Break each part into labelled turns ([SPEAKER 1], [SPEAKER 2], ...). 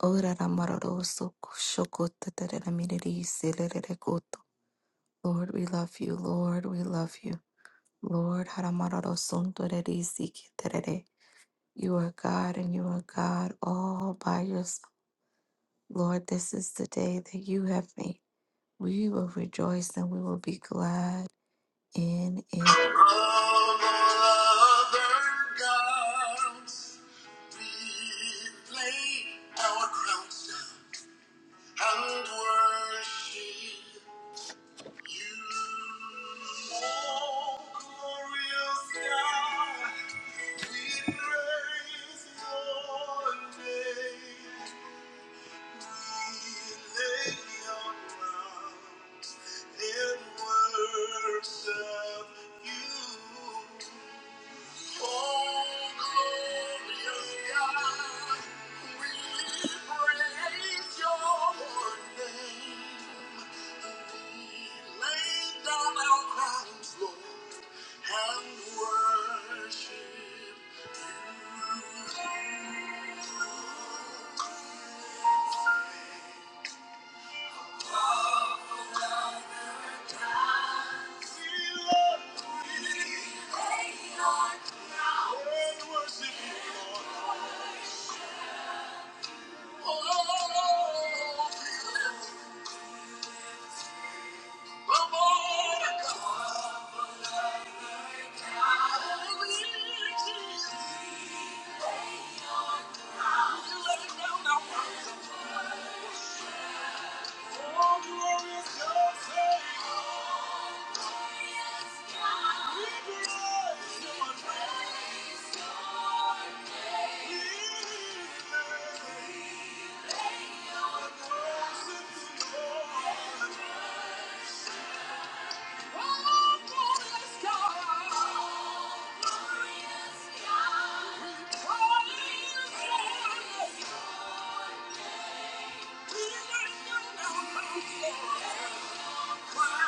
[SPEAKER 1] Orara mararo soko shoko tatarara miriri selerere koto. Lord, we love you. Lord, we love you. Lord, haramararo sontoreri siki terere. You are God and you are God all by yourself. Lord, this is the day that you have made. We will rejoice and we will be glad in it.
[SPEAKER 2] Of all other gods, we lay our crowns down and worship you. Oh, glorious God, we praise your name. We lay our crowns and worship you. Worship you, Lord. Oh, Oh, Glorious Savior,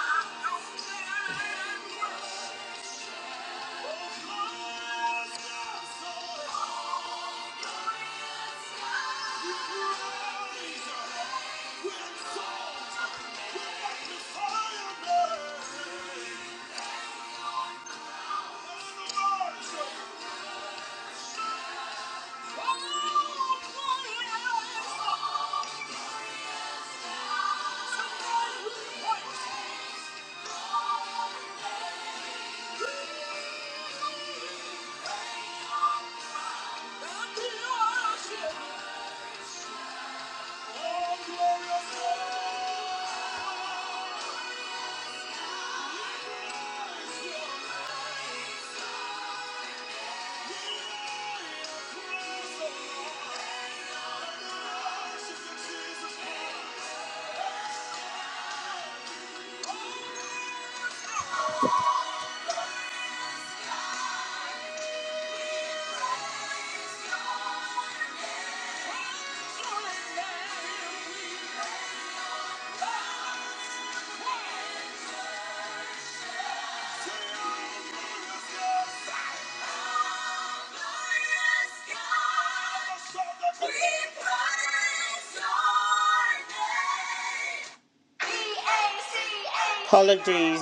[SPEAKER 2] Apologies,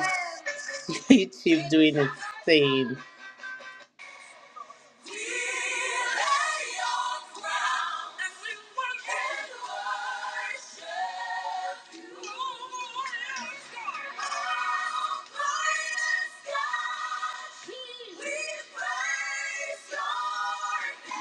[SPEAKER 2] YouTube doing its thing. We Your praise your name.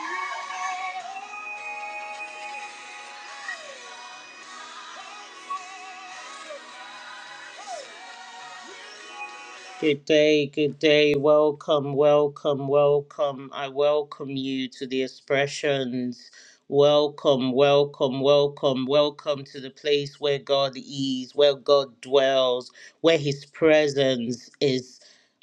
[SPEAKER 2] Good day, good day. Welcome, welcome, welcome. I welcome you to the expressions. Welcome, welcome, welcome, welcome to the place where God is, where God dwells, where His presence is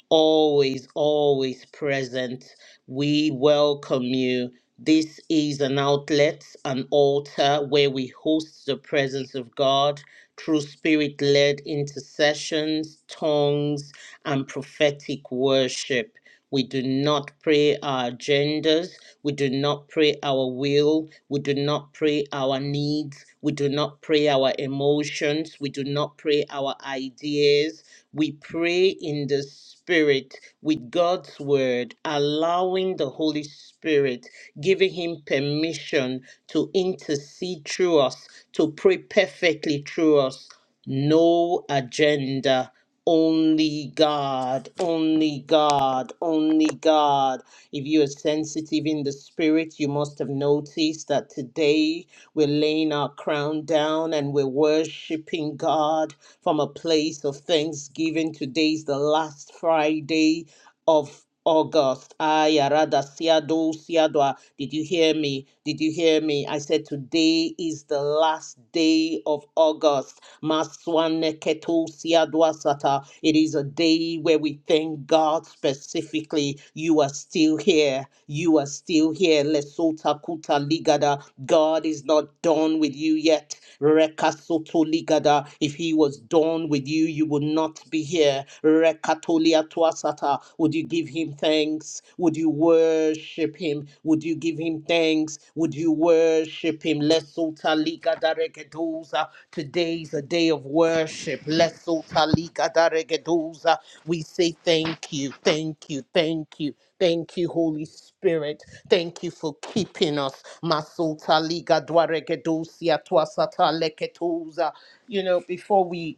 [SPEAKER 2] always, always present. We welcome you. This is an outlet, an altar where we host the presence of God through spirit led intercessions, tongues, and prophetic worship. We do not pray our agendas. We do not pray our will. We do not pray our needs. We do not pray our emotions. We do not pray our ideas. We pray in the Spirit with God's Word, allowing the Holy Spirit giving him permission to intercede through us, to pray perfectly through us. No agenda. Only God, only God, only God. If you are sensitive in the spirit, you must have noticed that today we're laying our crown down and we're worshiping God from a place of thanksgiving. Today's the last Friday of August. Ayarada siado siadwa. Did you hear me? Did you hear me? I said today is the last day of August. Maswane keto siadwa sata. It is a day where we thank God specifically. You are still here. You are still here. Lesota kuta ligada. God is not done with you yet. Rekasoto ligada. If he was done with you, you would not be here. Rekatolia tuasata. Would you give him thanks? Would you worship him? Would you give him thanks? Would you worship him? Lesota liga daregedosa. Today is a day of worship. Lesota liga daregedosa. We say thank you, thank you, thank you. Thank you, Holy Spirit. Thank you for keeping us. Masota liga dwaregedosia tuasata leketosa. You know, before we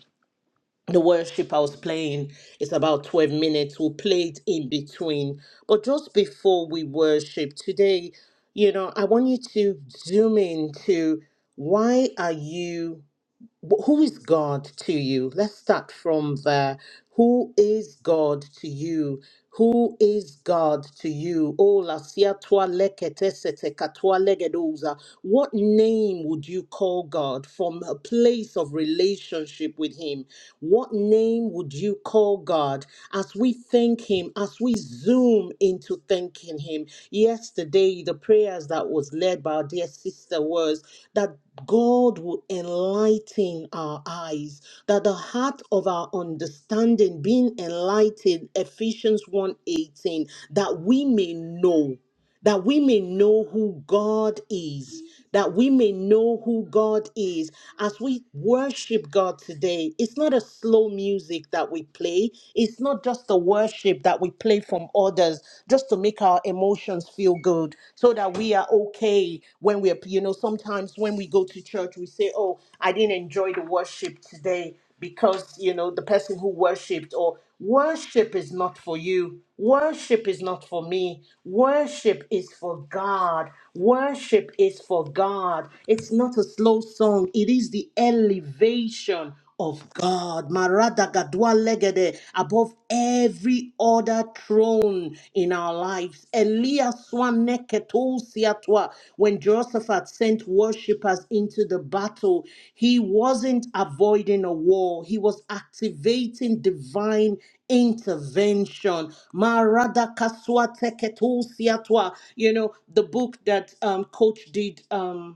[SPEAKER 2] the worship I was playing is about 12 minutes. We'll play it in between. But just before we worship today, you know, I want you to zoom in to why are you wh- who is God to you? Let's start from there. Who is God to you? Who is God to you? Oh, la sia tua lekete sete katua legedoza. What name would you call God from a place of relationship with Him? What name would you call God? God, as we thank Him, as we zoom into thanking Him. Yesterday, the prayers that was led by our dear sister was that God will enlighten our eyes, that the heart of our understanding being enlightened, Ephesians one eighteen, that we may know that we may know who God is, that we may know who God is. As we worship God today, it's not a slow music that we play, it's not just the worship that we play from others just to make our emotions feel good so that we are okay when we're, you know, sometimes when we go to church, we say, Oh, I didn't enjoy the worship today because you know the person who worshipped or Worship is not for you. Worship is not for me. Worship is for God. Worship is for God. It's not a slow song, it is the elevation of God. Marada gadwa legede above every other throne in our lives. Elia swaneketousiatwa. When Jehoshaphat sent worshippers into the battle, he wasn't avoiding a war, he was activating divine intervention. Marada kaswa teketousiatwa. You know, the book that um, Coach did. Um,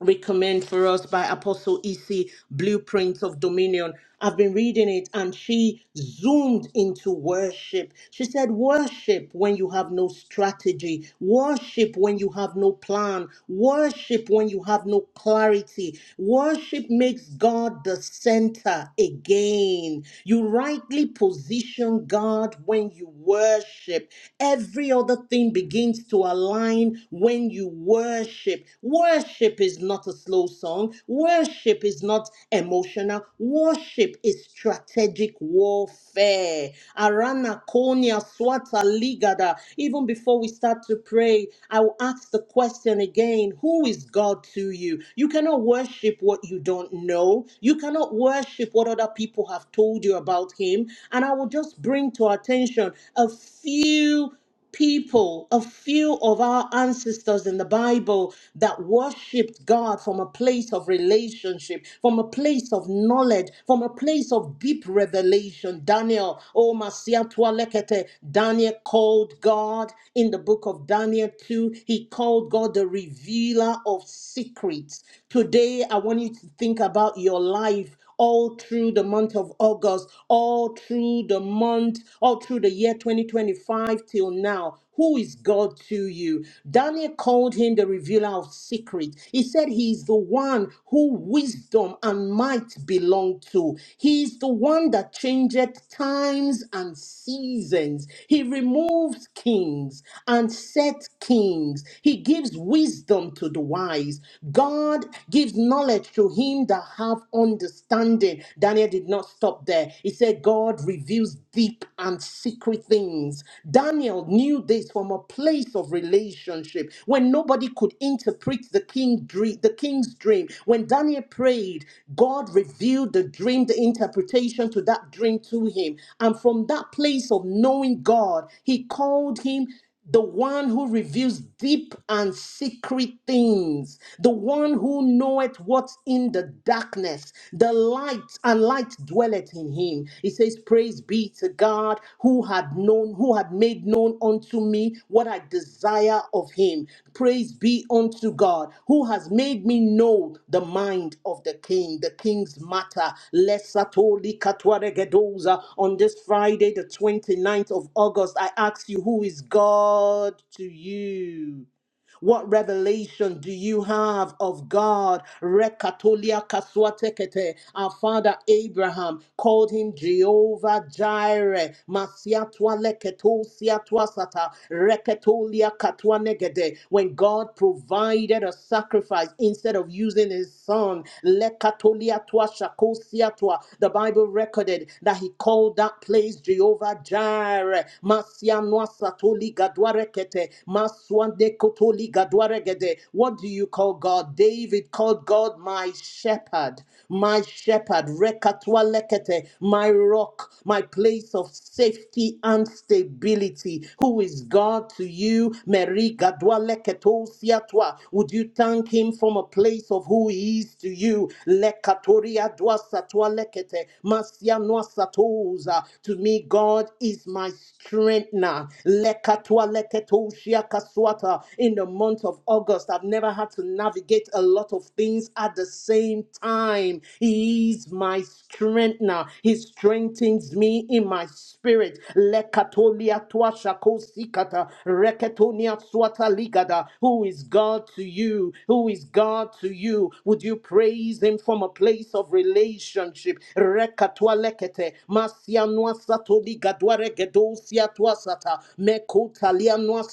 [SPEAKER 2] recommend for us by Apostle EC Blueprints of Dominion. I've been reading it and she zoomed into worship. She said, Worship when you have no strategy, worship when you have no plan, worship when you have no clarity. Worship makes God the center again. You rightly position God when you worship. Every other thing begins to align even when you worship. Worship is not a slow song, worship is not emotional, worship is strategic warfare. Arana konia swata ligada. Even before we start to pray, I will ask the question again Who is God to you? You cannot worship what you don't know, you cannot worship what other people have told you about Him. And I will just bring to our attention a few people, a few of our ancestors in the Bible that worshiped God from a place of relationship, from a place of knowledge, from a place of deep revelation. Daniel, oh Masia lekete, Daniel called God in the book of Daniel 2. He called God the revealer of secrets. Today, I want you to think about your life all through the month of August, all through the month, all through the year 2025 till now. Who is God to you? Daniel called him the revealer of secrets. He said he is the one who wisdom and might belong to. He is the one that changeth times and seasons. He removes kings and sets kings. He gives wisdom to the wise. God gives knowledge knowledge to him that have understanding. Daniel did not stop there. He said, God reveals deep and secret things. Daniel knew this from a place of relationship when nobody could interpret the king dream, the king's dream. When Daniel prayed, God revealed the dream, the interpretation to that dream to him. And from that place of knowing God, he called him the one who reveals deep and secret things, the one who knoweth what's in the darkness, the light and light dwelleth in him. He says, Praise be to God who had known, who had made known unto me what I desired desire of him. Praise be unto God who has made me know the mind of the king, the king's matter. Lesatoli katwaregedoza. On this Friday, the 29th of August, I ask you, who is God to you? What revelation do you have of God? Rekatolia kaswatekete. Our father Abraham called him Jehovah Jireh. Masiatwa leketo siatwa sata. Reketolia katwa negede. When God provided a sacrifice instead of using his son, lekatolia twa shako siatwa. the Bible recorded that he called that place Jehovah Jireh. Ere, Masianwa Satoli Gadwarekete, Maswande Kotoli Gadwaregede. What do you call God? David called God my shepherd, my shepherd, Rekatwa Lekete, my rock, my place of safety and stability. Who is God to you? Mary? Gadwa Leketo Siatwa. Would you thank him from a place of who he is to you? Lekatoria Dwa Walekete, Masia Noasatoza. To me, God is my strengthener. Lekatwa Leketoshia Kaswata. In the month of August, I've never had to navigate a lot of things at the same time. He is my strengthener. He strengthens me in my spirit. Lekatolia Tuashakosikata. Reketonia Swata Ligada. Who is God to you? Who who is God to you? Would you praise Him from a place of relationship? Rekatwa lekete, masia nwa satoli gadwa regedo mekotalia nwa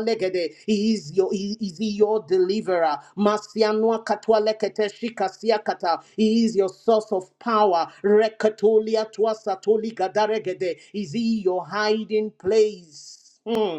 [SPEAKER 2] legede. He is your, he, is he your deliverer? Masia nwa lekete, shika kata. He is your source of power. Rekatolia twa gadaregede. Is he your hiding place? Hmm.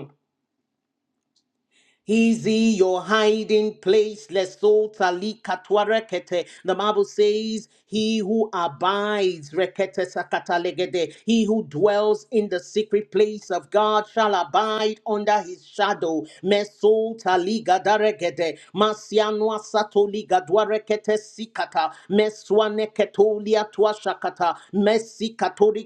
[SPEAKER 2] Is he your hiding place? Leso tali katwa rekete. The Bible says, He who abides, rekete sakata legede. he who dwells in the secret place of God shall abide under his shadow. Meso tali gadaregede. Masianwa satoli gadwa rekete sikata. Meswa neketolia twa shakata. Mesi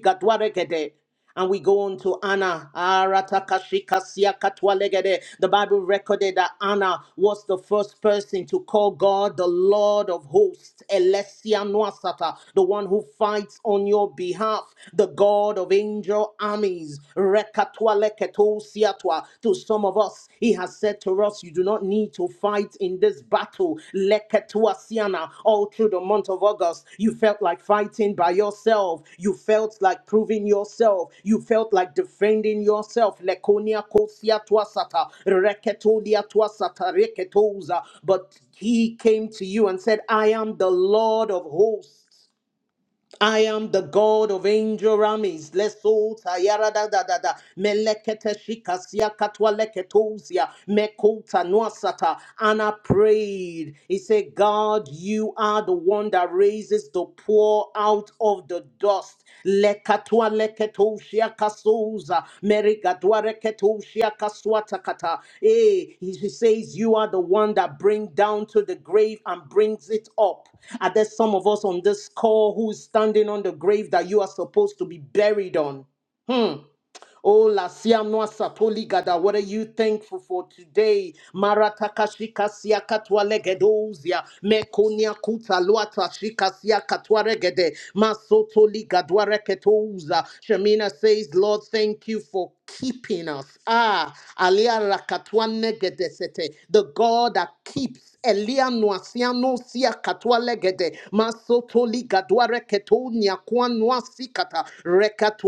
[SPEAKER 2] gadwa regede. And we go on to Anna. Aratakashikasiakatwalegede. The Bible recorded that Anna was the first person to call God the Lord of hosts, Elesia Nwasata, the one who fights on your behalf, the God of angel armies. Rekatwaleketosiatwa. To some of us, he has said to us, You do do not need to fight in this battle. Leketua Siana, all through the month of August, you felt like fighting by yourself. You felt like proving yourself. You felt like defending yourself. Lekonia Kosia Tuasata, Reketolia Tuasata, Reketoza. But he came to you and said, I am the Lord of hosts. I am the God of angel armies. Leso tayara da da da da. Melekete shikasia katwa leketozia. Mekota nuasata. And I prayed. He said, God, you are the one that raises the poor out of the dust lekatua leketushia kasuza merigadua reketushia kasuatakata. Eh, he he says you are the one that bring down to the grave and brings it up. Are there some of us on this call who is standing on the grave that you are supposed to be buried on? Hmm. Oh, la siamnoa satoli gada. What are you thankful for today? Maratakashika siakatwa legedozia. Mekonia kuta luata shika siakatwa regede. Masotoli gadwa reketouza. Shamina says, Lord, thank you for keeping us. Ah, alia rakatwa negedesete. The God that keeps Elia nuasiano sia katua legede masoto ligadua reketo niakua nuasikata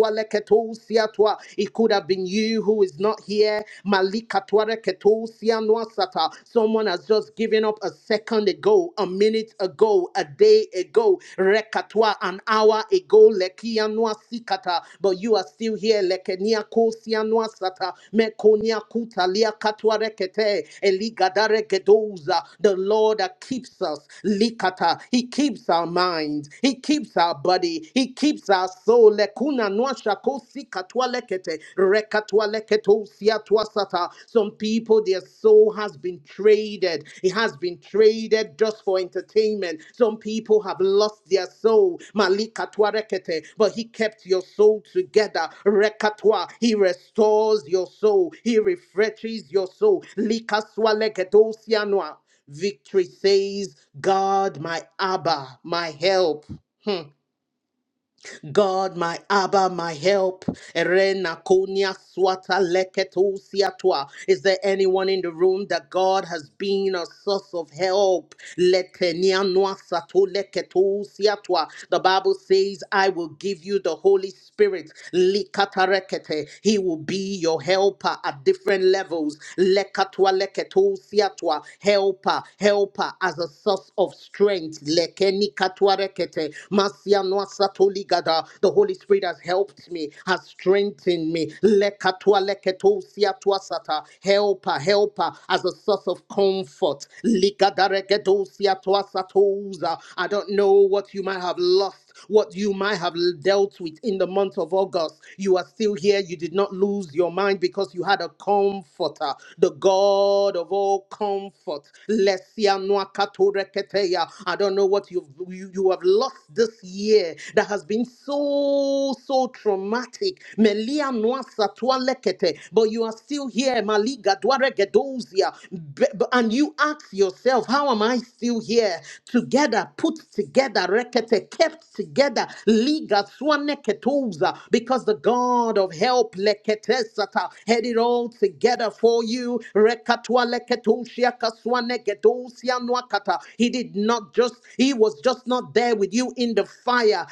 [SPEAKER 2] katwa leketo toa, It could have been you who is not here. Malika tware keto sianwa sata. Someone has just given up a second ago, a minute ago, a day ago, rekatwa an hour ago, lekianwa noasikata, But you are still here, lekenia kosianwa sata. Mekonia kutalia katwa rekete. Eligadare gedoza. The Lord that keeps us. Likata. He keeps our minds. He keeps our body. He keeps keeps our soul. Lekuna noasha kosi katwa lekete rekatwa leketo sia sata. Some people, their soul has been traded. It has been traded just for entertainment. Some people have lost their soul. Malikatwa rekete, but he kept your soul together. Rekatwa, he restores your soul. He refreshes your soul. Lika swa leketo sia noa. Victory says, God, my Abba, my help. Hmm. God, my Abba, my help. Erena konia swata leketo siatwa. Is there anyone in the room that God has been a source of help? Letenia noa sato leketo siatwa. The Bible says, I will give you the Holy Spirit. Likatarekete. He will be your helper at different levels. Lekatwa leketo siatwa. Helper, helper as a source of strength. Lekeni katwa rekete. Masia noa sato Legada. The Holy Spirit has helped me, has strengthened me. Lekatua leketo siatua sata. Helper, helper, as a source of comfort. Ligada regedo siatua satoza. I don't know what you might have lost what you might have dealt with in the month of August. You are still here. You did not lose your mind because you had a comforter, the God of all comfort. Lesia noa kato reketeya. I don't know what you've, you, you have lost this year that has been so, so traumatic. Melia noa satua lekete, but you are still here. Maliga dware gedozia. Be- be- And you ask yourself, how am I still here? Together, put together, rekete, kept together. Liga swane ketoza, because the God of help lekete sata had it all together for you. Rekatwa leketoshia kaswane gedosia noakata. He did not just, he was just not there with you in the fire.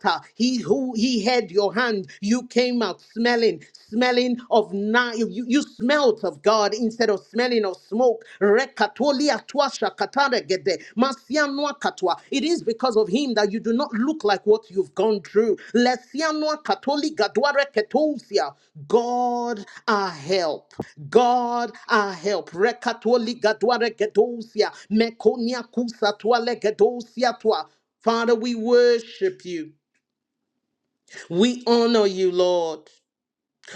[SPEAKER 2] Kata. He who he had your hand, you came out smelling, smelling of na you, you you smelt of God instead of smelling of smoke. Rekatolia tuasha katara gede, masianwa katwa. It is because of him that you do not look like what you've gone through. Lesianwa katoli gadware ketousia. God our help. God our help. Rekatoli gadware ketousia. Mekonia kusa tuale gedousia twa. Father, we worship you. We honor you, Lord.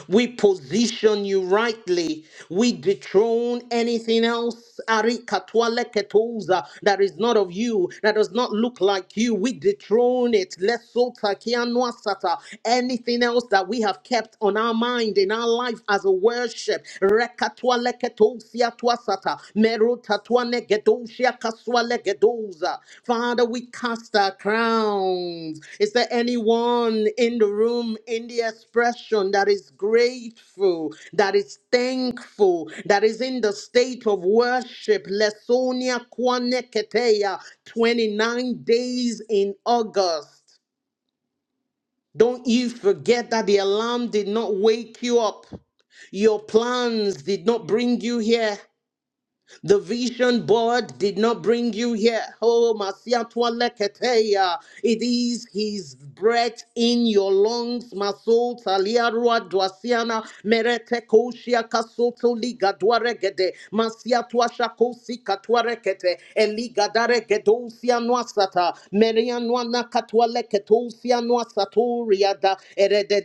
[SPEAKER 2] We position you rightly. We dethrone anything else arikatwaleketuza, that is not of you, that does not look like you. We dethrone it. Lesota Lesotakianuasata. Anything else that we have kept on our mind in our life as a worship. rekatwaleketosiatwasata, Legedosia kaswa legedosa. Father, we cast our crowns. Is there anyone in the room in the expression that is grateful, that is thankful, that is in the state of worship? Lesonia kwaneketeya, 29 days in August. Don't you forget that the alarm did not wake you up. Your plans did not bring you here. The vision board did not bring you here. Oh, Masiatwa Leketeya. It is his breath in your lungs. Masol Taliarua Dwasiana Merete Koshia Kasoto Liga Dwaregede. Masiatwa Kadosi katuarekete eligadare gedosia nuasata meria nuana katuale ketosia nuasaturia da Erede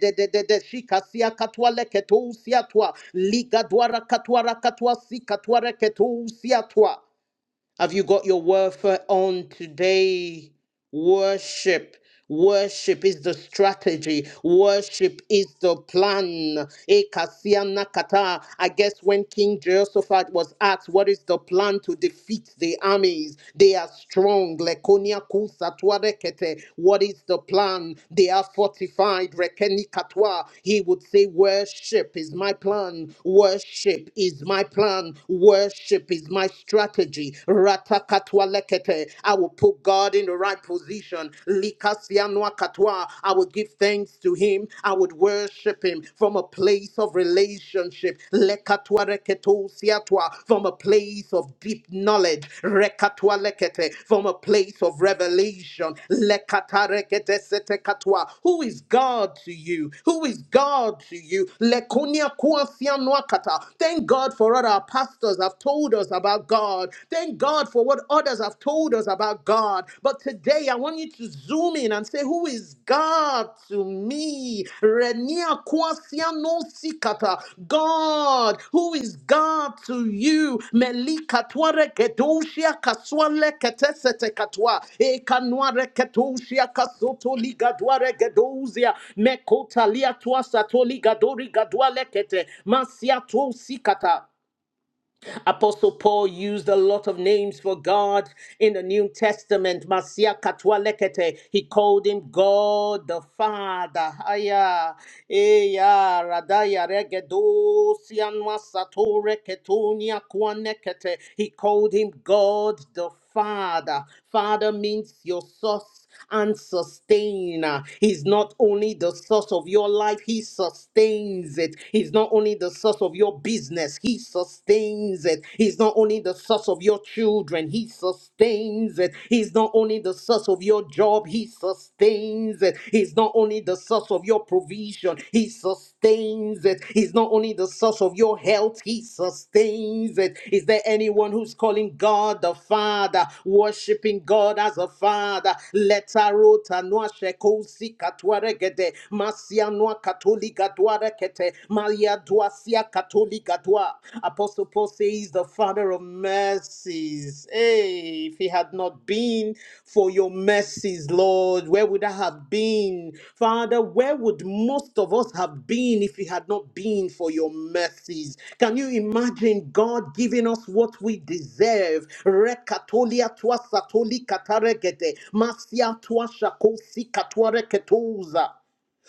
[SPEAKER 2] de shikasia katuale ketosia tua ligadwara katuara katua si katuare ketosia tua have you got your warfare on today? Worship. Worship is the strategy. Worship is the plan. Ekasiana kata. I guess when King Jehoshaphat was asked, What is the plan to defeat the armies? They are strong. Lekonia kusa tuarekete. What is the plan? They are fortified. Rekeni katwa. He would say, Worship is my plan. Worship is my plan. Worship is my strategy. Ratakatwalekete. I will put God in the right position. Likasianuakatwa. I will give thanks to Him. I would worship Him from a place of relationship. Lekatwareketosiatwa. From a place of deep knowledge. Rekatwalekete. From a place of revelation. Lekatareketesetekatwa. Who is God to you? Who is God to you? Lekonia kuasianuakata. Thank God for all our pastors, others have told us about God. Thank God for what others have told us about God. But today I want you to zoom in and say, Who is God to me? Renia kwasia no sikata. God, who is God to you? Melika tware kedoshia kaswale ketesete katwa. Ekanware kedoshia kasoto liga dware gedozia. Mekotalia twa satoli gadori gadwale kete. Masia twa sikata. Apostle Paul used a lot of names for God in the New Testament. Masia Katwa Lekete, he called him God the Father. Aya, Eya, Radaya Regedo, Sianwa Satore Ketonia Kwanekete. He called him God the Father. Father means your source and sustain. Uh, He's not only the source of your life, He sustains it. He's not only the source of your business, He sustains it. He's not only the source of your children, He sustains it. He's not only the source of your job, He sustains it. He's not only the source of your provision, He sustains it. He's not only the source of your health, He sustains it. Is there anyone who's calling God the Father, worshiping God as a Father? Leta rota noa shekosi si katwaregede, masia noa katoliga dwarekete, malia dwasia katoliga dwa. Apostle Paul says, the Father of mercies. Hey, Hey, if it had not been for your mercies, Lord, where would I have been? Father, where would most of us have been if it had not been for your mercies? Can you imagine God giving us what we deserve? Rekatolia tua satoli kataregete, masia tua shakosi katuareketoza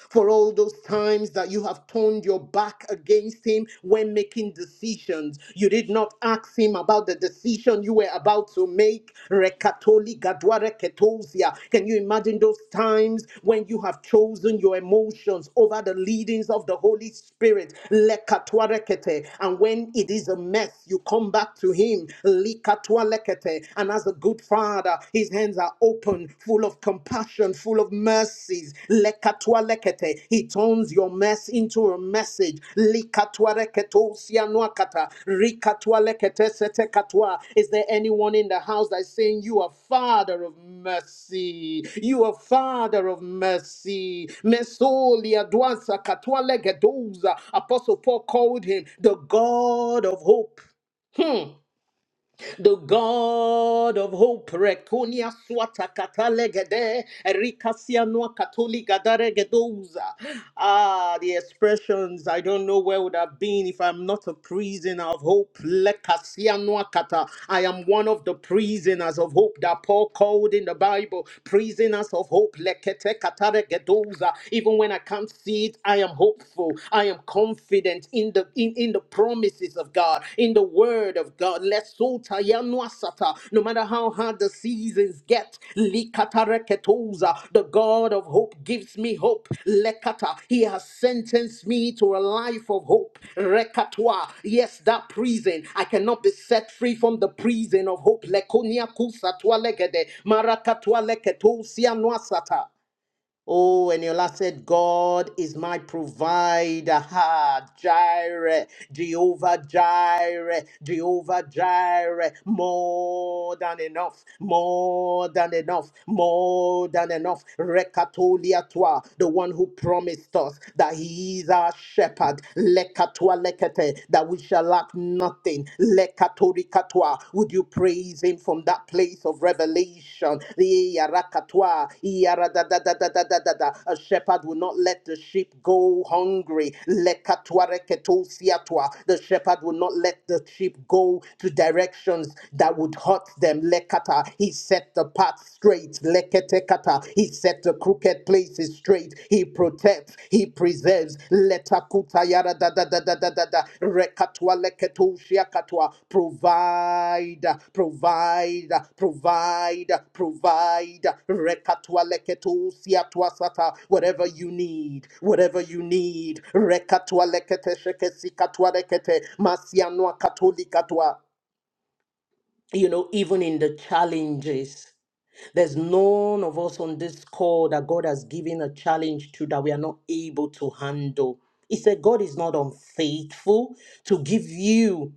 [SPEAKER 2] for all those times that you have turned your back against him when making decisions. You did not ask him about the decision you were about to make. Rekatoli gadware ketosia. Can you imagine those times when you have chosen your emotions over the leadings of the Holy Spirit? Lekatware kete. And when it is a mess, you come back to him. Likatwalekete. And as a good father, His hands are open, full of compassion, full of mercies. Lekatwa lekete. He turns your mess into a message. Likatwa reketo sianuakata. Rikatwa lekete setekatwa. Is there anyone in the house that is saying, You are Father of mercy? You are Father of mercy. Mesolia dwansa katwa legedoza. Apostle Paul called him the God of hope. Hmm the God of hope, Rekonia swata katalegede, Erikasia Noa Katoliga Daregedoza. Ah, the expressions I don't know where would have been if I'm not a prisoner of hope. Lekasia Noa Kata. I am one of the prisoners of hope that Paul called in the Bible. Prisoners of hope, Lekete Kataregedoza. Even when I can't see it, I am hopeful. I am confident confident in the in, in the promises of God, in the word of God. Lesota yanuasata. No matter how hard the seasons get, likatareketoza, the God of hope gives me hope. Lekata, He has sentenced me to a life of hope. Rekatwa, yes, that prison. I cannot be set free from the prison of hope. Lekonia kusatwa legede, marakatwa leketo sianuasata. Oh, and your last said, God is my provider. Ha, Jireh, Jehovah Jireh, Jehovah Jireh. More than enough, more than enough, more than enough. Rekatolia toi, the one who promised us that he is our shepherd. Lekatwa lekete, that we shall lack nothing. Lekatorikatwa. Would you praise him from that place of revelation? The Iarakatwa, Iaradadadadadadada. A shepherd will not let the sheep go hungry. Lekatwareketosiatwa. The shepherd will not let the sheep go to directions that would hurt them. Lekata. He set the path straight. Leketekata. He set the crooked places straight. He protects. He preserves. Letakuta yara da da da da da da da. Rekatwa leketu shiakatwa. Provide, provide, provide, provide. Rekatwa leketu siatwa sata. Whatever you need, whatever you need. Rekatwa lekete shekesikatwa lekete. Masianwa katolikatwa. You know, even in the challenges. There's none of us on this call that God has given a challenge to that we are not able to handle. He said, God is not unfaithful to give you,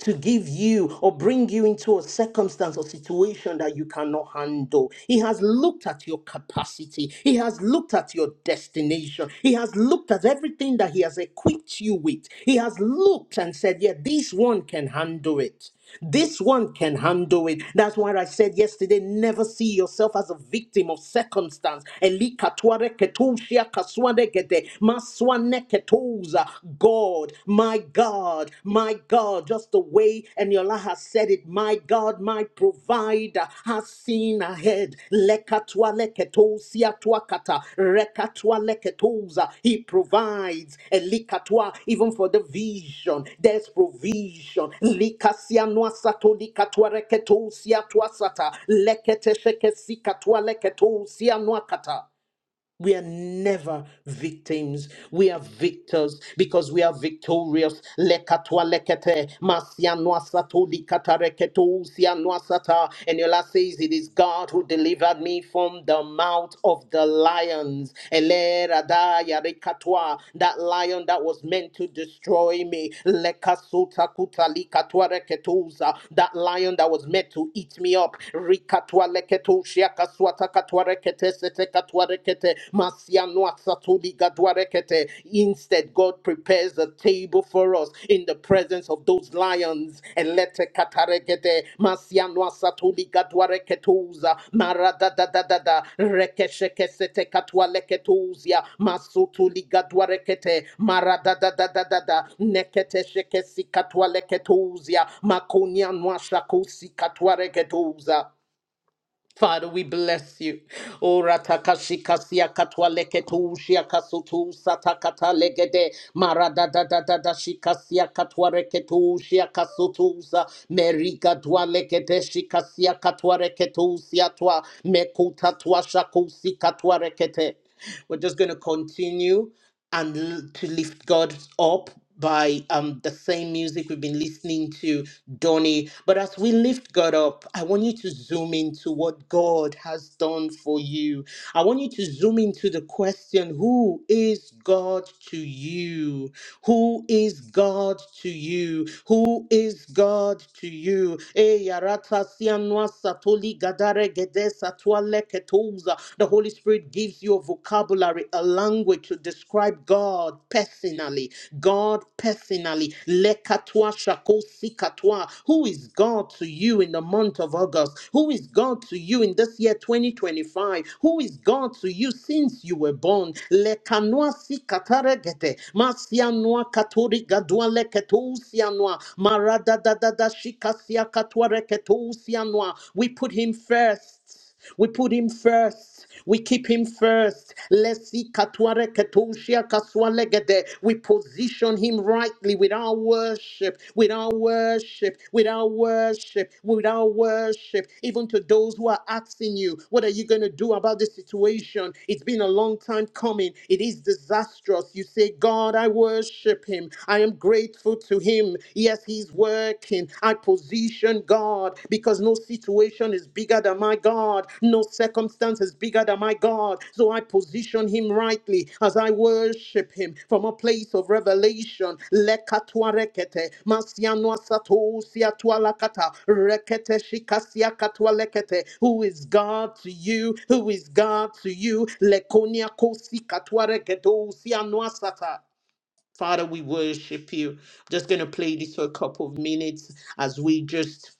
[SPEAKER 2] to give you or bring you into a circumstance or situation that you cannot handle. He has looked at your capacity, He has looked at your destination, He has looked at everything that He has equipped you with. He has looked and said, Yeah, this one can handle it. This one can handle it. That's why I said yesterday never see yourself as a victim of circumstance. Elikatware ketushia kaswane gede, maswane ketuza. God, my God, my God, just the way Eniola has said it, my God, my provider, has unseen ahead. Lekatwa leketo siatwa kata. Rekatwa leketoza. He provides. Elikatwa even for the vision. There's provision. Likasianwa sato likatwa reketo siatwa sata. Lekete sheke sikatwa leketo sianwa kata. We are never victims. We are victors because we are victorious. Lekatwa lekete, masianwa sato likata reketo, usianwa sata. And Yola says, It is God who delivered me from the mouth of the lions. Ele radaya rekatwa, That lion that was meant to destroy me. Lekasuta kuta likatwa reketuza, That lion that was meant to eat me up. Rikatwa leketo, shiakaswata katwarekete sete katwarekete masiano asatuli gadwarekete. Instead, God prepares a table for us in the presence of those lions. Elete katarekete masiano asatuli gadwareketuza maradadadadada rekesheke sete katwaleketuzia masutuli gadwarekete maradadadadada nekete sheke sikatwaleketuzia makunia nwashakusi katwareketuza. Father, we bless you. Ora takashika siya katwa leketu shia kasutu satakata legede marada da da da da shika siya katwa reketu shia kasutu sa merika twa lekete shika siya katwa reketu siya twa mekuta twa shaku katwa twa rekete. We're just going to continue and l- to lift God up by um, the same music we've been listening to, Donny. But as we lift God up, I want you to zoom into what God has done for you. I want you to zoom into the question Who is God to you? Who is God to you? Who is God to you? Eh, yarata sianwa satoli gadare gede the Holy Spirit gives you a vocabulary, a language to describe God personally. God personally. Lekatwa shakosi katwa. Who is God to you in the month of August? Who is God to you in this year 2025? Who is God to you since you were born? Lekanwa si kataregete. Masianwa katori gadwa leketousianwa. Marada da da da shikasia katwa reketousianwa. We put him first first. We put him first. We keep him first. Lesi katware ketoshia kaswalegede. We position him rightly with our worship, with our worship, with our worship, with our worship. Even to those who are asking you, what are you going to do about this situation? It's been a long time coming. It is disastrous. You say, God, I worship him. I am grateful to him. Yes, he's working taking our position, God, because no situation is bigger than my God, no circumstance is bigger than my God. So I position Him rightly as I worship Him from a place of revelation. Lekatwa rekete, masianwa sato siatwa lakata, rekete shikasia katwa lekete. Who is God to you? Who is God to you? Lekonia kosi katwa regedo sianwa sata. Father, we worship you. Just going to play this for a couple of minutes as we just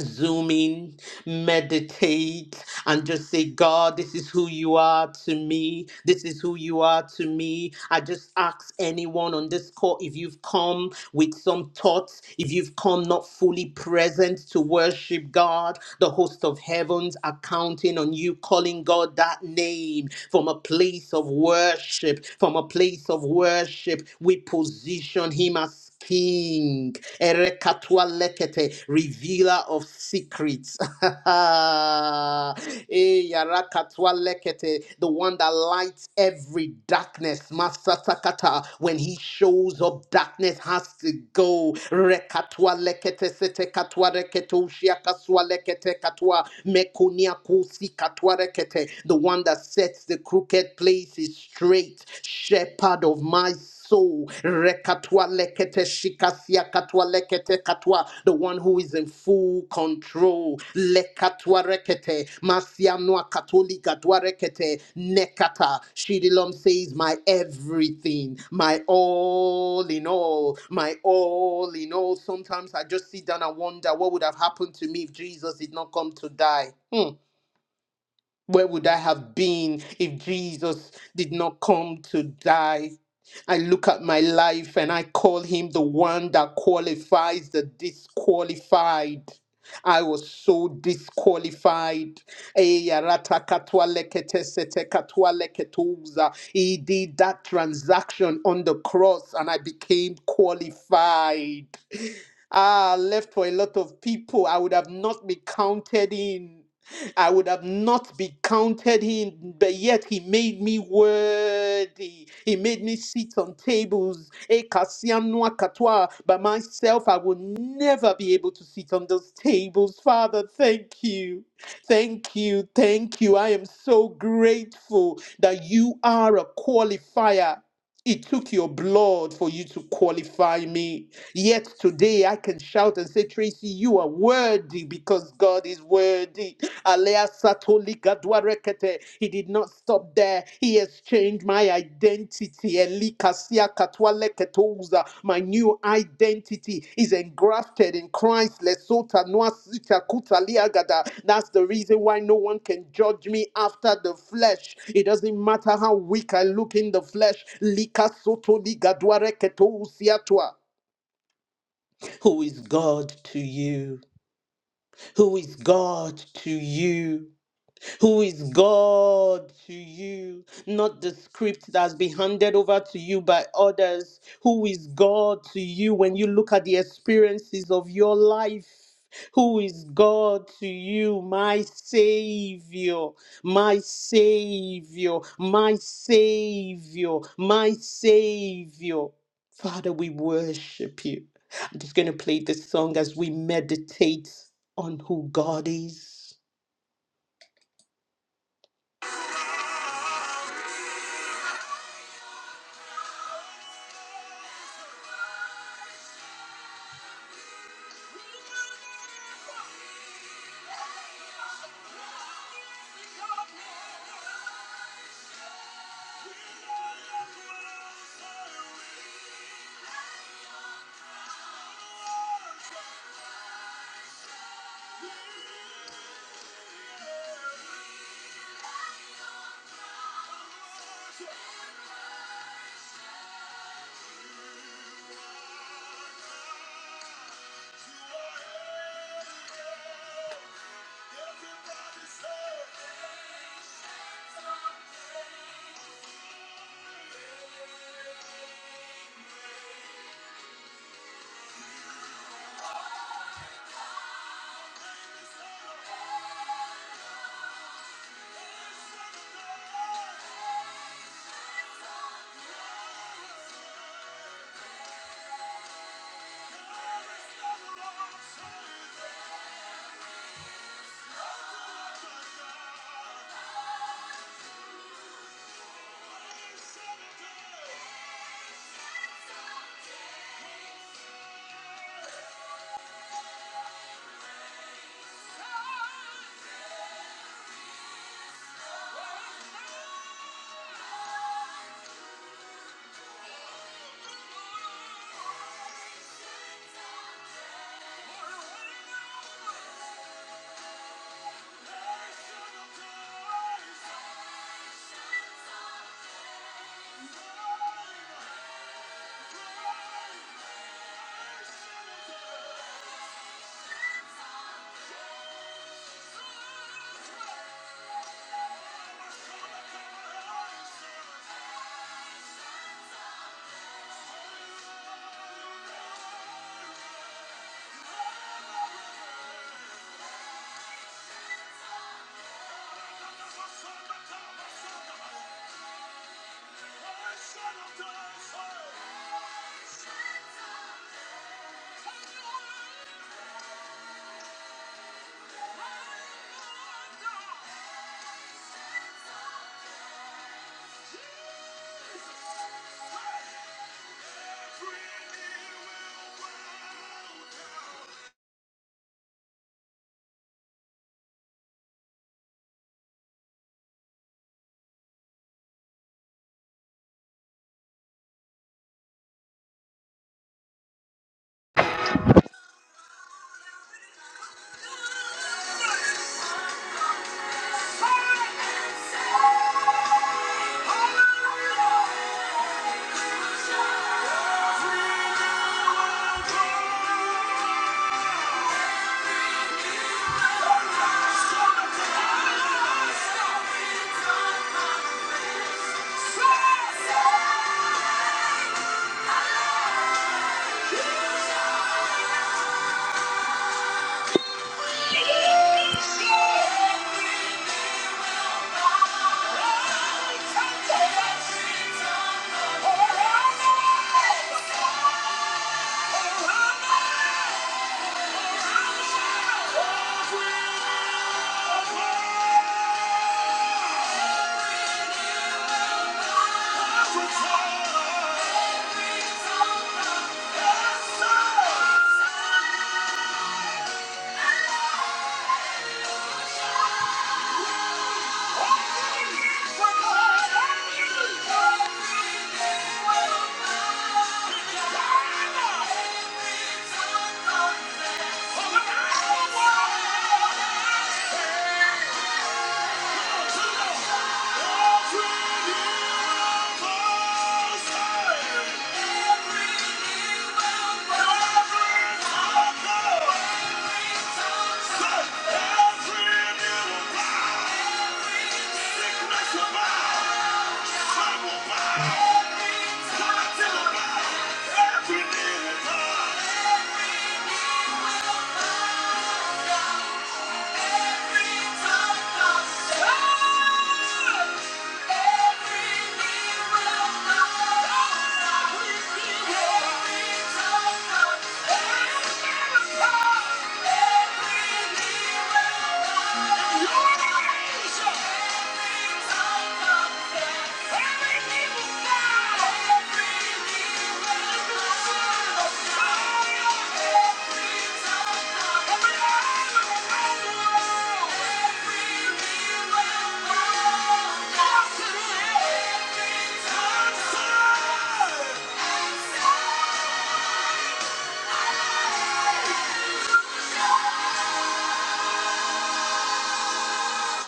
[SPEAKER 2] zoom in, meditate, and just say, God, this is who you are to me. This is who you are to me. I just ask anyone on this call if you've come with some thoughts, if you've come not fully present to worship God, the host of heavens are counting on you, calling God that name from a place of worship. From a place of worship, we position Him as us King, Erekatwa lekete, revealer of secrets. Eh, yarakatwa lekete, the one that lights every darkness. Masasakata, when he shows up, darkness has to go. Rekatwa lekete, sete katwa reketo, shiakaswa lekete katwa, mekunia kusi katwa rekete, the one that sets the crooked places straight. Shepherd of my soul. Rekatwa lekete shikasia katwa lekete katwa. The one who is in full control. Lekatwa rekete. Masia noa katolika dwa rekete. Nekata. Shidilom says, my everything, my all in all, my all in all. Sometimes I just sit down and wonder what would have happened to me if Jesus did not come to die. Hmm. Where would I have been if Jesus did not come to die? I look at my life and I call him the one that qualifies the disqualified. I was so disqualified. Eh, arata katwa lekete sete katwa leketuza. He did that transaction on the cross and I became qualified. Ah, left for a lot of people. I would have not been counted in. I would have not been counted in, but yet he made me worthy. He made me sit on tables. Eh, kasiam noa katoa. By myself, I will never be able to sit on those tables. Father, thank you. Thank you. Thank you. I am so grateful that you are a qualifier. It took your blood for you to qualify me. Yet today I can shout and say, Tracy, you are worthy because God is worthy. Alea Satolika Dwarekete. He did not stop there. He exchanged my identity. Elika Sia Katwaleketouza. My new identity is engrafted in Christ. Lesota Noa Sita Kuta Liagada. That's the reason why no one can judge me after the flesh. It doesn't matter how weak I look in the flesh. Lika Soto Liga Dwareketousiatwa. Who is God to you? Who is God to you? Who is God to you? Not the script that's been handed over to you by others. Who is God to you when you look at the experiences of your life? Who is God to you, my Savior, my Savior, my Savior, my Savior? Father, we worship you. I'm just going to play this song as we meditate on who God is. Yeah. Every little time. Yeah.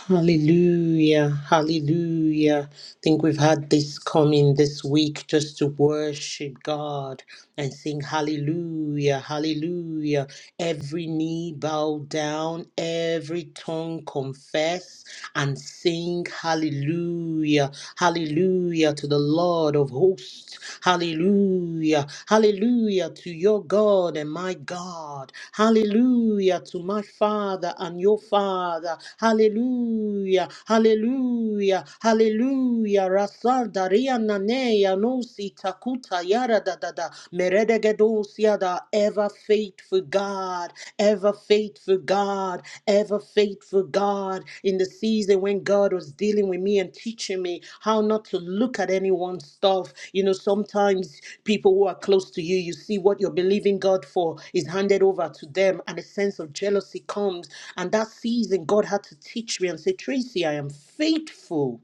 [SPEAKER 2] Hallelujah. Hallelujah. I think we've had this coming this week just to worship God and sing hallelujah. Hallelujah. Every knee bow down, every tongue confess and sing hallelujah. Hallelujah to the Lord of hosts. Hallelujah. Hallelujah to your God and my God. Hallelujah to my Father and your Father. Hallelujah. Hallelujah. Hallelujah. Rasalda riananeya nosi takuta yara da da da. Meredegedosia da ever faithful God. ever ever faithful God, ever faithful God. In the season when God was dealing with me and teaching me how not to look at anyone's stuff, you know, sometimes people who are close to you, you see what you're believing God for is handed over to them, and a sense of jealousy comes. And that season, God had to teach me and say, Tracy, I am faithful.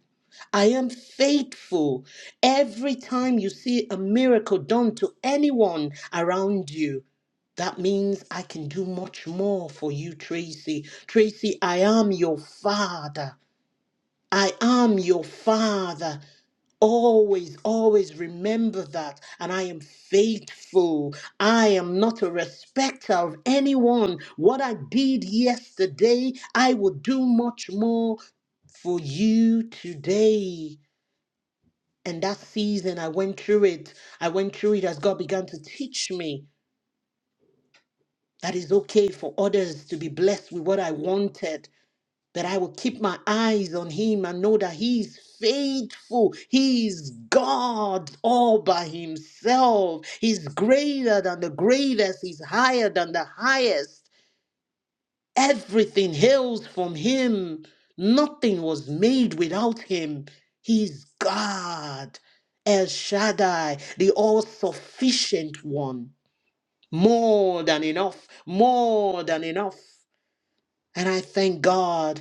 [SPEAKER 2] I am faithful. Every time you see a miracle done to anyone around you, that means I can do much more for you, Tracy. Tracy, I am your father. I am your father. Always, always remember that. And I am faithful. I am not a respecter of anyone. What I did yesterday, I will do much more for you today. And that season, I went through it. I went through it as God began to teach me. that is okay for others to be blessed with what I wanted, that I will keep my eyes on Him and know that He is faithful. He is God all by Himself. He's greater than the greatest, He's higher than the highest. Everything hails from Him. Nothing was made without Him. He's God, El Shaddai, the all sufficient one. More than enough, more than enough. And I thank God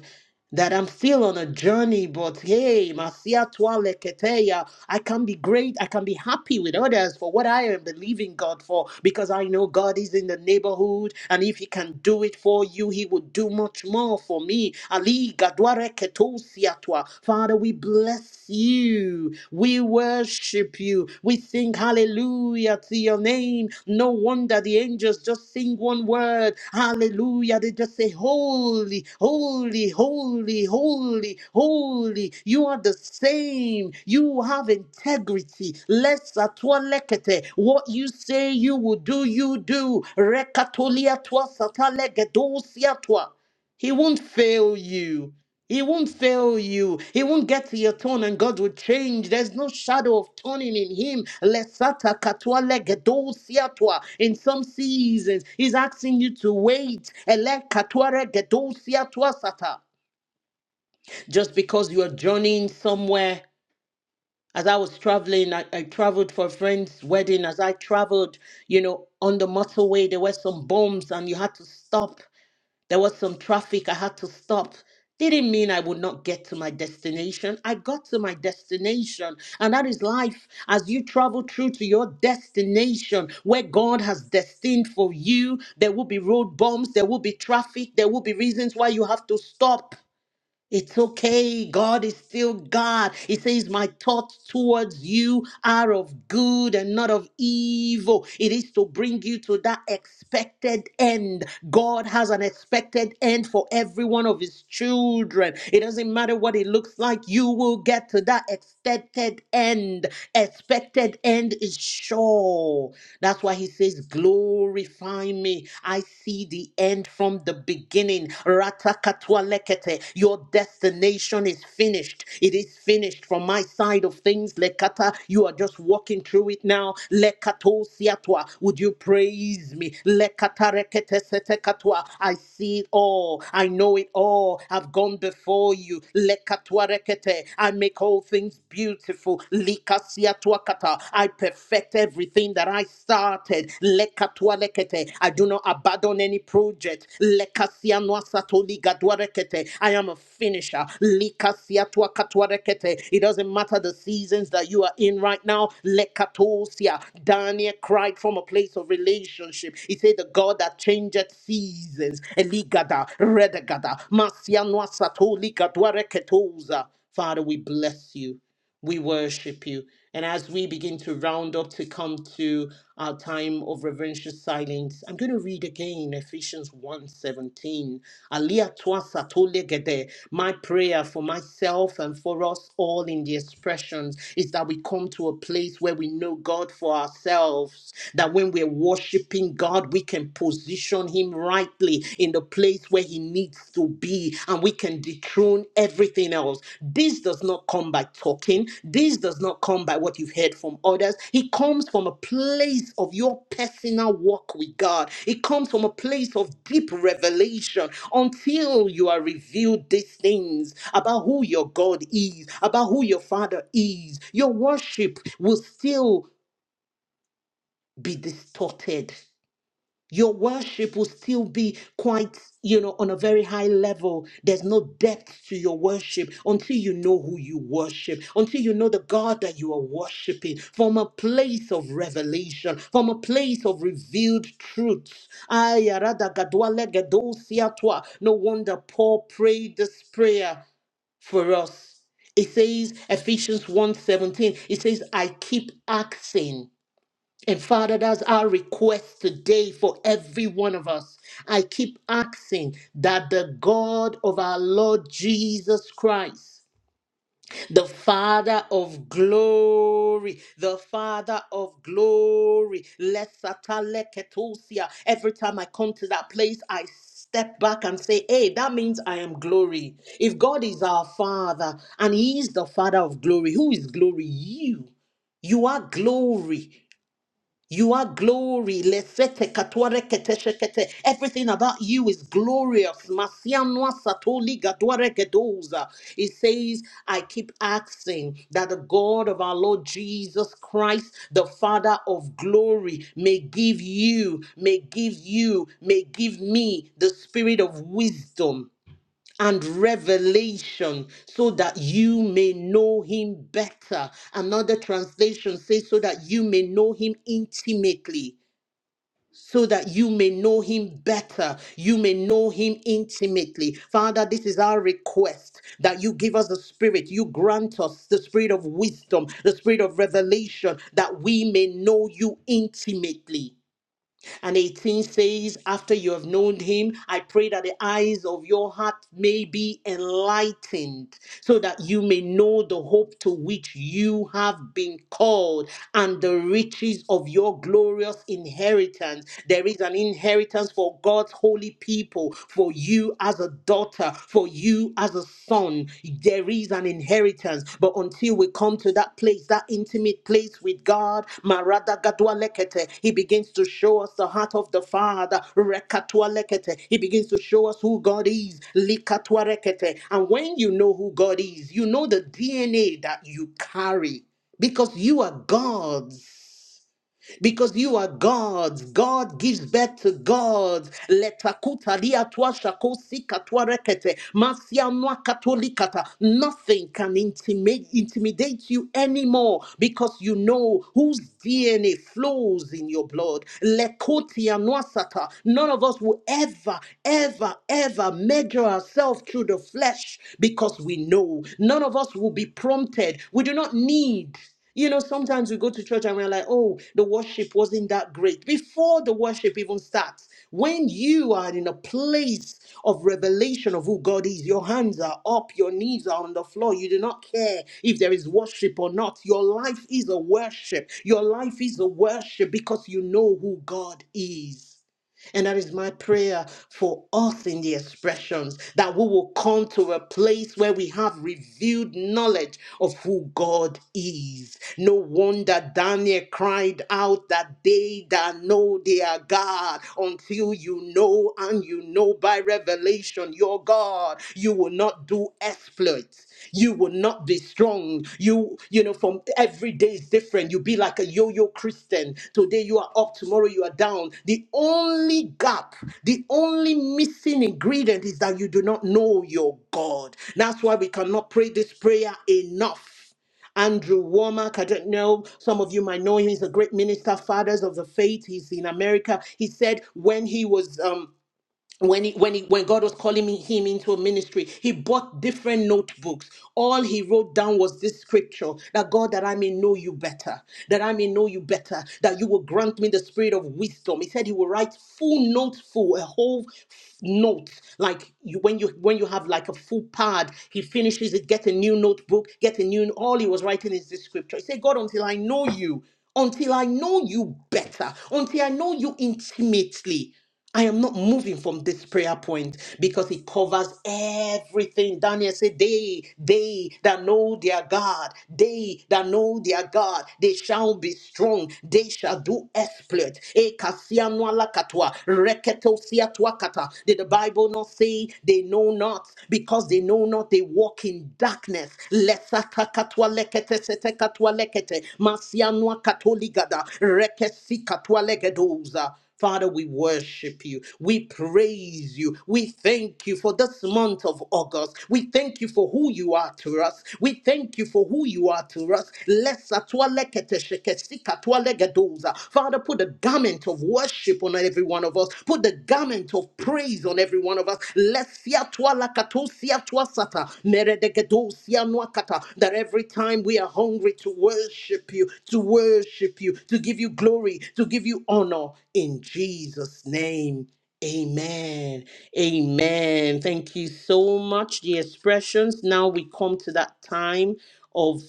[SPEAKER 2] that I'm still on a journey, but hey, Masia Tua Leketeya, I can be great, I can be happy with others for what I am believing God for, because I know God is in the neighborhood, and if He can do it for you, He will do much more for me. Ali Gadware Ketosia Tua. Father, we bless you, we worship you, we sing Hallelujah to your name. No wonder the angels just sing one word. Hallelujah. They just say, Holy, holy, holy, holy, holy. You are the same. You have integrity. Less atwalekete. What you say you will do, you do. Rekatolia twa satalegedosia twa. He won't fail you. He won't fail you. He won't get to your turn and God will change. There's no shadow of turning in him. Lesata katua legedo siatwa. In some seasons, he's asking you to wait. Ele katua regedo siatwa sata. Just because you are journeying somewhere. As I was traveling, I, I traveled for a friend's wedding. As I traveled, you know, on the motorway, there were some bombs and you had to stop there was some traffic. I had to stop. Didn't mean I would not get to my destination. I got to my destination. And that is life. As you travel through to your destination where God has destined for you, there will be road bumps, there will be traffic, there will be reasons why you have to stop. It's okay. God is still God. He says, My thoughts towards you are of good and not of evil. It is to bring you to that expected end. God has an expected end for every one of His children. It doesn't matter what it looks like, you will get to that expected end. Expected end is sure. That's why He says, Glorify me. I see the end from the beginning. Ratakatualekete. Your destination is finished. It is finished from my side of things. Lekata, you are just walking through it now. Lekato siatwa. Would you praise me? Lekatarekete setekatwa. I see it all. I know it all. I've gone before you. Lekatwarekete. I make all things beautiful. Likasiatwakata. Lekata. I perfect everything that I started. Lekatua lekete. I do not abandon any project. Lekasia noa satoli rekete. I am a finisher. Likasia tua katua rekete. It doesn't matter the seasons that you are in right now. Lekatosia. Daniel cried from a place of relationship. He said, The God that changeth seasons. Eligada, redegada, masia noa satoli reketoza. Father, we bless you. We worship you. And as we begin to round up to come to our time of reverential silence, I'm going to read again Ephesians 1:17. Alia toa satole gede. My prayer for myself and for us all in the expressions is that we come to a place where we know God for ourselves, that when we're worshiping God, we can position Him rightly in the place where he needs to be and we can dethrone everything else. This does not come by talking. This does not come by what you've heard from others. It comes from a place of your personal walk with God. It comes from a place of deep revelation until you are revealed these things about who your God is, about who your Father is. Your worship will still be distorted your worship will still be quite, you know, on a very high level. There's no depth to your worship until you know who you worship, until you know the God that you are worshiping from a place of revelation, from a place of revealed truths. Ayaradagadwalegedosiatwa. No wonder Paul prayed this prayer for us. It says Ephesians one seventeen. It says, I keep asking. And Father, that's our request today for every one of us. I keep asking that the God of our Lord Jesus Christ, the Father of glory, the Father of glory, Lesataleketosia. every time I come to that place, I step back and say, hey, that means I am glory. If God is our Father and He is the Father of glory, who is glory? You. You are glory. You are glory. Lesete katware kete shekete. Everything about you is glorious. Masianwa satoli gadware gedoza. It says, I keep asking that the God of our Lord Jesus Christ, the Father of glory, may give you, may give you, may give me the spirit of wisdom and revelation so that you may know him better. Another translation says, so that you may know him intimately. So that you may know him better, you may know him intimately. Father, this is our request that you give us the spirit, you grant us the spirit of wisdom, the spirit of revelation, that we may know you intimately and 18 says, After you have known him, I pray that the eyes of your heart may be enlightened, so that you may know the hope to which you have been called and the riches of your glorious inheritance. There is an inheritance for God's holy people, for you as a daughter, for you as a son. There is an inheritance. But until we come come to that place, that intimate place with God, Marada Gadwa Lekete, He begins to show us the heart of the Father, Rekatwa Lekete, He begins to show us who God is, Likatwa Rekete. And when you know who God is, you know the DNA that you carry because you are God's because you are God's. God gives birth to God's. Letakuta liatwa shakosi katwa rekete. Masianwa katolikata. Nothing can intimidate, intimidate you anymore because you know whose DNA flows in your blood. Lekoti anwasata. None of us will ever, ever, ever measure ourselves through the flesh because we know. None of us will be prompted. We do not need. You know, sometimes we go to church and we're like, oh, the worship wasn't that great. Before the worship even starts, when you are in a place of revelation of who God is, your hands are up, your knees are on the floor, you do not care if there is worship or not. Your life is a worship. Your life is a worship because you know who God is. And that is my prayer for us in the expressions that we will come to a place where we have revealed knowledge of who God is. No wonder Daniel cried out that they that know their God, until you know and you know by revelation your God, you will not do exploits. You will not be strong. You, you know, from every day is different. You be like a yo-yo Christian. Today you are up, tomorrow you are down. The only gap, the only missing ingredient is that you do not know your God. That's why we cannot pray this prayer enough. Andrew Womack. I don't know. Some of you might know him. He's a great minister, fathers of the faith. He's in America. He said when he was um when he, when he, when God was calling me, him into a ministry, he bought different notebooks. All he wrote down was this scripture that God, that I may know you better, that I may know you better, that you will grant me the spirit of wisdom. He said he will write full notes, full a whole note, like you, when you when you have like a full pad. He finishes it, get a new notebook, get a new. All he was writing is this scripture. He said, God, until I know you, until I know you better, until I know you intimately. I am not moving from this prayer point because it covers everything. Daniel said, They, they that know their God, they that know their God, they shall be strong, they shall do exploit. Ekasianualakatua, reketosiatuakata. Did the Bible not say they know not? Because they know not, they walk in darkness. Lesakakatua lekete setekatua lekete, masianua katoligada, rekesikatoa legedoza. Father, we worship you. We praise you. We thank you for this month of August. We thank you for who you are to us. We thank you for who you are to us. Lesa tualekete shekesika tualegedoza. Father, put a garment of worship on every one of us. Put the garment of praise on every one of us. Lesia twa lakatosia twa sata, meredegedosia nuakata, that every time we are hungry to worship you, to worship you, to give you glory, to give you honor, in Jesus' name. Amen. Amen. Thank you so much. The expressions. Now we come to that time of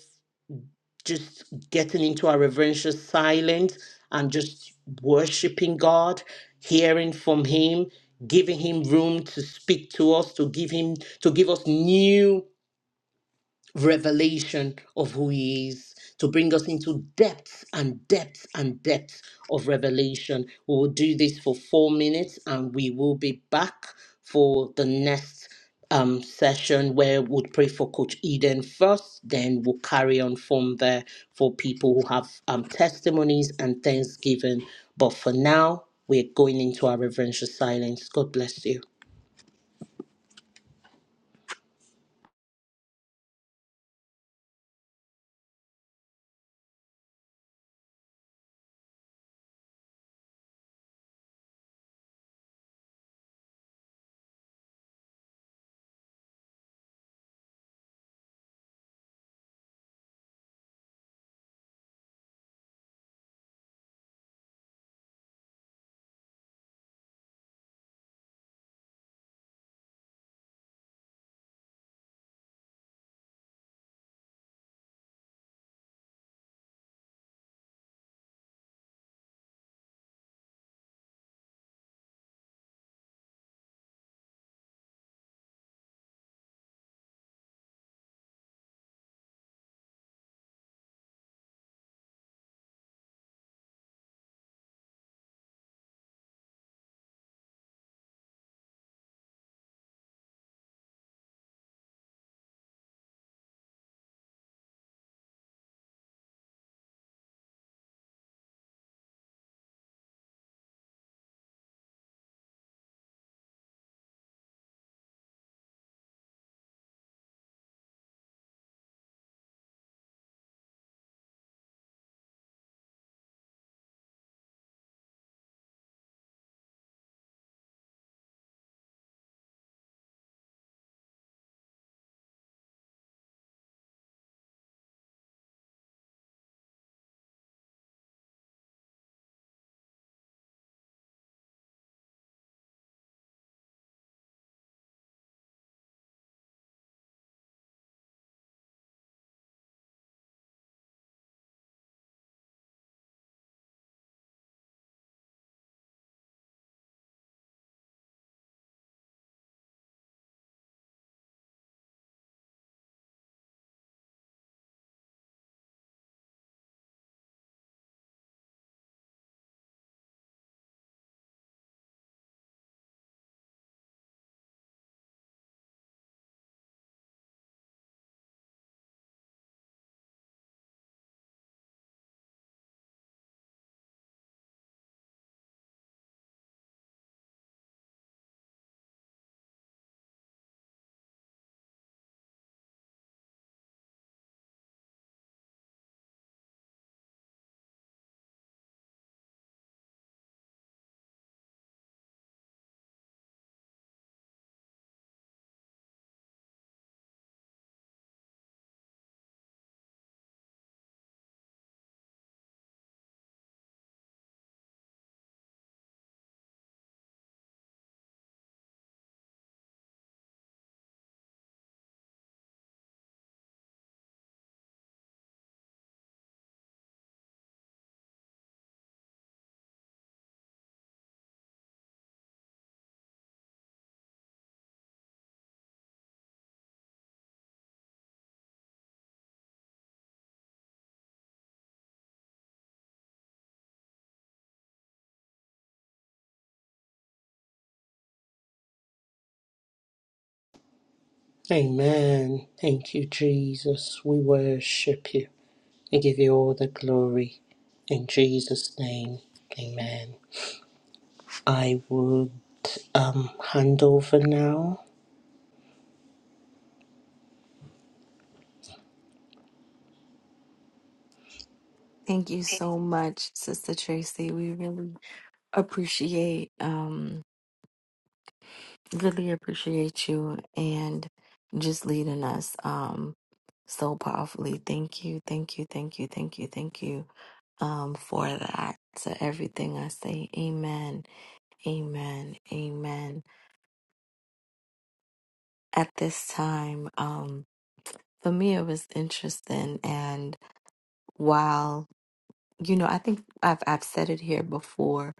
[SPEAKER 2] just getting into our reverential silence and just worshiping God, hearing from Him, giving Him room to speak to us, to give Him, to give us new revelation of who he is, to bring us into depth and depth and depth of revelation. We will do this for four minutes and we will be back for the next um, session where we'll pray for Coach Eden first, then we'll carry on from there for people who have um, testimonies and thanksgiving. But for now, we're going into our reverential silence. God bless you. Amen. Thank you, Jesus. We worship you. and give you all the glory. In Jesus' name, amen. I would um, hand over now.
[SPEAKER 1] Thank you so much, Sister Tracy. We really appreciate. um, Really appreciate you and just leading us um so powerfully. Thank you, thank you, thank you, thank you, thank you um for that. To everything I say, amen, amen, amen. At this time, um for me it was interesting and while you know, I think I've I've said it here before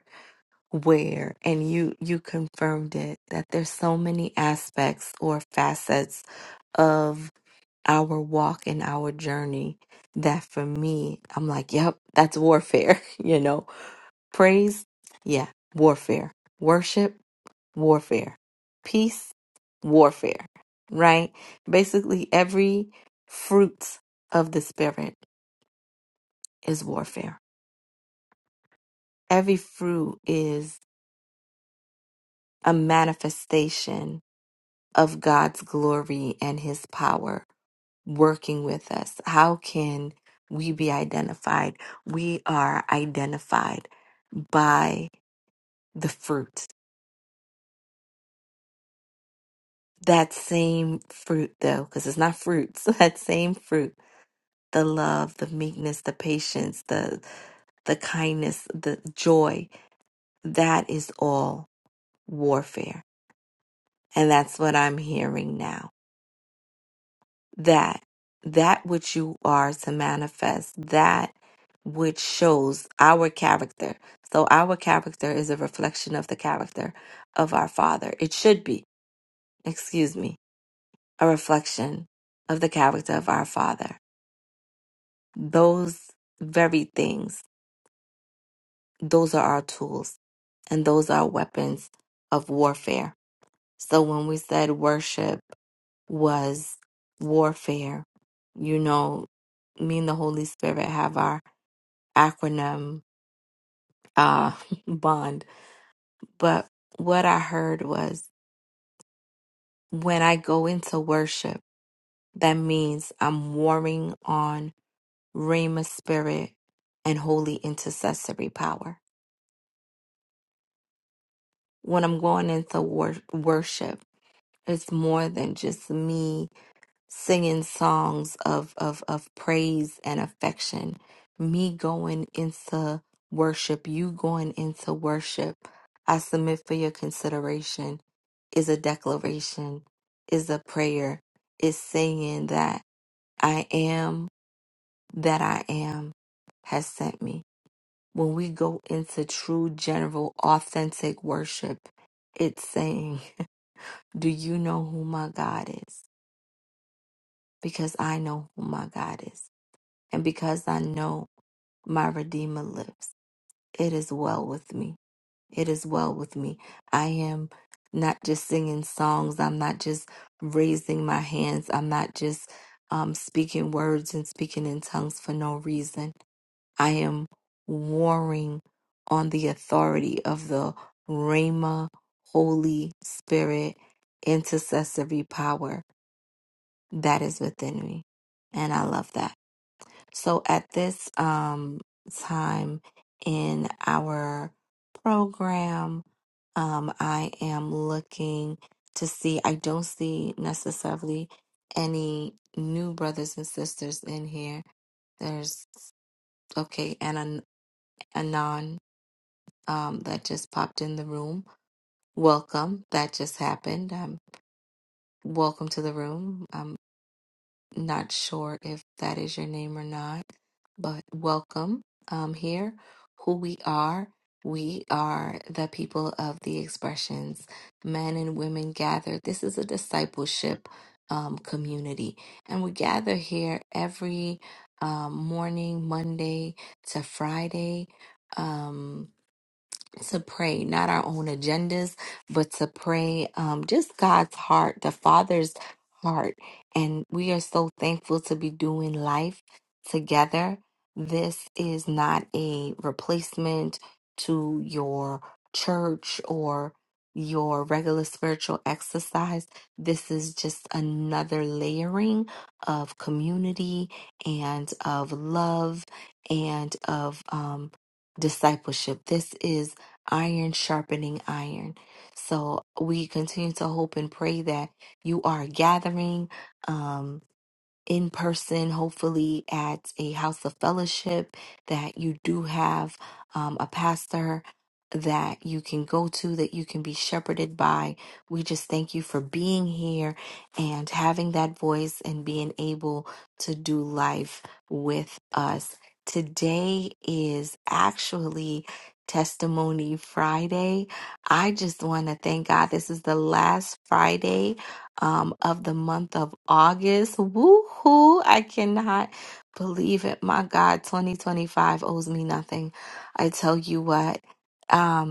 [SPEAKER 1] where and you you confirmed it that there's so many aspects or facets of. our walk and our journey that for me, I'm like, yep, that's warfare, you know. Praise, yeah, warfare. Worship, warfare. Peace, warfare, right? Basically, every fruit of the Spirit is warfare. Every fruit is a manifestation of God's glory and His power working with us? How can we be identified? We are identified by the fruit. That same fruit, though, because it's not fruits, that same fruit, the love, the meekness, the patience, the the kindness, the joy, that is all warfare. And that's what I'm hearing now that that which you are to manifest that which shows our character so our character is a reflection of the character of our father it should be excuse me a reflection of the character of our father those very things those are our tools and those are weapons of warfare so when we said worship was warfare you know me and the holy spirit have our acronym uh, bond. But what I heard was when I go into worship, that means I'm warming on Rhema spirit and holy intercessory power. When I'm going into wor- worship, it's more than just me singing songs of, of, of praise and affection. Me going into worship, you going into worship. I submit for your consideration is a declaration, is a prayer, is saying that I am that I am has sent me. When we go into true, general, authentic worship, it's saying, Do you know who my God is? Because I know who my God is. And because I know my Redeemer lives. It is well with me. It is well with me. I am not just singing songs. I'm not just raising my hands. I'm not just um, speaking words and speaking in tongues for no reason. I am warring on the authority of the Rhema Holy Spirit intercessory power that is within me. And I love that. So at this um, time in our program, um, I am looking to see, I don't see necessarily any new brothers and sisters in here. There's, okay, and An- Anon um, that just popped in the room. Welcome. That just happened. Um, welcome to the room. Not sure if that is your name or not, but welcome um, here. Who we are, we are the people of the expressions, men and women gather. This is a discipleship um, community, and we gather here every um, morning, Monday to Friday. Um, to pray, not our own agendas, but to pray um, just God's heart, the Father's heart. And we are so thankful to be doing life together. This is not a replacement to your church or your regular spiritual exercise. This is just another layering of community and of love and of um, discipleship. This is iron sharpening iron. So we continue to hope and pray that you are gathering. Um, in person, hopefully at a house of fellowship, that you do have um, a pastor that you can go to, that you can be shepherded by. We just thank you for being here and having that voice and being able to do life with us. Today is actually Testimony Friday. I just want to thank God. This is the last Friday um, of the month of August. Woohoo! I cannot believe it. My God, 2025 owes me nothing. I tell you what. um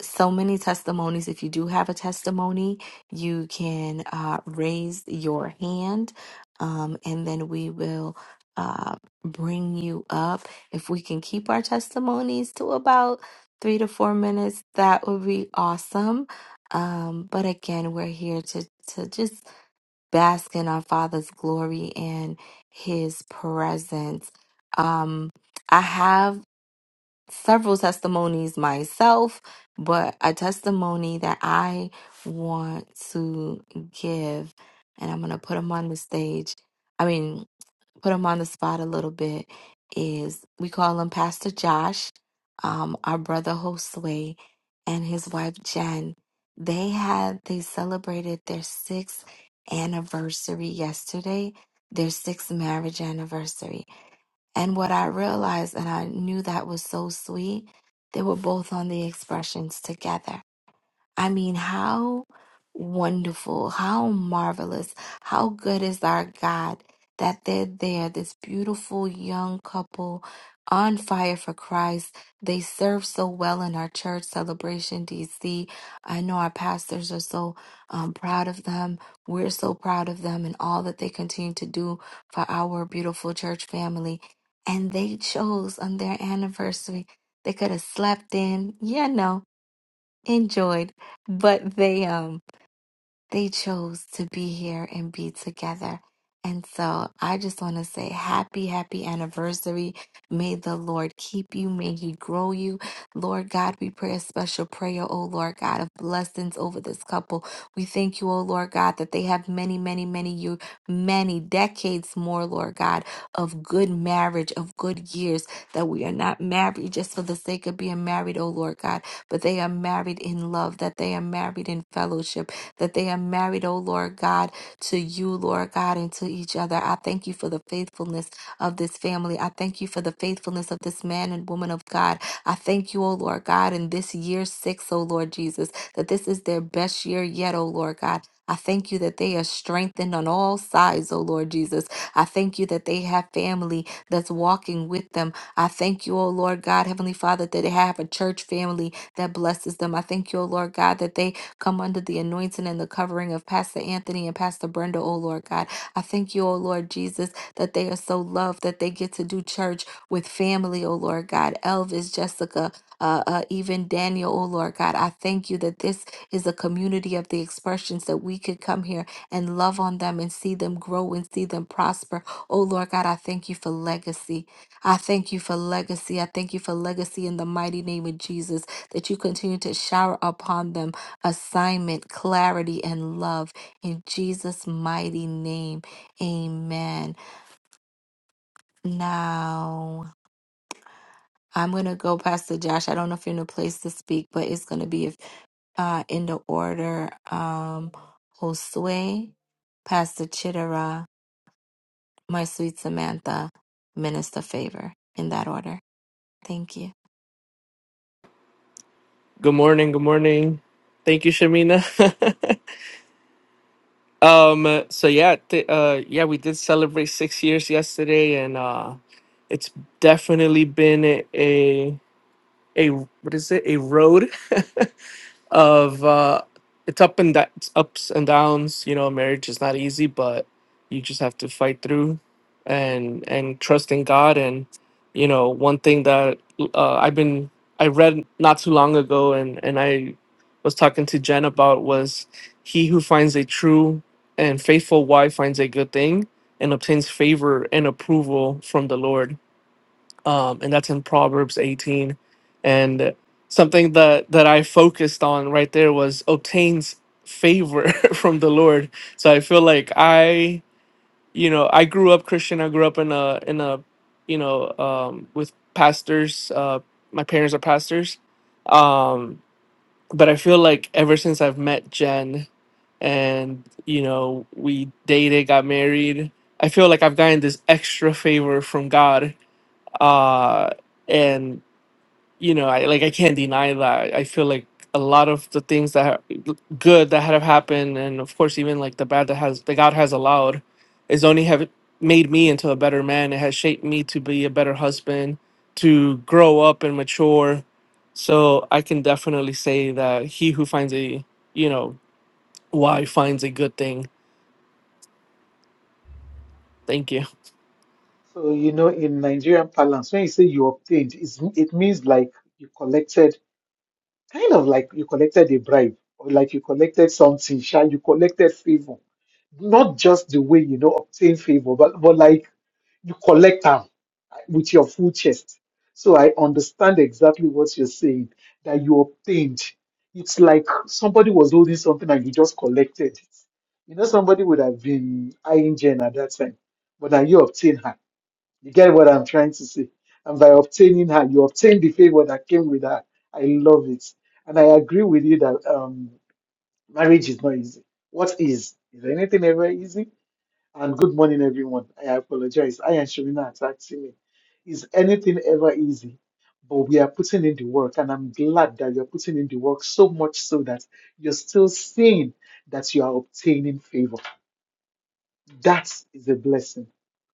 [SPEAKER 1] so many testimonies. If you do have a testimony, you can uh, raise your hand um, and then we will uh, bring you up. If we can keep our testimonies to about three to four minutes, that would be awesome. Um, but again, we're here to, to just bask in our Father's glory and His presence. Um, I have several testimonies myself, but a testimony that I want to give, and I'm going to put them on the stage. I mean, put them on the spot a little bit. Is we call him Pastor Josh, um, our brother Josue, and his wife Jen. They had they celebrated their sixth anniversary yesterday, their sixth marriage anniversary and what I realized, and I knew that was so sweet, they were both on the expressions together. I mean, how wonderful, how marvelous, how good is our God that they're there, this beautiful young couple on fire for Christ. They serve so well in our church celebration, DC. I know our pastors are so um, proud of them. We're so proud of them and all that they continue to do for our beautiful church family. And they chose on their anniversary. They could have slept in, you know, enjoyed, but they um they chose to be here and be together. And so I just want to say happy, happy anniversary. May the Lord keep you. May He grow you. Lord God, we pray a special prayer, O Lord God, of blessings over this couple. We thank you, O Lord God, that they have many, many, many years, many decades more, Lord God, of good marriage, of good years, that we are not married just for the sake of being married, O Lord God, but they are married in love, that they are married in fellowship that they are married, oh Lord God, to you, Lord God, and to each other. I thank you for the faithfulness of this family. I thank you for the faithfulness of this man and woman of God. I thank you, oh Lord God, in this year six, oh Lord Jesus, that this is their best year yet, oh Lord God. I thank you that they are strengthened on all sides, oh Lord Jesus. I thank you that they have family that's walking with them. I thank you, oh Lord God, Heavenly Father, that they have a church family that blesses them. I thank you, oh Lord God, that they Come under the anointing and the covering of Pastor Anthony and Pastor Brenda, oh Lord God. I thank you, oh Lord Jesus, that they are so loved that they get to do church with family, oh Lord God. Elvis, Jessica, uh, uh, even Daniel, oh Lord God. I thank you that this is a community of the expressions that we could come here and love on them and see them grow and see them prosper. Oh Lord God, I thank you for legacy. I thank you for legacy. I thank you for legacy in the mighty name of Jesus that you continue to shower upon them assignment, clarity, and love in Jesus' mighty name. Amen. Now, I'm going to go, Pastor Josh. I don't know if you're in a place to speak, but it's going to be if, uh, in the order um, Josue, Pastor Chittera, my sweet Samantha, Minister Favor, in that order. Thank you.
[SPEAKER 3] Good morning. Good morning. Thank you, Shamina. um. So yeah. Th- uh. Yeah, we did celebrate six years yesterday, and uh, it's definitely been a a a- what is it? A road. of uh it's up and da- it's ups and downs you know marriage is not easy but you just have to fight through and and trust in god and you know one thing that uh, i've been i read not too long ago and and i was talking to jen about was he who finds a true and faithful wife finds a good thing and obtains favor and approval from the lord um, and that's in Proverbs 18. And something that that I focused on right there was obtains favor from the Lord. So I feel like I, you know, I grew up Christian. I grew up in a in a, you know, um, with pastors. Uh, my parents are pastors, um, but I feel like ever since I've met Jen and you know we dated, got married. I feel like I've gotten this extra favor from God uh, and you know, I like I can't deny that. I feel like a lot of the things that ha- good that have happened, and of course even like the bad that has that God has allowed, is only have made me into a better man. It has shaped me to be a better husband, to grow up and mature. So I can definitely say that he who finds a you know why finds a good thing. Thank you.
[SPEAKER 4] So, you know, in Nigerian parlance, when you say you obtained, it's, it means like you collected, kind of like you collected a bribe or like you collected something, sha, you collected favor. Not just the way, you know, obtain favor, but, but like you collect them with your full chest. So I understand exactly what you're saying, that you obtained. It's like somebody was holding something and you just collected it. You know, somebody would have been eyeing Jen at that time, but now you obtained her you get what I'm trying to say? And by obtaining her, you obtain the favor that came with her. I love it. And I agree with you that um, marriage is not easy. What is? Is anything ever easy? And good morning, everyone. I apologize. I and Shamina attacked me. Is anything ever easy? But we are putting in the work, and I'm glad that you're putting in the work so much so that you're still seeing that you are obtaining favor. That is a blessing.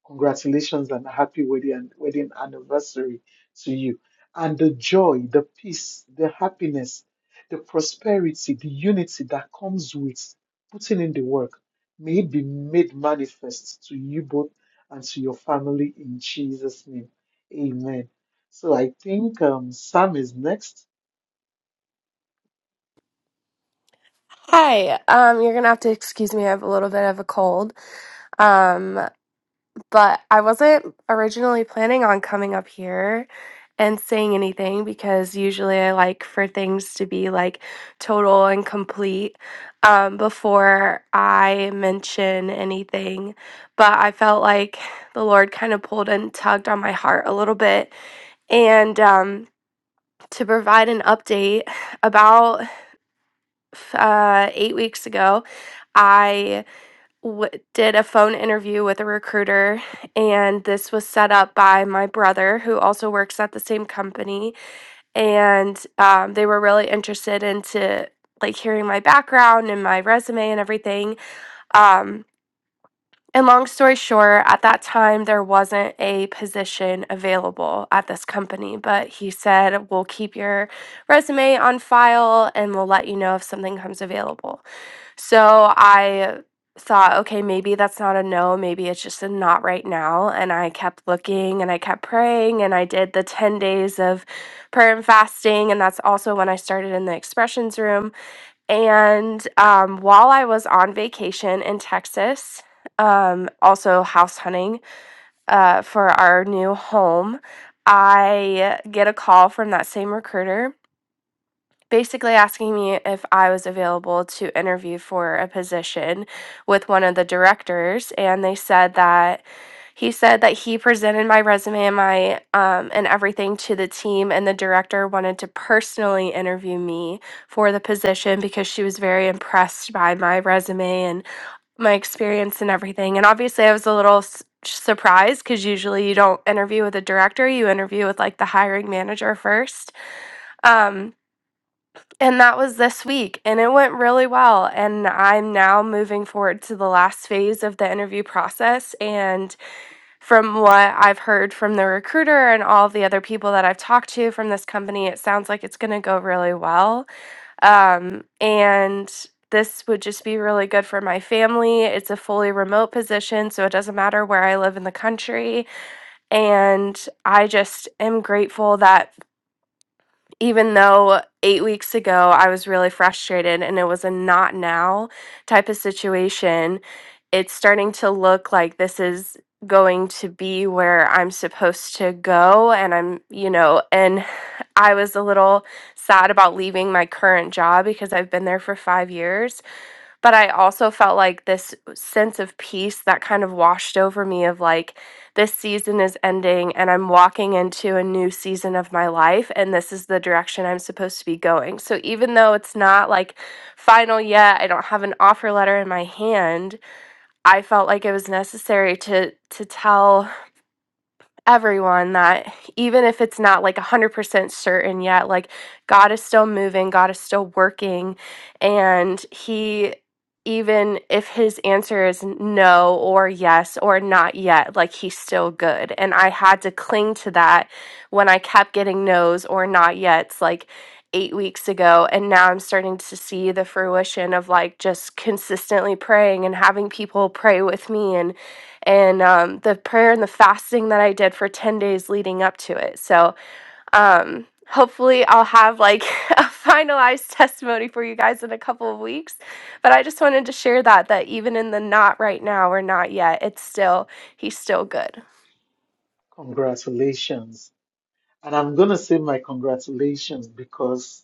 [SPEAKER 4] Congratulations and a happy wedding and wedding anniversary to you. And the joy, the peace, the happiness, the prosperity, the unity that comes with putting in the work, may it be made manifest to you both and to your family in Jesus' name. Amen. So I think um, Sam is next.
[SPEAKER 5] Hi, um, you're gonna have to excuse me. I have a little bit of a cold. Um, but I wasn't originally planning on coming up here and saying anything because usually I like for things to be like total and complete um, before I mention anything. But I felt like the Lord kind of pulled and tugged on my heart a little bit. And um, to provide an update, about uh, eight weeks ago, I w- did a phone interview with a recruiter, and this was set up by my brother, who also works at the same company. And um, they were really interested into like hearing my background and my resume and everything. Um, and long story short, at that time, there wasn't a position available at this company, but he said, We'll keep your resume on file and we'll let you know if something comes available. So I thought, okay, maybe that's not a no. Maybe it's just a not right now. And I kept looking and I kept praying and I did the 10 days of prayer and fasting. And that's also when I started in the expressions room. And um, while I was on vacation in Texas, um, also house hunting uh, for our new home, I get a call from that same recruiter basically asking me if I was available to interview for a position with one of the directors, and they said that he said that he presented my resume and my um, and everything to the team, and the director wanted to personally interview me for the position because she was very impressed by my resume and my experience and everything. And obviously, I was a little. s surprised because usually you don't interview with a director you interview with like the hiring manager first um and that was this week, and it went really well. And I'm now moving forward to the last phase of the interview process. And from what I've heard from the recruiter and all the other people that I've talked to from this company, it sounds like it's going to go really well. Um, and this would just be really good for my family. It's a fully remote position, so it doesn't matter where I live in the country. And I just am grateful that even though eight weeks ago I was really frustrated and it was a not now type of situation, it's starting to look like this is going to be where I'm supposed to go. And I'm, you know, and I was a little sad about leaving my current job because I've been there for five years but I also felt like this sense of peace that kind of washed over me of like this season is ending and I'm walking into a new season of my life and this is the direction I'm supposed to be going. So even though it's not like final yet, I don't have an offer letter in my hand, I felt like it was necessary to to tell everyone that even if it's not like 100% certain yet, like God is still moving, God is still working, and He, even if His answer is no or yes or not yet, like He's still good. And I had to cling to that when I kept getting no's or not yet's, like eight weeks ago. And now I'm starting to see the fruition of like just consistently praying and having people pray with me and and um, the prayer and the fasting that I did for 10 days leading up to it. So, um, hopefully, I'll have like a finalized testimony for you guys in a couple of weeks. But I just wanted to share that, that even in the not right now or not yet, it's still, he's still good.
[SPEAKER 4] Congratulations. And I'm going to say my congratulations because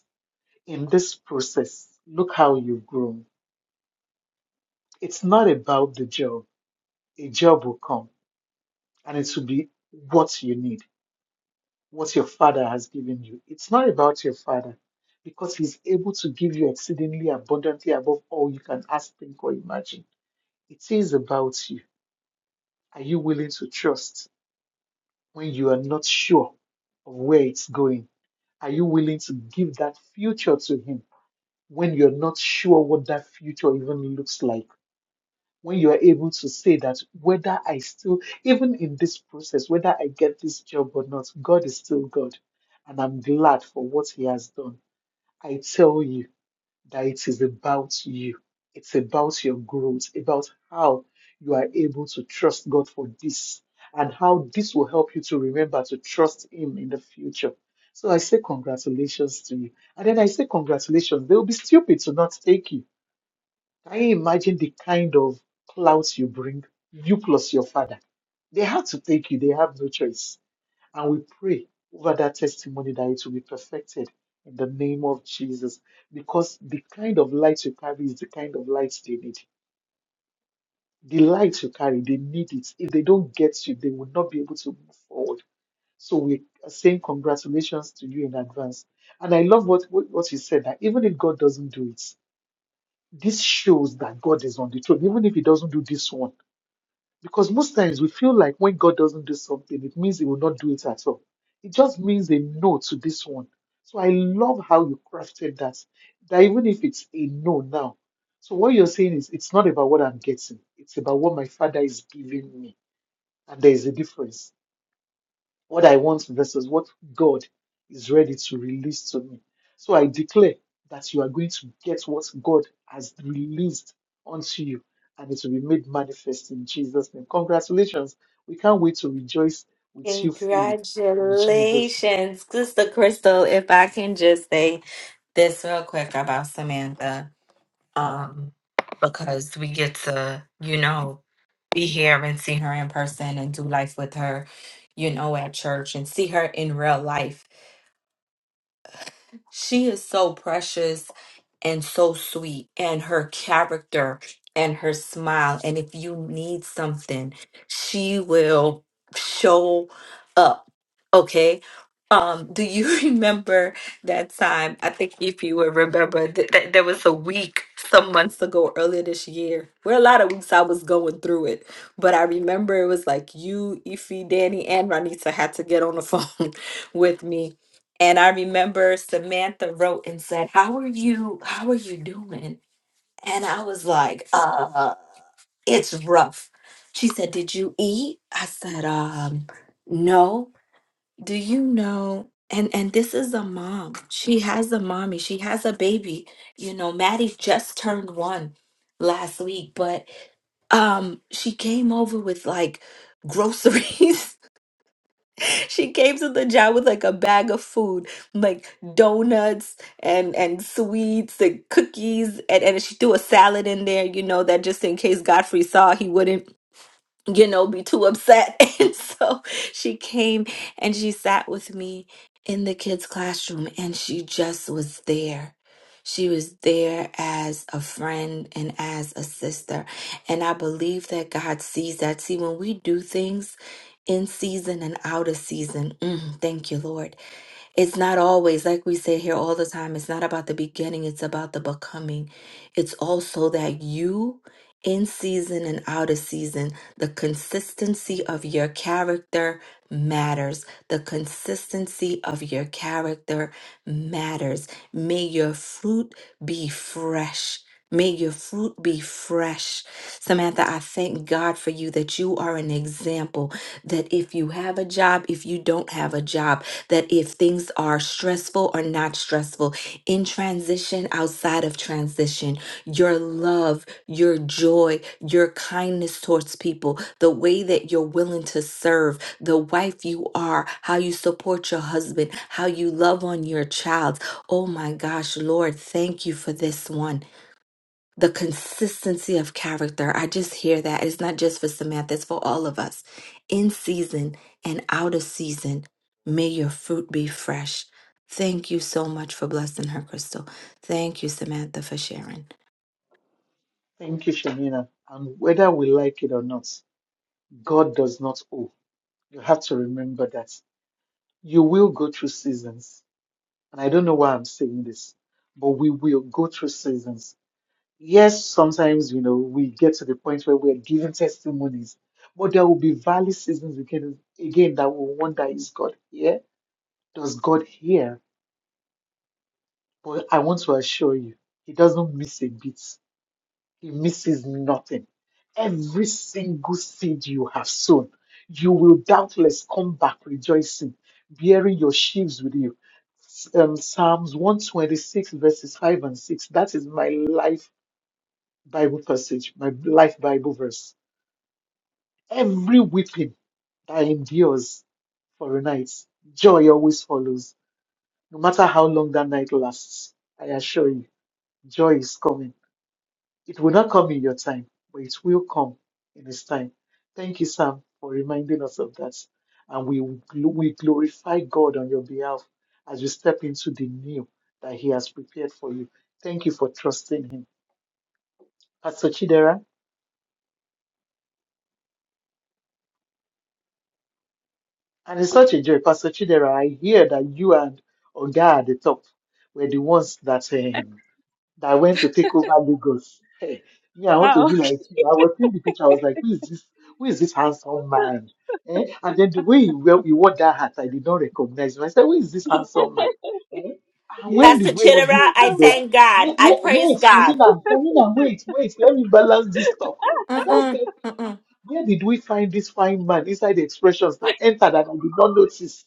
[SPEAKER 4] in this process, look how you've grown. It's not about the job. A job will come and it will be what you need, what your father has given you. It's not about your father because he's able to give you exceedingly abundantly above all you can ask, think, or imagine. It is about you. Are you willing to trust when you are not sure of where it's going? Are you willing to give that future to him when you're not sure what that future even looks like? when you are able to say that whether I still, even in this process, whether I get this job or not, God is still God. And I'm glad for what He has done. I tell you that it is about you, it's about your growth, about how you are able to trust God for this, and how this will help you to remember to trust Him in the future. So I say congratulations to you. And then I say congratulations. They will be stupid to not take you can you imagine the kind of clouds you bring, you plus your father? They had to take you, they have no choice. And we pray over that testimony that it will be perfected in the name of Jesus. Because the kind of light you carry is the kind of light they need. The light you carry, they need it. If they don't get you, they will not be able to move forward. So we are saying congratulations to you in advance. And I love what, what what you said that even if God doesn't do it, this shows that God is on the throne, even if He doesn't do this one. Because most times we feel like when God doesn't do something, it means He will not do it at all. It just means a no to this one. So I love how you crafted that. That even if it's a no now. So what you're saying is it's not about what I'm getting, it's about what my Father is giving me. And there is a difference what I want versus what God is ready to release to me. So I declare that you are going to get what God has released unto you and it will be made manifest in Jesus' name. Congratulations. We can't wait to rejoice with you fully in Jesus' name.
[SPEAKER 1] Congratulations, Sister Crystal. If I can just say this real quick about Samantha. um, because we get to, you know, be here and see her in person and do life with her, you know, at church and see her in real life she is so precious and so sweet, and her character and her smile. And if you need something, she will show up. Okay. Um, do you remember that time? I think if you would remember that th- there was a week some months ago earlier this year where a lot of weeks I was going through it, but I remember it was like you, Ify, Danny, and Ranita had to get on the phone with me and I remember Samantha wrote and said, "How are you? How are you doing?" And I was like, "Uh, it's rough." She said, "Did you eat?" I said, "Um, no. Do you know?" And and this is a mom. She has a mommy. She has a baby. You know, Maddie just turned one last week, but um, she came over with like groceries she came to the job with like a bag of food, like donuts and and sweets and cookies, and and she threw a salad in there, you know, that just in case Godfrey saw, he wouldn't you know, be too upset. And so she came and she sat with me in the kids' classroom and she just was there. She was there as a friend and as a sister. And I believe that God sees that. See, when we do things in season and out of season, mm, thank you, Lord. It's not always, like we say here all the time, it's not about the beginning, it's about the becoming. It's also that you, in season and out of season, the consistency of your character matters. The consistency of your character matters. May your fruit be fresh. May your fruit be fresh. Samantha, I thank God for you that you are an example. That if you have a job, if you don't have a job, that if things are stressful or not stressful, in transition, outside of transition, your love, your joy, your kindness towards people, the way that you're willing to serve, the wife you are, how you support your husband, how you love on your child. Oh my gosh, Lord, thank you for this one the consistency of character. I just hear that. It's not just for Samantha, it's for all of us. In season and out of season, may your fruit be fresh. Thank you so much for blessing her, Crystal. Thank you, Samantha, for sharing.
[SPEAKER 4] Thank you, Shamina. And whether we like it or not, God does not owe. You have to remember that you will go through seasons. And I don't know why I'm saying this, but we will go through seasons Yes, sometimes, you know, we get to the point where we're giving testimonies, but there will be valley seasons again, again that will wonder, is God here? Does God hear? But I want to assure you, He doesn't miss a beat. He misses nothing. Every single seed you have sown, you will doubtless come back rejoicing, bearing your sheaves with you. Um, Psalms 126, verses 5 and 6. That is my life Bible passage, my life Bible verse Every weeping that endures for a night, joy always follows, no matter how long that night lasts. I assure you, joy is coming. It will not come in your time, but it will come in its time. Thank you, Sam, for reminding us of that. And we, gl- we glorify God on your behalf as you step into the new that He has prepared for you. Thank you for trusting Him. Pastor Chidera. And it's such a joy, Pastor Chidera. I hear that you and Oga at the top were the ones that um, that went to take over Lagos. Hey, me, I want to
[SPEAKER 6] Oh.
[SPEAKER 4] be like you. I was seeing the picture. I was like, who is this? Who is this handsome man? Eh? And then the way he, wear, he wore that hat, I did not recognize him. I said, who is this handsome man? Eh? And when
[SPEAKER 1] Pastor
[SPEAKER 4] did we have this
[SPEAKER 1] Chittera, I
[SPEAKER 4] kind of
[SPEAKER 1] thank God.
[SPEAKER 4] wait,
[SPEAKER 1] I
[SPEAKER 4] wait,
[SPEAKER 1] praise
[SPEAKER 4] wait,
[SPEAKER 1] God.
[SPEAKER 4] Shamina, Shamina, wait, wait, let me balance this talk. I just said,
[SPEAKER 1] Mm-mm,
[SPEAKER 4] "Ah, ah,
[SPEAKER 1] mm-mm,
[SPEAKER 4] where did we find this fine man inside the expressions that entered that I did not notice?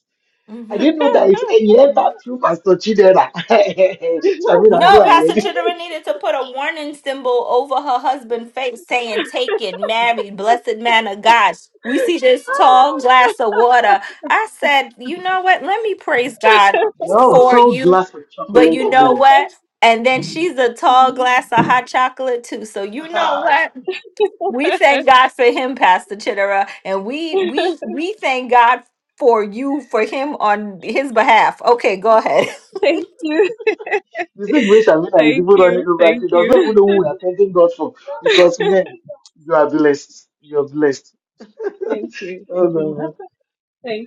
[SPEAKER 4] I
[SPEAKER 1] mhm.
[SPEAKER 4] didn't know that it, he entered through Pastor Chidera. Shamina, go
[SPEAKER 1] No, Pastor
[SPEAKER 4] ahead.
[SPEAKER 1] Chidera needed to put a warning symbol over her husband's face saying, Take it, marry, blessed man of God. We see this tall glass of water. I said, You know what? Let me praise God
[SPEAKER 4] Yo,
[SPEAKER 1] for
[SPEAKER 4] cold
[SPEAKER 1] you.
[SPEAKER 4] glass of
[SPEAKER 1] But
[SPEAKER 4] chocolate
[SPEAKER 1] you know
[SPEAKER 4] milk.
[SPEAKER 1] what? And then she's a tall glass of hot chocolate too. So you know
[SPEAKER 4] the
[SPEAKER 1] what? We thank God for him, Pastor Chidera. And we we we thank God for you for him on his behalf. Okay, go ahead.
[SPEAKER 6] Thank you.
[SPEAKER 4] situation Mina is even
[SPEAKER 6] Thank
[SPEAKER 4] running
[SPEAKER 6] you.
[SPEAKER 4] over.
[SPEAKER 6] Thank
[SPEAKER 4] She doesn't
[SPEAKER 6] you.
[SPEAKER 4] even know who we are thanking God for. Because man, you are blessed. You are blessed.
[SPEAKER 6] Thank you.
[SPEAKER 4] Oh
[SPEAKER 6] Thank you,
[SPEAKER 4] no,
[SPEAKER 6] Ma.
[SPEAKER 4] man.
[SPEAKER 6] Thank you.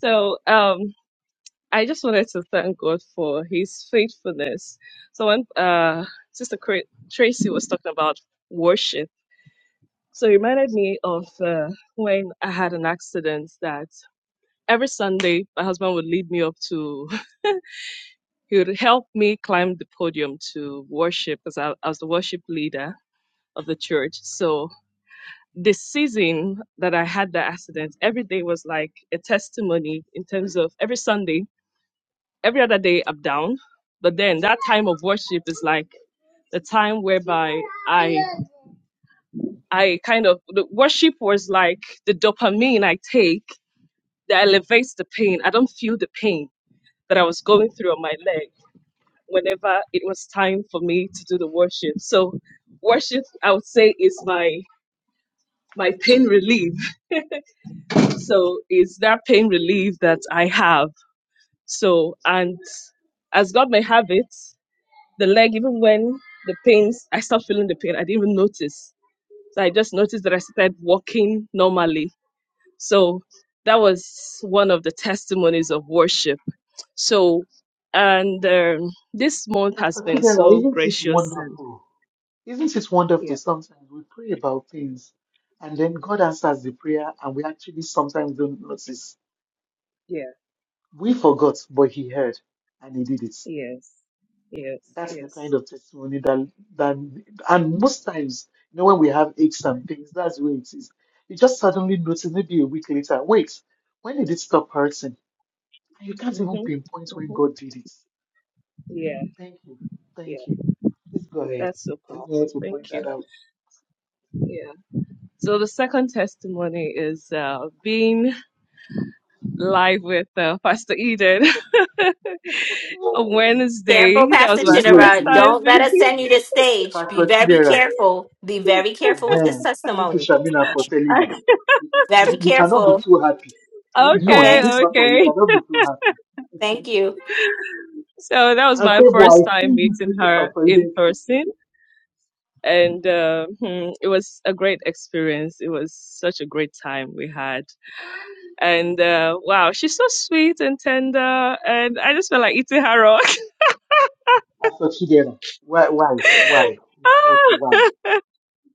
[SPEAKER 6] So, um, I just wanted to thank God for His faithfulness. So when uh, Sister Cra- Tracy was talking about worship, so it reminded me of uh, when I had an accident that every Sunday my husband would lead me up to, he would help me climb the podium to worship because I, I was the worship leader of the church. So this season that I had the accident, every day was like a testimony in terms of every Sunday every other day I'm down, but then that time of worship is like the time whereby I I kind of the worship was like the dopamine I take that elevates the pain. I don't feel the pain that I was going through on my leg whenever it was time for me to do the worship. So worship I would say is my my pain relief. So it's that pain relief that I have. So and as God may have it, The leg, even when the pains, I stopped feeling the pain. I didn't even notice. So I just noticed that I started walking normally. So that was one of the testimonies of worship. So, and um, this month has
[SPEAKER 4] But
[SPEAKER 6] been
[SPEAKER 4] Chidera,
[SPEAKER 6] so
[SPEAKER 4] isn't it
[SPEAKER 6] gracious and
[SPEAKER 4] wonderful? Isn't it wonderful?
[SPEAKER 6] yeah,
[SPEAKER 4] Sometimes we pray about things and then God answers the prayer and we actually sometimes don't notice.
[SPEAKER 6] yeah,
[SPEAKER 4] We forgot, but He heard and He did it.
[SPEAKER 6] yes, yes,
[SPEAKER 4] That's the kind
[SPEAKER 6] yes.
[SPEAKER 4] of testimony that that and most times, you know, when we have aches and pains, that's where it is. You just suddenly notice maybe a week later, wait, when did it stop hurting? And you can't even
[SPEAKER 6] Mhm,
[SPEAKER 4] pinpoint when
[SPEAKER 6] mhm.
[SPEAKER 4] God did it.
[SPEAKER 6] Yeah,
[SPEAKER 4] Thank you.
[SPEAKER 6] yeah.
[SPEAKER 4] Thank you. Please go ahead.
[SPEAKER 6] That's so
[SPEAKER 4] I just
[SPEAKER 6] powerful.
[SPEAKER 4] wanted to point
[SPEAKER 6] Thank you.
[SPEAKER 4] that out.
[SPEAKER 6] Yeah. So the second testimony is uh, being live with uh, Pastor Eden. a
[SPEAKER 1] Careful,
[SPEAKER 6] Wednesday. That
[SPEAKER 1] Pastor
[SPEAKER 6] was
[SPEAKER 4] Wait,
[SPEAKER 6] my
[SPEAKER 4] wait,
[SPEAKER 6] first
[SPEAKER 1] Chittera.
[SPEAKER 4] wait,
[SPEAKER 6] time
[SPEAKER 1] Don't let
[SPEAKER 4] wait,
[SPEAKER 1] us
[SPEAKER 6] meeting.
[SPEAKER 1] send you
[SPEAKER 4] wait.
[SPEAKER 1] to stage. Be
[SPEAKER 4] Pastor
[SPEAKER 1] very
[SPEAKER 4] Chidera.
[SPEAKER 1] careful. Be very
[SPEAKER 4] Uh
[SPEAKER 1] careful with
[SPEAKER 4] huh.
[SPEAKER 1] this
[SPEAKER 4] Thank you,
[SPEAKER 1] testimony.
[SPEAKER 4] Shamina, for telling us.
[SPEAKER 6] I-
[SPEAKER 4] You,
[SPEAKER 1] Very
[SPEAKER 4] you you cannot be
[SPEAKER 1] careful.
[SPEAKER 4] too happy. You you know, in
[SPEAKER 1] Okay.
[SPEAKER 4] this
[SPEAKER 6] okay,
[SPEAKER 4] matter, you
[SPEAKER 6] okay.
[SPEAKER 4] cannot be too happy.
[SPEAKER 1] Thank you.
[SPEAKER 6] So that was
[SPEAKER 4] And
[SPEAKER 6] my
[SPEAKER 4] say, boy, I
[SPEAKER 6] first time
[SPEAKER 4] see you
[SPEAKER 6] meeting
[SPEAKER 4] putting
[SPEAKER 6] her
[SPEAKER 4] Pastor
[SPEAKER 6] in
[SPEAKER 4] Eden to
[SPEAKER 6] person, and uh, hmm, it was a great experience. It was such a great time we had, and uh, wow, she's so sweet and tender, and I just felt like eating her up.
[SPEAKER 4] Pastor Chidera. Why, why, why? But why?
[SPEAKER 6] Ah!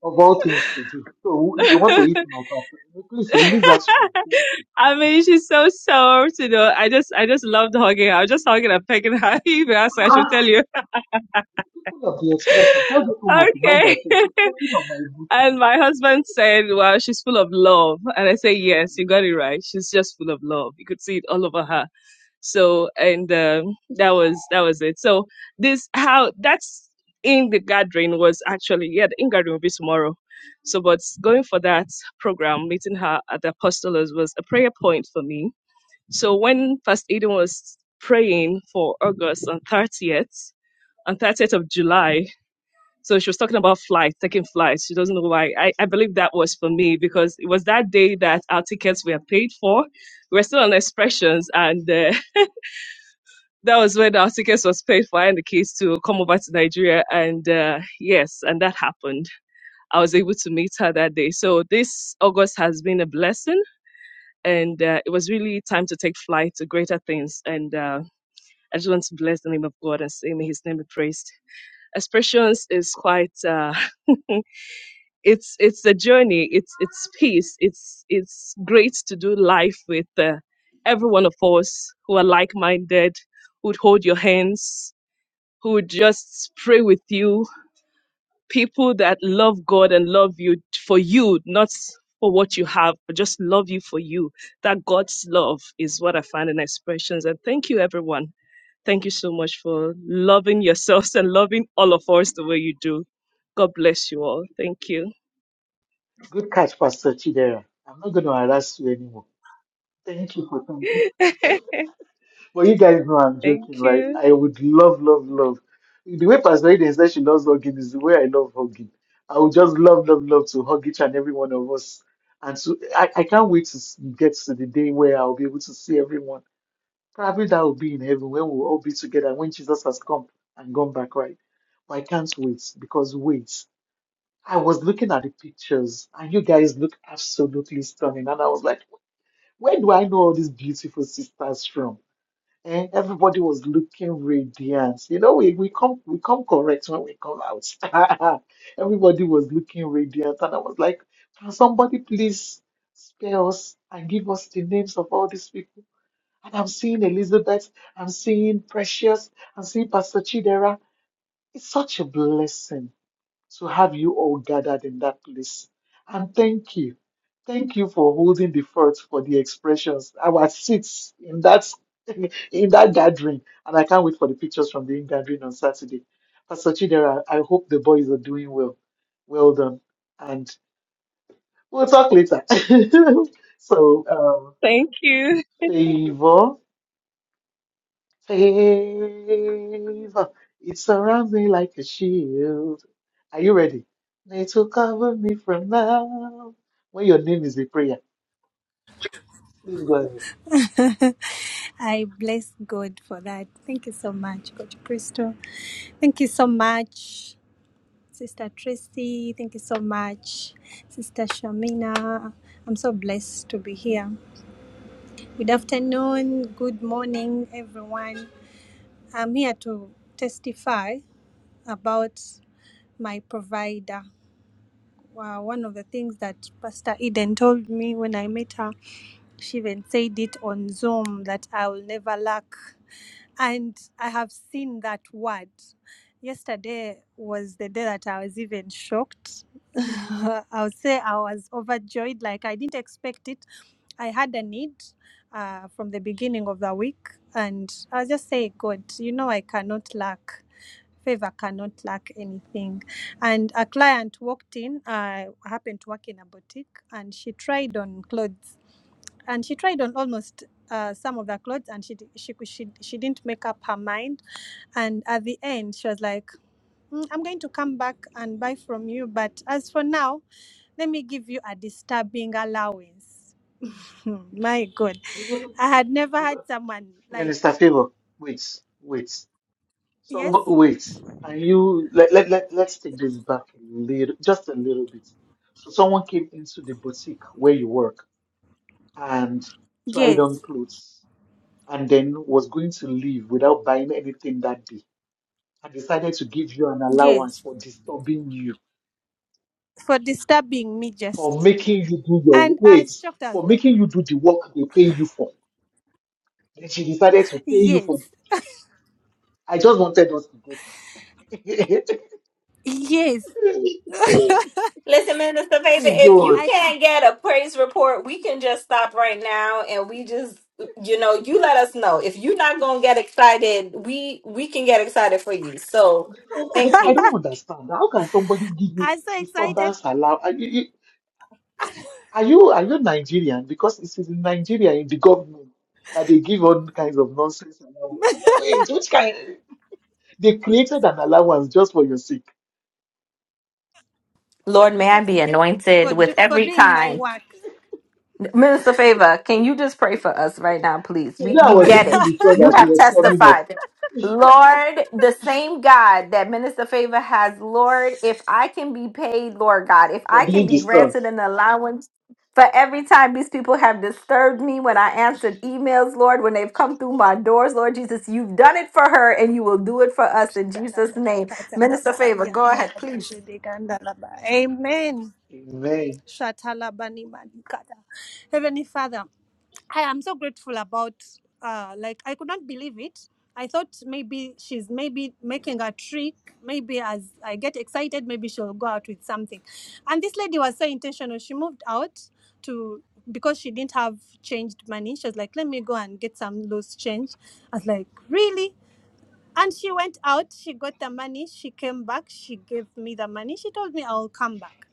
[SPEAKER 4] Of all things to do. So who- you want to eat my pastor. Please release that to me.
[SPEAKER 6] I mean, she's so soft, you know. I just, I just loved hugging her. I was just hugging and pecking her. If you ask her, she'll tell
[SPEAKER 4] Ah,
[SPEAKER 6] you.
[SPEAKER 4] people of the expression, tell this woman to mind
[SPEAKER 6] Okay.
[SPEAKER 4] herself. She's talking on my book.
[SPEAKER 6] And my husband said, Well, she's full of love. And I say, Yes, you
[SPEAKER 4] Yeah.
[SPEAKER 6] got it right. She's just full of love. You could see it all over her. So and um, that was that was it. So this how that's in the gathering was actually yeah, the in gathering will be tomorrow. So but going for that program, meeting her at the apostles was a prayer point for me. So when Pastor Eden was praying for August on thirtieth, on thirtieth of July, so she was talking about flights, taking flights. She doesn't know why. I, I believe that was for me because it was that day that our tickets were paid for. We were still on expressions, and uh, that was when our tickets was paid for and the kids to come over to Nigeria. And uh, yes, and that happened. I was able to meet her that day. So this August has been a blessing, and uh, it was really time to take flight to greater things. And uh, I just want to bless the name of God and say, may His name be praised. Expressions is quite. Uh, it's it's a journey it's it's peace it's it's great to do life with uh, every one of us who are like-minded who'd hold your hands who would just pray with you people that love god and love you for you not for what you have but just love you for you that god's love is what i find in expressions and thank you everyone thank you so much for loving yourselves and loving all of us the way you do god bless you all thank you
[SPEAKER 4] Good catch, Pastor Chidera. I'm not going to harass you anymore. Thank you for coming. But you guys know I'm joking,
[SPEAKER 6] Thank
[SPEAKER 4] right? I
[SPEAKER 6] you.
[SPEAKER 4] would love, love, love. The way Pastor Eden said she loves hugging is the way I love hugging. I would just love, love, love to hug each and every one of us. And so I, I can't wait to s- get to the day where I'll be able to see everyone. Probably that will be in heaven when we'll all be together, when Jesus has come and gone back, right? But I can't wait because wait, I was looking at the pictures and you guys look absolutely stunning. And I was like, where do I know all these beautiful sisters from? And everybody was looking radiant. You know, we, we come we come correct when we come out. everybody was looking radiant, and I was like, "Can somebody please spare us and give us the names of all these people?" And I'm seeing Elizabeth, I'm seeing Precious, I'm seeing Pastor Chidera. It's such a blessing to have you all gathered in that place. And thank you. Thank you for holding the fort for the expressions. Our seats in that in that gathering. And I can't wait for the pictures from the gathering on Saturday. Pastor Chidera, I hope the boys are doing well. Well done. And we'll talk later. so um,
[SPEAKER 6] Thank you.
[SPEAKER 4] favor. Favor, it surrounds me like a shield. Are you ready? May to cover me from now. When your name is the prayer, please go ahead.
[SPEAKER 7] I bless God for that. Thank you so much, Coach Crystal. Thank you so much, Sister Tracy. Thank you so much, Sister Shamina. I'm so blessed to be here. Good afternoon, good morning, everyone. I'm here to testify about my provider. Wow, one of the things that Pastor Eden told me when I met her, she even said it on Zoom that I will never lack. And I have seen that word. Yesterday was the day that I was even shocked. I'll say I was overjoyed, like I didn't expect it. I had a need uh, from the beginning of the week, and I was just saying, God, you know, I cannot lack. Favor cannot lack anything. And a client walked in. I happened to work in a boutique, and she tried on clothes and she tried on almost uh, some of the clothes and she, di- she cou- she she didn't make up her mind and at the end she was like "Mm, i'm going to come back and buy from you but as for now let me give you a disturbing allowance Hmm, my god i had never had someone like
[SPEAKER 4] Minister Favor, wait, wait. Some
[SPEAKER 7] yes
[SPEAKER 4] wait. Can you let, let, let, let's take this back a little just a little bit. So someone came into the boutique where you work and tried on
[SPEAKER 7] yes
[SPEAKER 4] clothes and then was going to leave without buying anything that day I decided to give you an allowance
[SPEAKER 7] yes
[SPEAKER 4] for disturbing you,
[SPEAKER 7] for disturbing me
[SPEAKER 4] for
[SPEAKER 7] just
[SPEAKER 4] making you do your
[SPEAKER 7] and
[SPEAKER 4] wait,
[SPEAKER 7] as shocked as
[SPEAKER 4] for
[SPEAKER 7] like
[SPEAKER 4] making you do the work they pay you for. Then she decided to pay you for.
[SPEAKER 7] yes
[SPEAKER 4] I just wanted us to get it.
[SPEAKER 7] yes
[SPEAKER 4] Please
[SPEAKER 1] Listen, Minister Favor, if
[SPEAKER 4] go
[SPEAKER 1] you
[SPEAKER 4] on.
[SPEAKER 7] i could
[SPEAKER 1] can't get a praise report, we can just stop right now and we just you know, you let us know. If you're not gonna get excited, we we can get excited for you. So thank
[SPEAKER 4] Because I, I
[SPEAKER 1] you.
[SPEAKER 4] don't understand. How can somebody give you
[SPEAKER 7] i was so excited
[SPEAKER 4] disturbance allow? Are you are you, are you Nigerian? Because it's in Nigeria in the government that they give all kinds of nonsense allowance. Wait, which kind? They created an allowance just for your sake.
[SPEAKER 1] Lord, may I
[SPEAKER 7] just
[SPEAKER 1] be anointed
[SPEAKER 7] for do,
[SPEAKER 1] with
[SPEAKER 7] for
[SPEAKER 1] every
[SPEAKER 7] doing my
[SPEAKER 1] time.
[SPEAKER 7] work.
[SPEAKER 1] Minister Favor, can you just pray for us right now, please? We
[SPEAKER 4] Today I
[SPEAKER 1] we
[SPEAKER 4] was
[SPEAKER 1] get
[SPEAKER 4] singing
[SPEAKER 1] it.
[SPEAKER 4] the song
[SPEAKER 1] You
[SPEAKER 4] that she
[SPEAKER 1] have
[SPEAKER 4] was coming up
[SPEAKER 1] testified. Lord, the same God that Minister Favor has, Lord, if I can be paid, Lord God, if I
[SPEAKER 4] for
[SPEAKER 1] can
[SPEAKER 4] being
[SPEAKER 1] be
[SPEAKER 4] disturbed.
[SPEAKER 1] granted an allowance for every time these people have disturbed me when I answered emails, Lord, when they've come through my doors, Lord Jesus, you've done it for her and you will do it for us in Jesus'
[SPEAKER 7] Shatalabani
[SPEAKER 1] name. Minister
[SPEAKER 7] katalabali
[SPEAKER 1] Favor, go ahead, please.
[SPEAKER 7] andalabashidi gandalaba. Amen.
[SPEAKER 4] Amen.
[SPEAKER 7] Shatalabani manikata. Heavenly Father, I am so grateful about uh like I could not believe it. I thought maybe she's maybe making a trick. Maybe as I get excited, maybe she'll go out with something. And this lady was so intentional. She moved out to because she didn't have changed money. She was like, let me go and get some loose change. I was like, really? And she went out, she got the money, she came back, she gave me the money, she told me I'll come back.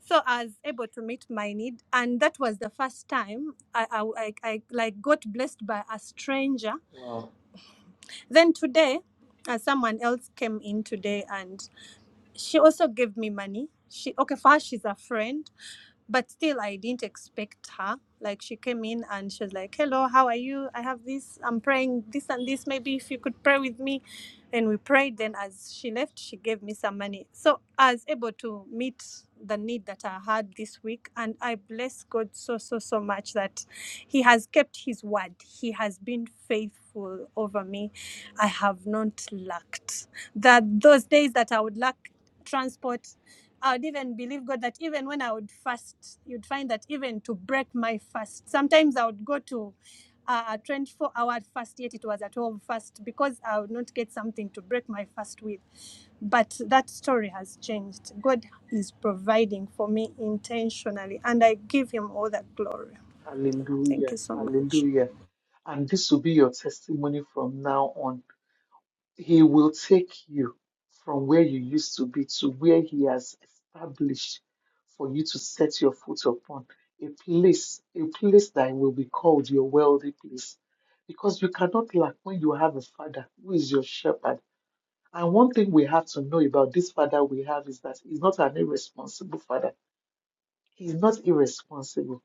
[SPEAKER 7] So I was able to meet my need, and that was the first time I, I, I, I like got blessed by a stranger.
[SPEAKER 4] Wow.
[SPEAKER 7] Then today, uh, someone else came in today, and she also gave me money. She okay First, she's a friend, but still i didn't expect her like she came in and she was like hello how are you i have this i'm praying this and this maybe if you could pray with me and we prayed then as she left she gave me some money so i was able to meet the need that i had this week and i bless god so so so much that he has kept his word he has been faithful over me i have not lacked that those days that i would lack transport I would even believe God that even when I would fast, you'd find that even to break my fast, sometimes I would go to uh, a 24 hour fast, yet it was a 12 fast because I would not get something to break my fast with. But that story has changed. God is providing for me intentionally, and I give Him all that glory. Thank
[SPEAKER 4] Hallelujah.
[SPEAKER 7] you so much.
[SPEAKER 4] Hallelujah. And this will be your testimony from now on. He will take you from where you used to be to where He has established for you to set your foot upon. A place, a place that will be called your wealthy place. Because you cannot lack when you have a father who is your shepherd And one thing we have to know about this father we have is that he's not an irresponsible father. He's not irresponsible.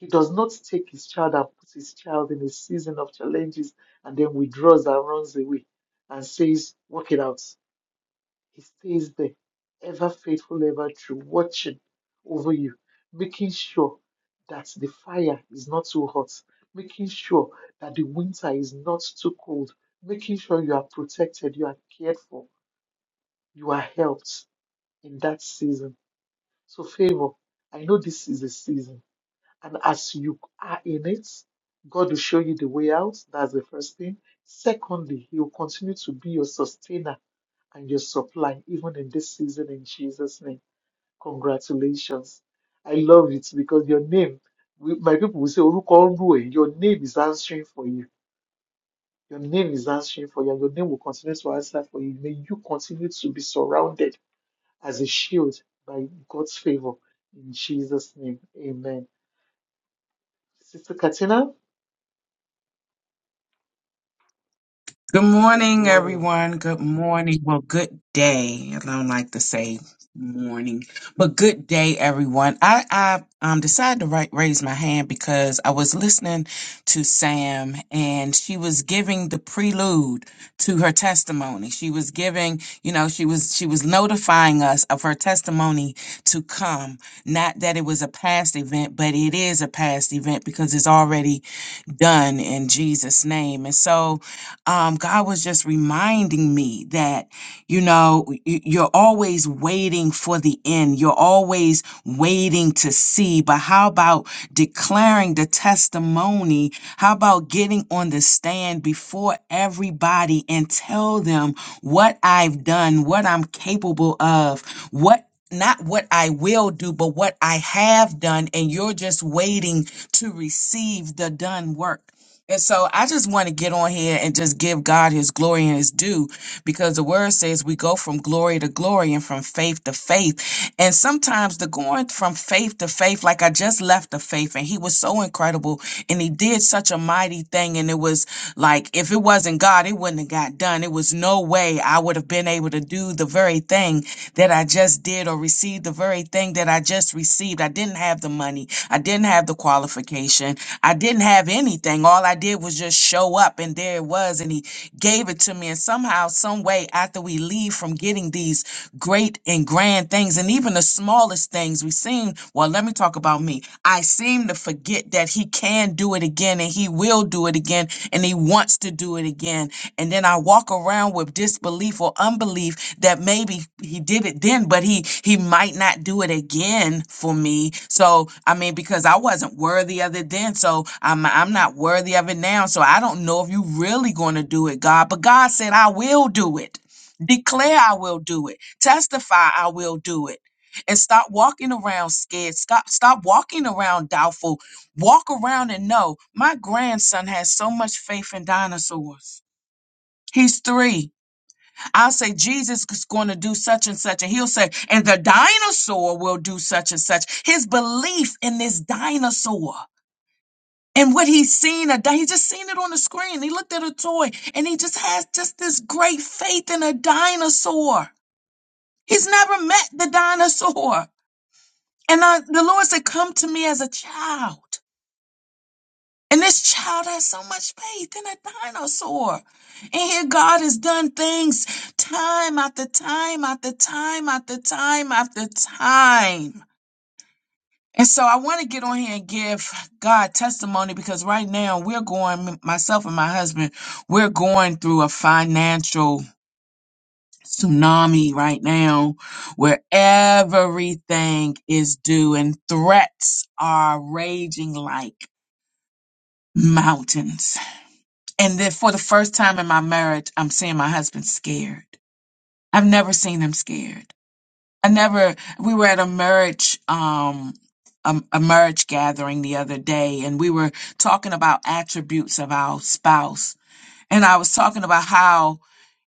[SPEAKER 4] He does not take his child and put his child in a season of challenges and then withdraws and runs away and says, Work it out. He stays there, ever faithful, ever true, watching over you, making sure that the fire is not too hot, making sure that the winter is not too cold, making sure you are protected, you are cared for, you are helped in that season. So, favor, I know this is a season, and as you are in it, God will show you the way out. That's the first thing. Secondly, He will continue to be your sustainer and your supply, even in this season, in Jesus' name. Congratulations. I love it because your name, we- my people will say, "Oruko Olue," your name is answering for you. Your name is answering for you, and your name will continue to answer for you. May you continue to be surrounded as a shield by God's favor in Jesus' name. Amen. Sister Katina,
[SPEAKER 8] Good
[SPEAKER 4] good
[SPEAKER 8] morning,
[SPEAKER 4] morning.
[SPEAKER 8] everyone. Good morning. Well, good day. I don't like to say morning, but good day, everyone. I, I um, decided to ri- raise my hand because I was listening to Sam and she was giving the prelude to her testimony. She was giving, you know, she was, she was notifying us of her testimony to come. Not that it was a past event, but it is a past event because it's already done in Jesus' name. And so, um, God was just reminding me that, you know, y- y- you're always waiting for the end. You're always waiting to see. But how about declaring the testimony? How about getting on the stand before everybody and tell them what I've done, what I'm capable of, what not what I will do, but what I have done, and you're just waiting to receive the done work. And so I just want to get on here and just give God his glory and his due because the word says we go from glory to glory and from faith to faith. And sometimes the going from faith to faith, like I just left the faith and he was so incredible and he did such a mighty thing. And it was like if it wasn't God, it wouldn't have got done. It was no way I would have been able to do the very thing that I just did or receive the very thing that I just received. I didn't have the money. I didn't have the qualification. I didn't have anything. All I did was just show up and there it was and he gave it to me. And somehow, some way after we leave from getting these great and grand things and even the smallest things we seem well let me talk about me i seem to forget that he can do it again and he will do it again and he wants to do it again and then i walk around with disbelief or unbelief that maybe he did it then but he he might not do it again for me so i mean because i wasn't worthy of it then so i'm i'm not worthy of it now so i don't know if you really going to do it god but god said i will do it Declare I will do it. Testify I will do it. And stop walking around scared. Stop stop walking around doubtful. Walk around and know my grandson has so much faith in dinosaurs. He's three. I'll say Jesus is going to do such and such. And he'll say, and the dinosaur will do such and such. His belief in this dinosaur and what he's seen a di- he just seen it on the screen. He looked at a toy and he just has just this great faith in a dinosaur. He's never met the dinosaur. And I, the Lord said, Come to me as a child. And this child has so much faith in a dinosaur. And here God has done things time after time after time after time after time. And so I want to get on here and give God testimony because right now we're going, myself and my husband, we're going through a financial tsunami right now where everything is due and threats are raging like mountains. And then for the first time in my marriage, I'm seeing my husband scared. I've never seen him scared. I never, we were at a marriage, um, a, a marriage gathering the other day and we were talking about attributes of our spouse. And I was talking about how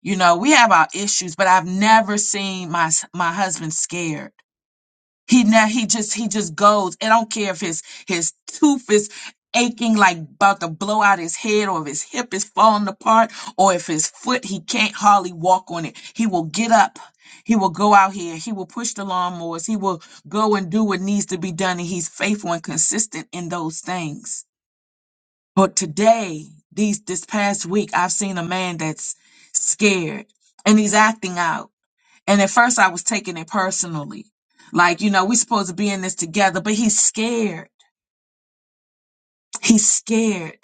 [SPEAKER 8] You know, we have our issues, but I've never seen my s- my husband scared. He ne- he just he just goes. I don't care if his his tooth is aching like about to blow out his head, or if his hip is falling apart, or if his foot he can't hardly walk on it. He will get up. He will go out here. He will push the lawnmowers. He will go and do what needs to be done, and he's faithful and consistent in those things but today, these this past week, I've seen a man that's scared and he's acting out. And at first I was taking it personally. Like, you know, we're supposed to be in this together, but he's scared. He's scared.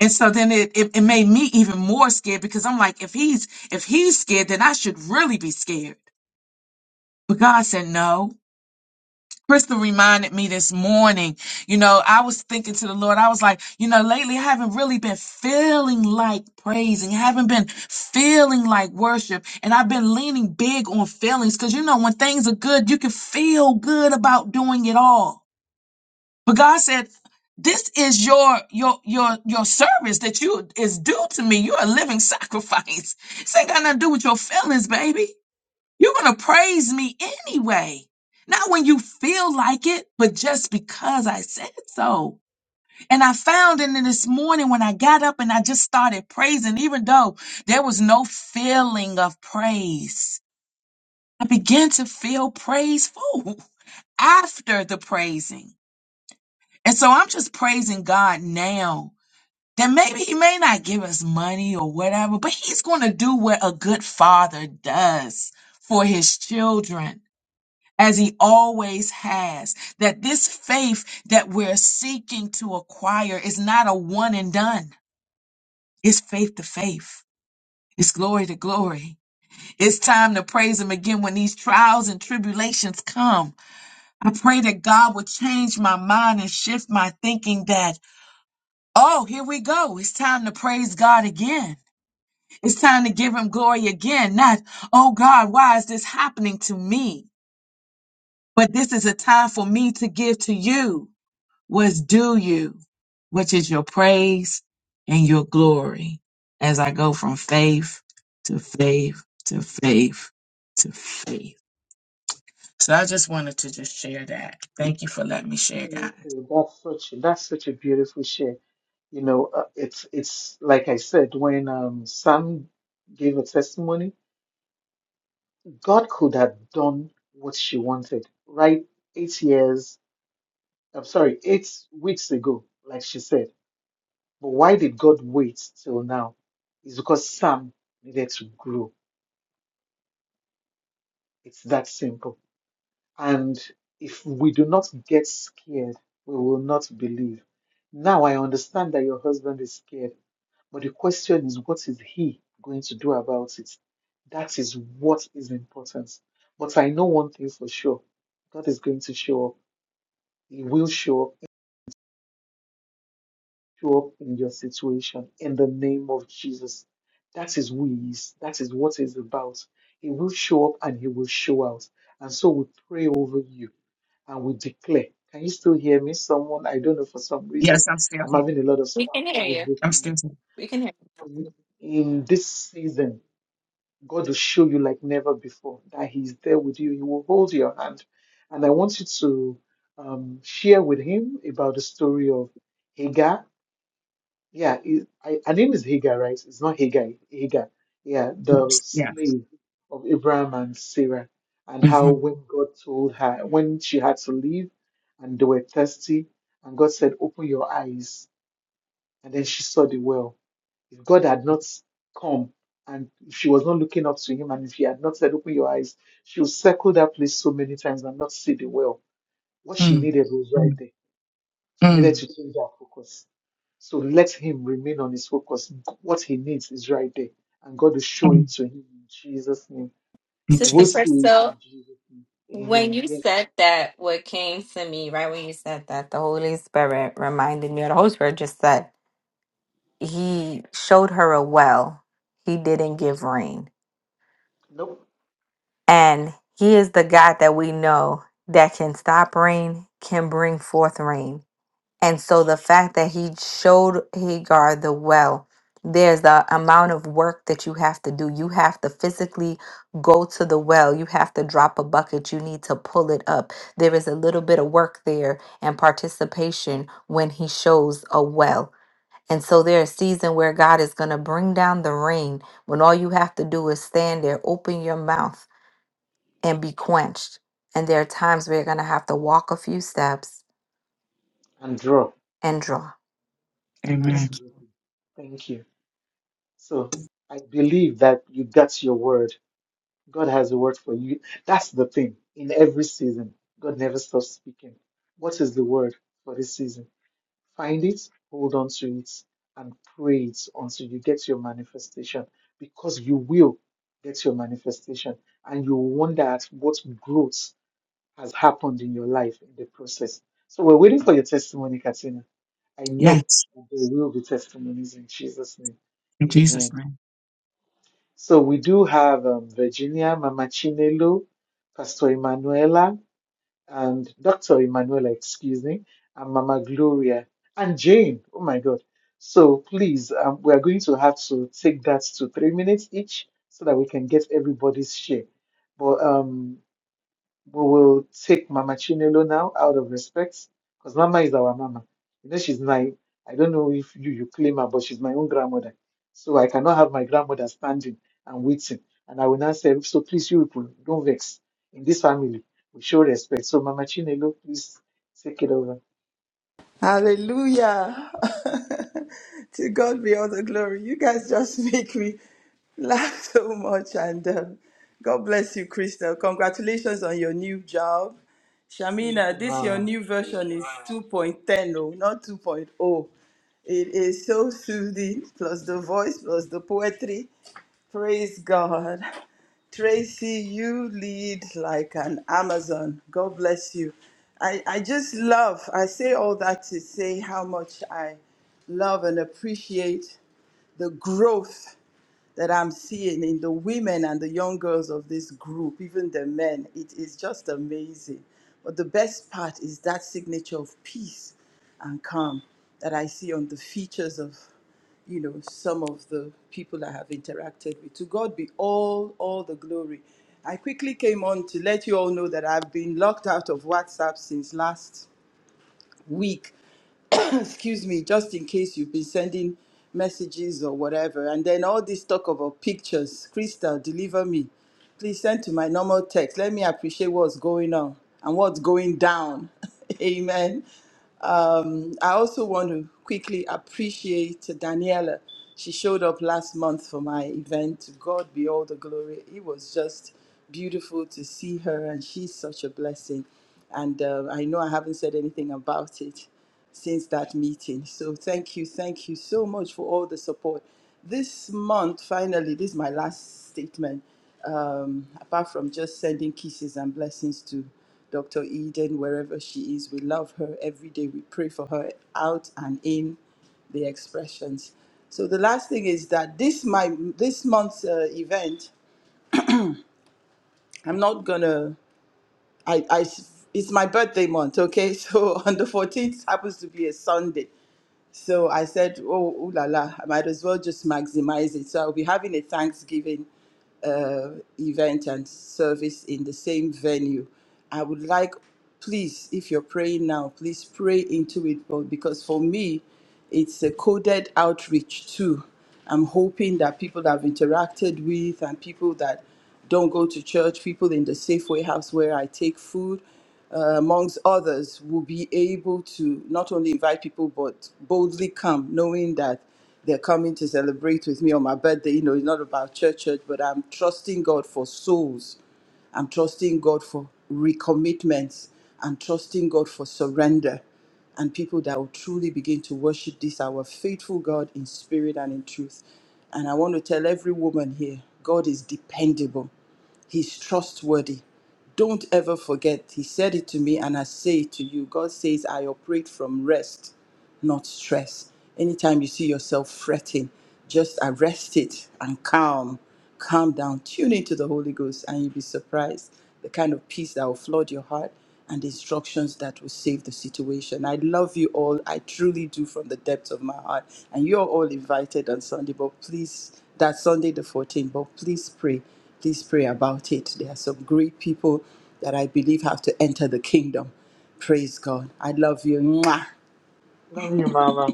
[SPEAKER 8] And so then it, it, it made me even more scared because I'm like, if he's if he's scared, then I should really be scared. But God said no. Crystal reminded me this morning, you know, I was thinking to the Lord, I was like, you know, lately I haven't really been feeling like praising, haven't been feeling like worship. And I've been leaning big on feelings because, you know, when things are good, you can feel good about doing it all. But God said, this is your your your your service that you is due to me. You're a living sacrifice. This ain't got nothing to do with your feelings, baby. You're going to praise me anyway. Not when you feel like it, but just because I said so. And I found in this morning when I got up and I just started praising, even though there was no feeling of praise, I began to feel praiseful after the praising. And so I'm just praising God now that maybe He may not give us money or whatever, but He's going to do what a good father does for His children. as he always has. That this faith that we're seeking to acquire is not a one and done. It's faith to faith. It's glory to glory. It's time to praise him again when these trials and tribulations come. I pray that God will change my mind and shift my thinking that, oh, here we go. It's time to praise God again. It's time to give him glory again. Not, oh God, why is this happening to me? But this is a time for me to give to you. was due you, which is your praise and your glory. As I go from faith to faith to faith to faith. So I just wanted to just share that. Thank you for letting me share,
[SPEAKER 4] Thank
[SPEAKER 8] guys.
[SPEAKER 4] you. That's such that's such a beautiful share. You know, uh, it's it's like I said when um, Sam gave a testimony, God could have done what she wanted, right? Eight years, I'm sorry, eight weeks ago, like she said. But why did God wait till now? It's because Sam needed to grow. It's that simple And if we do not get scared, we will not believe. Now I understand that your husband is scared, but the question is, what is he going to do about it? That is what is important. But I know one thing for sure God is going to show up. He will show up show up in your situation in the name of Jesus. That is who he is. That is what he's about. He will show up and he will show out. And so we pray over you and we declare. Can you still hear me? Someone, I don't know, for some reason,
[SPEAKER 8] Yes, I'm still
[SPEAKER 4] I'm
[SPEAKER 8] here.
[SPEAKER 4] having a lot of
[SPEAKER 1] We
[SPEAKER 4] spam
[SPEAKER 1] can hear
[SPEAKER 4] calls
[SPEAKER 1] you.
[SPEAKER 4] with
[SPEAKER 8] I'm
[SPEAKER 4] me.
[SPEAKER 8] still here.
[SPEAKER 1] We can hear you.
[SPEAKER 4] In in this season, God will show you like never before that He's there with you. He will hold your hand. And I want you to um, share with Him about the story of Hagar yeah, he, I, her name is Hagar, right? It's not Hagar, Hagar. Yeah, the
[SPEAKER 8] Yes.
[SPEAKER 4] slave of Abraham and Sarah, and
[SPEAKER 8] mm
[SPEAKER 4] how
[SPEAKER 8] hmm
[SPEAKER 4] when God told her when she had to leave, and they were thirsty, and God said, "Open your eyes," and then she saw the well. If God had not come, and if she was not looking up to Him, and if He had not said, "Open your eyes," she would circle that place so many times and not see the well. What she
[SPEAKER 8] Mm,
[SPEAKER 4] needed was right
[SPEAKER 8] mm,
[SPEAKER 4] there she needed
[SPEAKER 8] mm,
[SPEAKER 4] to change her focus. So let him remain on his focus. What he needs is right there. And God will show it
[SPEAKER 8] mm.
[SPEAKER 4] to him in Jesus' name.
[SPEAKER 8] In
[SPEAKER 4] He
[SPEAKER 1] Sister
[SPEAKER 4] will
[SPEAKER 8] Jesus.
[SPEAKER 4] see it
[SPEAKER 1] Crystal.
[SPEAKER 4] in Jesus' name.
[SPEAKER 1] When
[SPEAKER 4] Amen.
[SPEAKER 1] you
[SPEAKER 4] Yeah.
[SPEAKER 1] said that, what came to me, right when you said that, the Holy Spirit reminded me, or the Holy Spirit just said, He showed her a well. He didn't give rain.
[SPEAKER 4] Nope.
[SPEAKER 1] And He is the God that we know that can stop rain, can bring forth rain. And so the fact that he showed Hagar the well, there's the amount of work that you have to do. You have to physically go to the well. You have to drop a bucket. You need to pull it up. There is a little bit of work there and participation when he shows a well. And so there's a season where God is going to bring down the rain when all you have to do is stand there, open your mouth, and be quenched. And there are times where you're going to have to walk a few steps
[SPEAKER 4] And draw.
[SPEAKER 1] and draw.
[SPEAKER 8] Amen.
[SPEAKER 4] Absolutely. Thank you. So I believe that you got your word. God has a word for you. That's the thing. In every season, God never stops speaking. What is the word for this season? Find it, hold on to it, and pray it until you get your manifestation because you will get your manifestation and you will wonder at what growth has happened in your life in the process. So we're waiting for your testimony, Katina. I know
[SPEAKER 8] Yes.
[SPEAKER 4] there will be testimonies in Jesus' name.
[SPEAKER 8] In Jesus'
[SPEAKER 4] Amen.
[SPEAKER 8] name.
[SPEAKER 4] So we do have um, Virginia, Mama Chinelo, Pastor Emanuela and Dr. Emanuela, excuse me, and Mama Gloria and Jane. Oh my God. So please, um, we are going to have to take that to three minutes each so that we can get everybody's share. But um, we'll take Mama Chinelo now out of respect because Mama is our Mama. You know, she's my, I don't know if you, you claim her, but she's my own grandmother. So I cannot have my grandmother standing and waiting. And I will not say, so please, you people, don't vex. In this family, we show respect. So Mama Chinelo, please take it over.
[SPEAKER 9] Hallelujah. to God be all the glory. You guys just make me laugh so much. And um, God bless you, Crystal. Congratulations on your new job.
[SPEAKER 4] Thank
[SPEAKER 9] Shamina,
[SPEAKER 4] you,
[SPEAKER 9] this your
[SPEAKER 4] Mama.
[SPEAKER 9] new version is 2.10, oh, not 2.0. point oh. It is so soothing, plus the voice, plus the poetry. Praise God. Tracy, you lead like an Amazon. God bless you. I, I just love, I say all that to say how much I love and appreciate the growth that I'm seeing in the women and the young girls of this group, even the men. It is just amazing. But the best part is that signature of peace and calm that I see on the features of, you know, some of the people I have interacted with. To God be all, all the glory. I quickly came on to let you all know that I've been locked out of WhatsApp since last week excuse me, just in case you've been sending messages or whatever. And then all this talk about pictures, Crystal, deliver me. Please send to my normal text. Let me appreciate what's going on and what's going down. Amen. Um, I also want to quickly appreciate Daniela. She showed up last month for my event. To God be all the glory. It was just beautiful to see her, and she's such a blessing. And uh, I know I haven't said anything about it, since that meeting. So thank you, thank you so much for all the support. This month, finally, this is my last statement. Um, apart from just sending kisses and blessings to Dr. Eden wherever she is, we love her every day. We pray for her out and in the expressions. So the last thing is that this my this month's uh, event, I'm not gonna. I I it's my birthday month, okay? So on the 14th happens to be a Sunday. So I said, oh, ooh la la, I might as well just maximize it. So I'll be having a Thanksgiving uh, event and service in the same venue. I would like, please, if you're praying now, please pray into it, but because for me, it's a coded outreach too. I'm hoping that people that I've interacted with and people that don't go to church, people in the Safeway house where I take food, uh, amongst others, will be able to not only invite people but boldly come, knowing that they're coming to celebrate with me on my birthday. You know, it's not about church, church, but I'm trusting God for souls I'm trusting God for recommitments. I'm trusting God for surrender and people that will truly begin to worship this, our faithful God in spirit and in truth. And I want to tell every woman here God is dependable. He's trustworthy. Don't ever forget, He said it to me, and I say it to you. God says, I operate from rest, not stress. Anytime you see yourself fretting, just arrest it and calm. Calm down. Tune into the Holy Ghost, and you'll be surprised the kind of peace that will flood your heart and the instructions that will save the situation. I love you all. I truly do from the depths of my heart. And you're all invited on Sunday, but please, that Sunday the 14th, but please pray. Please pray about it. There are some great people that I believe have to enter the kingdom. Praise God. I love you. Mwah.
[SPEAKER 4] Love you, Mama.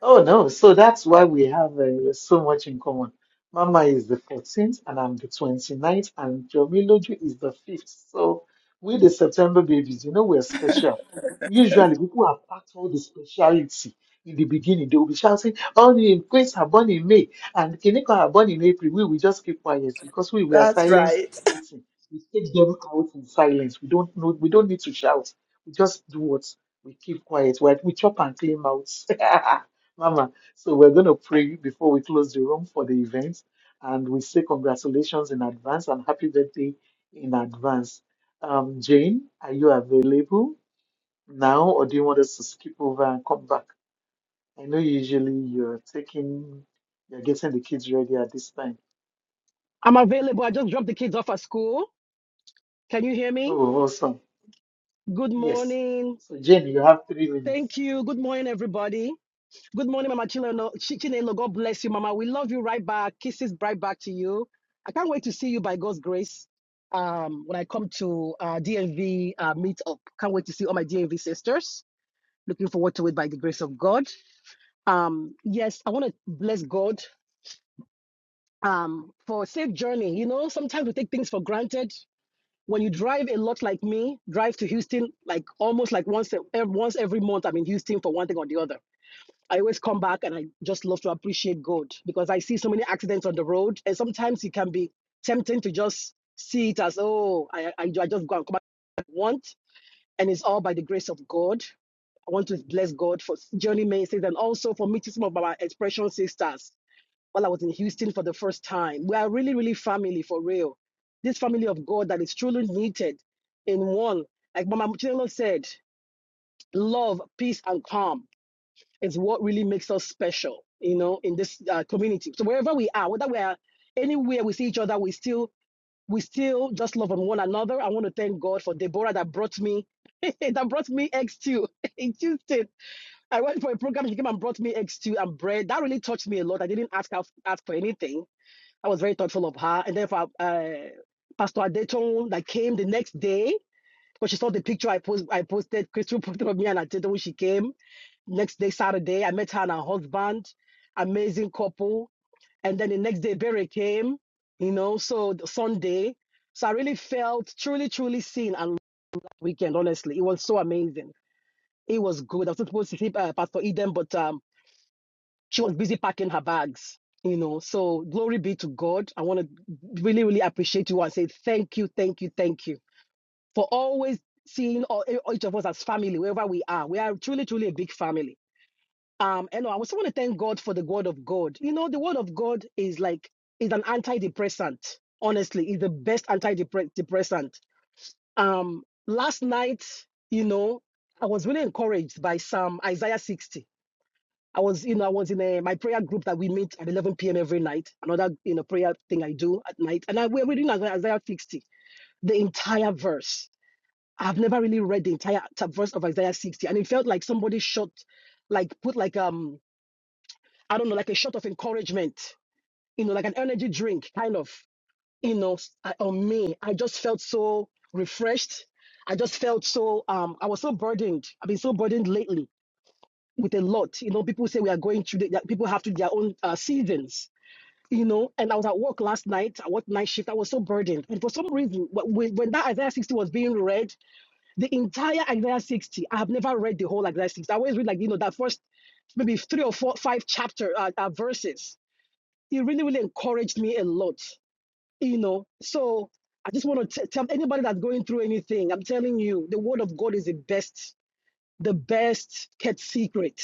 [SPEAKER 4] Oh no, so that's why we have uh, so much in common. Mama is the 14th and I'm the 29th and Jomiloju is the 5th. So we the September babies, you know we're special. Usually people have packed all the speciality in the beginning. They will be shouting, "Oh, in Queens are born in May and Kiniko are born in April. We will just keep quiet because we were
[SPEAKER 9] That's
[SPEAKER 4] silence
[SPEAKER 9] right.
[SPEAKER 4] waiting. We take them out in silence. We don't know, we don't need to shout. We just do what we keep quiet. We, we chop and clean mouths. Mama, so we're going to pray before we close the room for the event. And we say congratulations in advance and happy birthday in advance. Um, Jane, are you available now or do you want us to skip over and come back? I know usually you're taking, you're getting the kids ready at this time.
[SPEAKER 10] I'm available. I just dropped the kids off at school. Can you hear me?
[SPEAKER 4] Oh, awesome.
[SPEAKER 10] Good
[SPEAKER 4] Yes.
[SPEAKER 10] morning.
[SPEAKER 4] So, Jane, you have three minutes.
[SPEAKER 10] Thank you. Good morning, everybody. Good morning, Mama Chileno- Chi- Chinelo. God bless you, Mama. We love you right back. Kisses right back to you. I can't wait to see you by God's grace um, when I come to uh, DMV uh, meetup. Can't wait to see all my DMV sisters. Looking forward to it by the grace of God. Um, yes, I want to bless God um, for a safe journey. You know, sometimes we take things for granted when you drive a lot like me, drive to Houston like almost like once once every month. I'm in Houston for one thing or the other. I always come back and I just love to appreciate God because I see so many accidents on the road, and sometimes it can be tempting to just see it as oh, I I, I just go and come back what I want, and it's all by the grace of God. I want to bless God for journey Mason and also for meeting some of our expression sisters while I was in Houston for the first time. We are really, really family for real. This family of God that is truly needed in one. Like Mama Muchinelo said, love, peace, and calm is what really makes us special, you know, in this uh, community. So wherever we are, whether we are anywhere we see each other, we still we still just love on one another. I want to thank God for Deborah that brought me that brought me eggs too in Houston. I went for a program. She came and brought me eggs too and bread. That really touched me a lot. I didn't ask ask for anything I was very thoughtful of her. And then for uh, Pastor Adetong that came the next day, because she saw the picture I post I posted, Crystal posted of me and Adetong when she came. Next day, Saturday, I met her and her husband, amazing couple. And then the next day, Barry came, you know, so Sunday. So I really felt truly, truly seen and loved weekend, honestly. It was so amazing. It was good. I was supposed to see uh, Pastor Eden, but um, she was busy packing her bags you know so glory be to god i want to really really appreciate you and say thank you thank you thank you for always seeing all, e- each of us as family wherever we are we are truly truly a big family um and i also want to thank god for the word of god you know the word of god is like is an antidepressant honestly is the best antidepressant um last night you know i was really encouraged by psalm isaiah 60 I was, you know, I was in a, my prayer group that we meet at 11 p.m. every night. Another, you know, prayer thing I do at night. And I, we're reading Isaiah 60, the entire verse. I've never really read the entire t- verse of Isaiah 60. And it felt like somebody shot, like put like, um, I don't know, like a shot of encouragement, you know, like an energy drink kind of, you know, s- uh, on me. I just felt so refreshed. I just felt so, um, I was so burdened. I've been so burdened lately with a lot. You know, people say we are going through, the, people have to their own uh, seasons, you know. And I was at work last night, I worked night shift, I was so burdened. And for some reason, wh- when, when that Isaiah 60 was being read, the entire Isaiah 60, I have never read the whole Isaiah 60. I always read, like, you know, that first maybe three or four, five chapter uh, uh, verses. It really, really encouraged me a lot, you know. So I just want to tell anybody that's going through anything, I'm telling you, the word of God is the best, the best kept secret.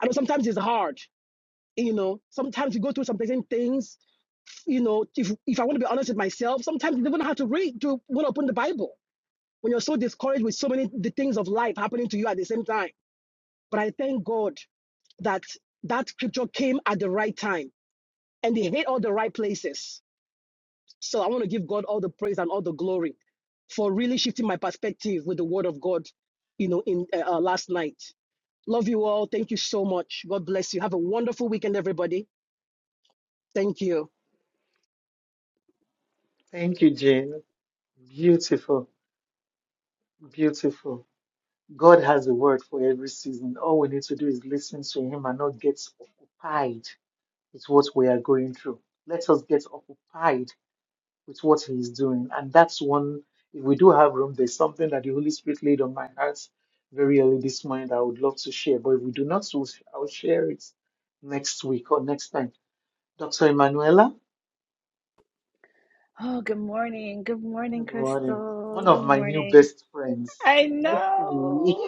[SPEAKER 10] I know sometimes it's hard. You know, sometimes you go through some certain things. You know, if if I want to be honest with myself, sometimes you don't have to read to want to open the Bible when you're so discouraged with so many the things of life happening to you at the same time. But I thank God that that scripture came at the right time and they hit all the right places. So I want to give God all the praise and all the glory for really shifting my perspective with the word of God, you know, in uh, uh, last night. Love you all. Thank you so much. God bless you. Have a wonderful weekend, everybody. Thank you.
[SPEAKER 4] Thank you, Jane. Beautiful, beautiful. God has a word for every season. All we need to do is listen to Him and not get occupied with what we are going through. Let us get occupied with what He is doing. And that's one, if we do have room, there's something that the Holy Spirit laid on my heart very early this morning that I would love to share. But if we do not, we'll- I'll share it next week or next time. Dr. Emanuela,
[SPEAKER 11] Oh, good morning. Good morning,
[SPEAKER 4] good morning.
[SPEAKER 11] Crystal.
[SPEAKER 4] One
[SPEAKER 11] Good
[SPEAKER 4] of my new
[SPEAKER 11] morning.
[SPEAKER 4] best friends.
[SPEAKER 11] I know.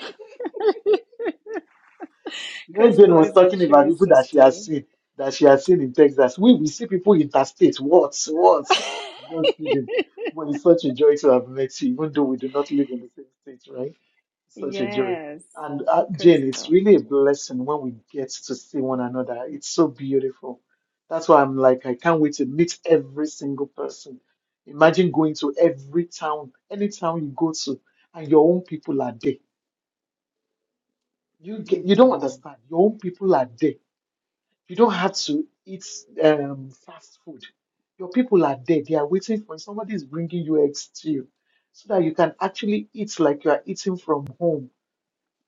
[SPEAKER 4] When
[SPEAKER 11] Crystal
[SPEAKER 4] Jane was
[SPEAKER 11] is a
[SPEAKER 4] talking about
[SPEAKER 11] true
[SPEAKER 4] people that she has
[SPEAKER 11] sister.
[SPEAKER 4] seen, that she has seen in Texas, we, we see people interstate. What? What? Not kidding. But it's such a joy to have met you, even though we do not live in the same state, right? such a joy.
[SPEAKER 11] yes,
[SPEAKER 4] And uh, Jane, it's
[SPEAKER 11] Crystal.
[SPEAKER 4] really a blessing when we get to see one another. It's so beautiful. That's why I'm like, I can't wait to meet every single person. Imagine going to every town, any town you go to, and your own people are there. You
[SPEAKER 11] hmm
[SPEAKER 4] get, you don't understand. Your own people are there. You don't have to eat um, fast food. Your people are there. They are waiting for you. Somebody is bringing you eggs stew so that you can actually eat like you are eating from home.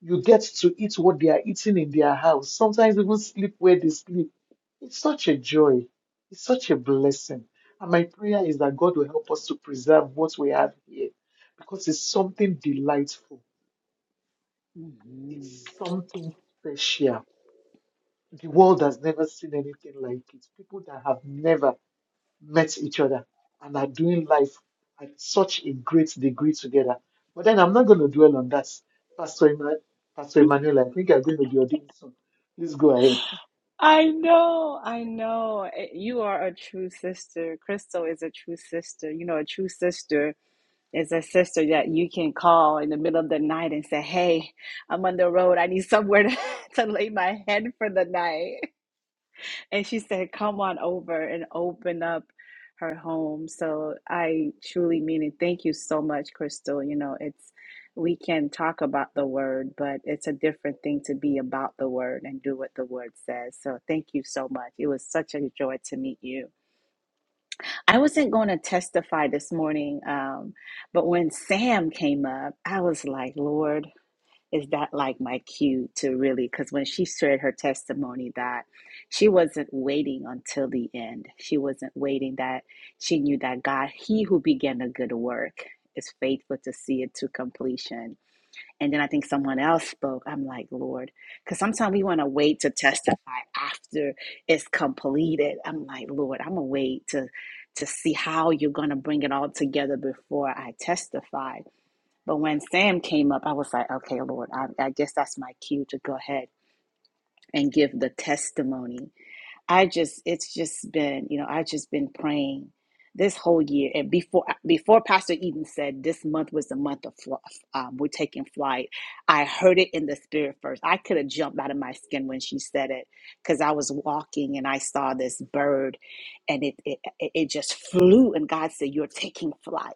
[SPEAKER 4] You get to eat what they are eating in their house. Sometimes even sleep where they sleep. It's such a joy. It's such a blessing. And my prayer is that God will help us to preserve what we have here because it's something delightful.
[SPEAKER 11] hmm
[SPEAKER 4] It's something special. The world has never seen anything like it. People that have never met each other and are doing life at such a great degree together. But then I'm not going to dwell on that. Pastor, Emma- Pastor Emmanuel, I think I'm going to be ordained soon. Please go ahead.
[SPEAKER 11] I know. I know. Eh, You are a true sister. Crystal is a true sister. You know, a true sister is a sister that you can call in the middle of the night and say, Hey, I'm on the road. I need somewhere to, to lay my head for the night. And she said, Come on over and open up her home. So I truly mean it. Thank you so much, Crystal. You know, it's we can talk about the word, but it's a different thing to be about the word and do what the word says. So thank you so much. It was such a joy to meet you. I wasn't going to testify this morning, um, but when Sam came up, I was like, Lord, is that like my cue to really because when she shared her testimony that she wasn't waiting until the end she wasn't waiting that she knew that god he who began a good work is faithful to see it to completion and then i think someone else spoke i'm like lord because sometimes we want to wait to testify after it's completed i'm like lord i'm gonna wait to to see how you're gonna bring it all together before i testify but when Sam came up, I was like, okay, Lord, I, I guess that's my cue to go ahead and give the testimony. I just, it's just been, you know, I just been praying this whole year. And before, before Pastor Eden said this month was the month of fl- um, we're taking flight, I heard it in the spirit first. I could have jumped out of my skin when she said it because I was walking and I saw this bird, and it, it it it just flew. And God said, "You're taking flight."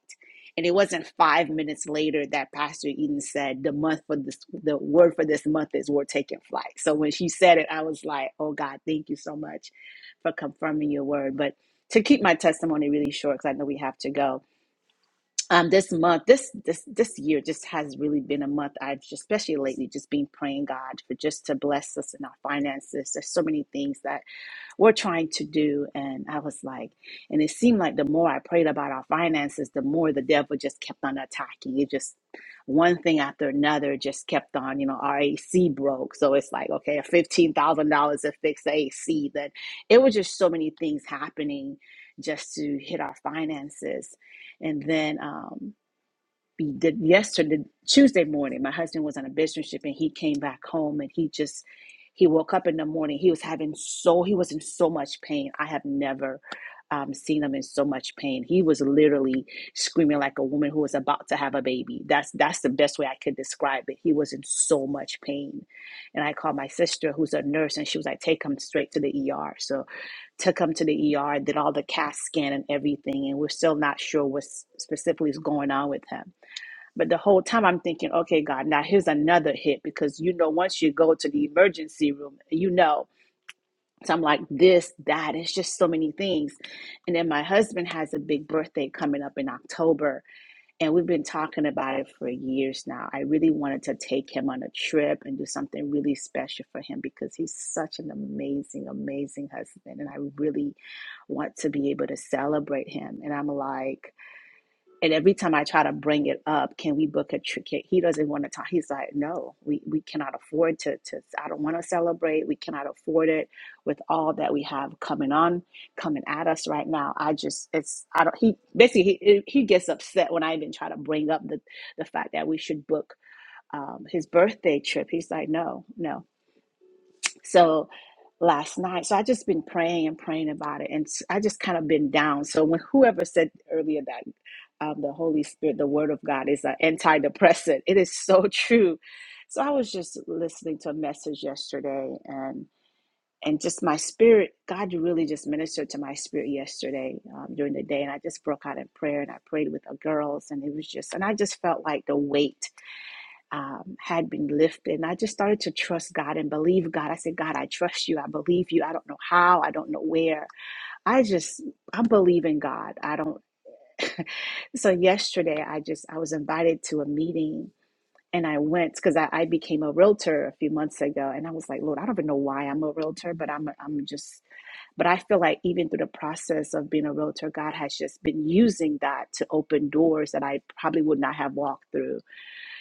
[SPEAKER 11] And it wasn't five minutes later that Pastor Eden said, "The month for this, the word for this month is we're taking flight." So when she said it, I was like, "Oh God, thank you so much for confirming your word." But to keep my testimony really short, because I know we have to go. Um, this month, this this this year, just has really been a month. I've just, especially lately, just been praying God for just to bless us in our finances. There's so many things that we're trying to do. And I was like, and it seemed like the more I prayed about our finances, the more the devil just kept on attacking. It just one thing after another just kept on, you know, our AC broke. So it's like, okay, fifteen thousand dollars to fix the AC. That it was just so many things happening just to hit our finances. And then um be- did yesterday Tuesday morning. My husband was on a business trip and he came back home and he just he woke up in the morning. He was having so he was in so much pain. I have never um, seen him in so much pain. He was literally screaming like a woman who was about to have a baby. That's that's the best way I could describe it. He was in so much pain, and I called my sister who's a nurse and she was like, "Take him straight to the ER." So took him to the ER, did all the CAT scan and everything, and we're still not sure what specifically is going on with him but the whole time I'm thinking, okay, God, now here's another hit because you know, once you go to the emergency room, you know. So I'm like, this, that, it's just so many things. And then my husband has a big birthday coming up in October, and we've been talking about it for years now. I really wanted to take him on a trip and do something really special for him because he's such an amazing, amazing husband. And I really want to be able to celebrate him. And I'm like, and every time I try to bring it up, can we book a ticket? He doesn't want to talk. He's like, no, we, we cannot afford to, to, I don't want to celebrate. We cannot afford it with all that we have coming on, coming at us right now. I just, it's, I don't, he basically, he, he gets upset when I even try to bring up the, the fact that we should book um, his birthday trip. He's like, no, no. So last night, so I just been praying and praying about it, and s- I just kind of been down. So when whoever said earlier that um, the Holy Spirit, the Word of God, is an antidepressant, it is so true. So I was just listening to a message yesterday, and and just my spirit, God really just ministered to my spirit yesterday um, during the day, and I just broke out in prayer and I prayed with the girls, and it was just, and I just felt like the weight um, had been lifted. And I just started to trust God and believe God. I said, God, I trust you. I believe you. I don't know how. I don't know where. I just, I believe in God. I don't. so yesterday, I just, I was invited to a meeting and I went because I, I became a realtor a few months ago. And I was like, Lord, I don't even know why I'm a realtor, but I'm, I'm just, but I feel like even through the process of being a realtor, God has just been using that to open doors that I probably would not have walked through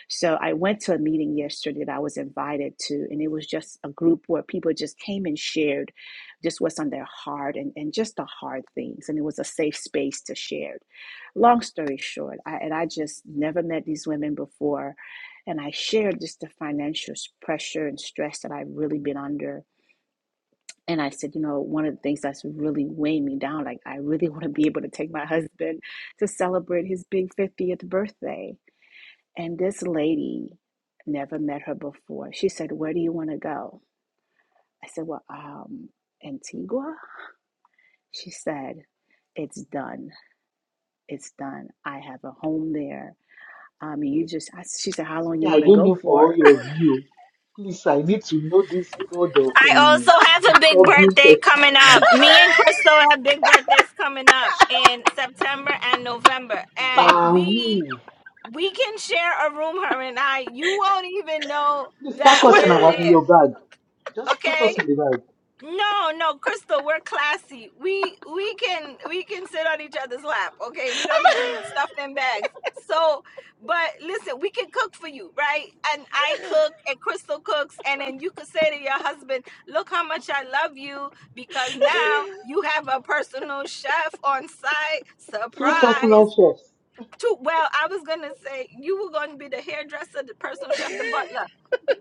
[SPEAKER 11] so I went to a meeting yesterday that I was invited to, and it was just a group where people just came and shared just what's on their heart and, and just the hard things. And it was a safe space to share. Long story short, I, and I just never met these women before. And I shared just the financial pressure and stress that I've really been under. And I said, you know, one of the things that's really weighing me down, like I really want to be able to take my husband to celebrate his big 50th birthday and this lady never met her before. She said, Where do you want to go? I said, Well, um, Antigua. She said, It's done. It's done. I have a home there. Um, you just, I, she said, How long
[SPEAKER 4] Me,
[SPEAKER 11] you
[SPEAKER 4] I
[SPEAKER 11] want to
[SPEAKER 4] don't
[SPEAKER 11] go
[SPEAKER 4] know for
[SPEAKER 11] for?
[SPEAKER 4] all of you. Please, I need to know this God of
[SPEAKER 1] I
[SPEAKER 4] um,
[SPEAKER 1] also have a big
[SPEAKER 4] disturbing
[SPEAKER 1] birthday coming
[SPEAKER 4] testimony.
[SPEAKER 1] up. Me and Crystal have big birthdays coming up in September and November, and
[SPEAKER 4] Wow.
[SPEAKER 1] we we can share a room. Her and I. You won't even know
[SPEAKER 4] Please
[SPEAKER 1] that
[SPEAKER 4] pack us in,
[SPEAKER 1] we're
[SPEAKER 4] our, in
[SPEAKER 1] there.
[SPEAKER 4] your bag. Just put
[SPEAKER 1] Okay?
[SPEAKER 4] us in the bag.
[SPEAKER 1] No, no, Crystal, we're classy. We we can we can sit on each other's lap. Okay, we don't need to be stuffed in bags. So, but listen, we can cook for you, right? And I cook, and Crystal cooks, and then you could say to your husband, "Look how much I love you," because now you have a personal chef on site.
[SPEAKER 4] So personal
[SPEAKER 1] Surprise!
[SPEAKER 4] first.
[SPEAKER 1] To well, I was gonna say you were gonna be the hairdresser, the personal chef, the butler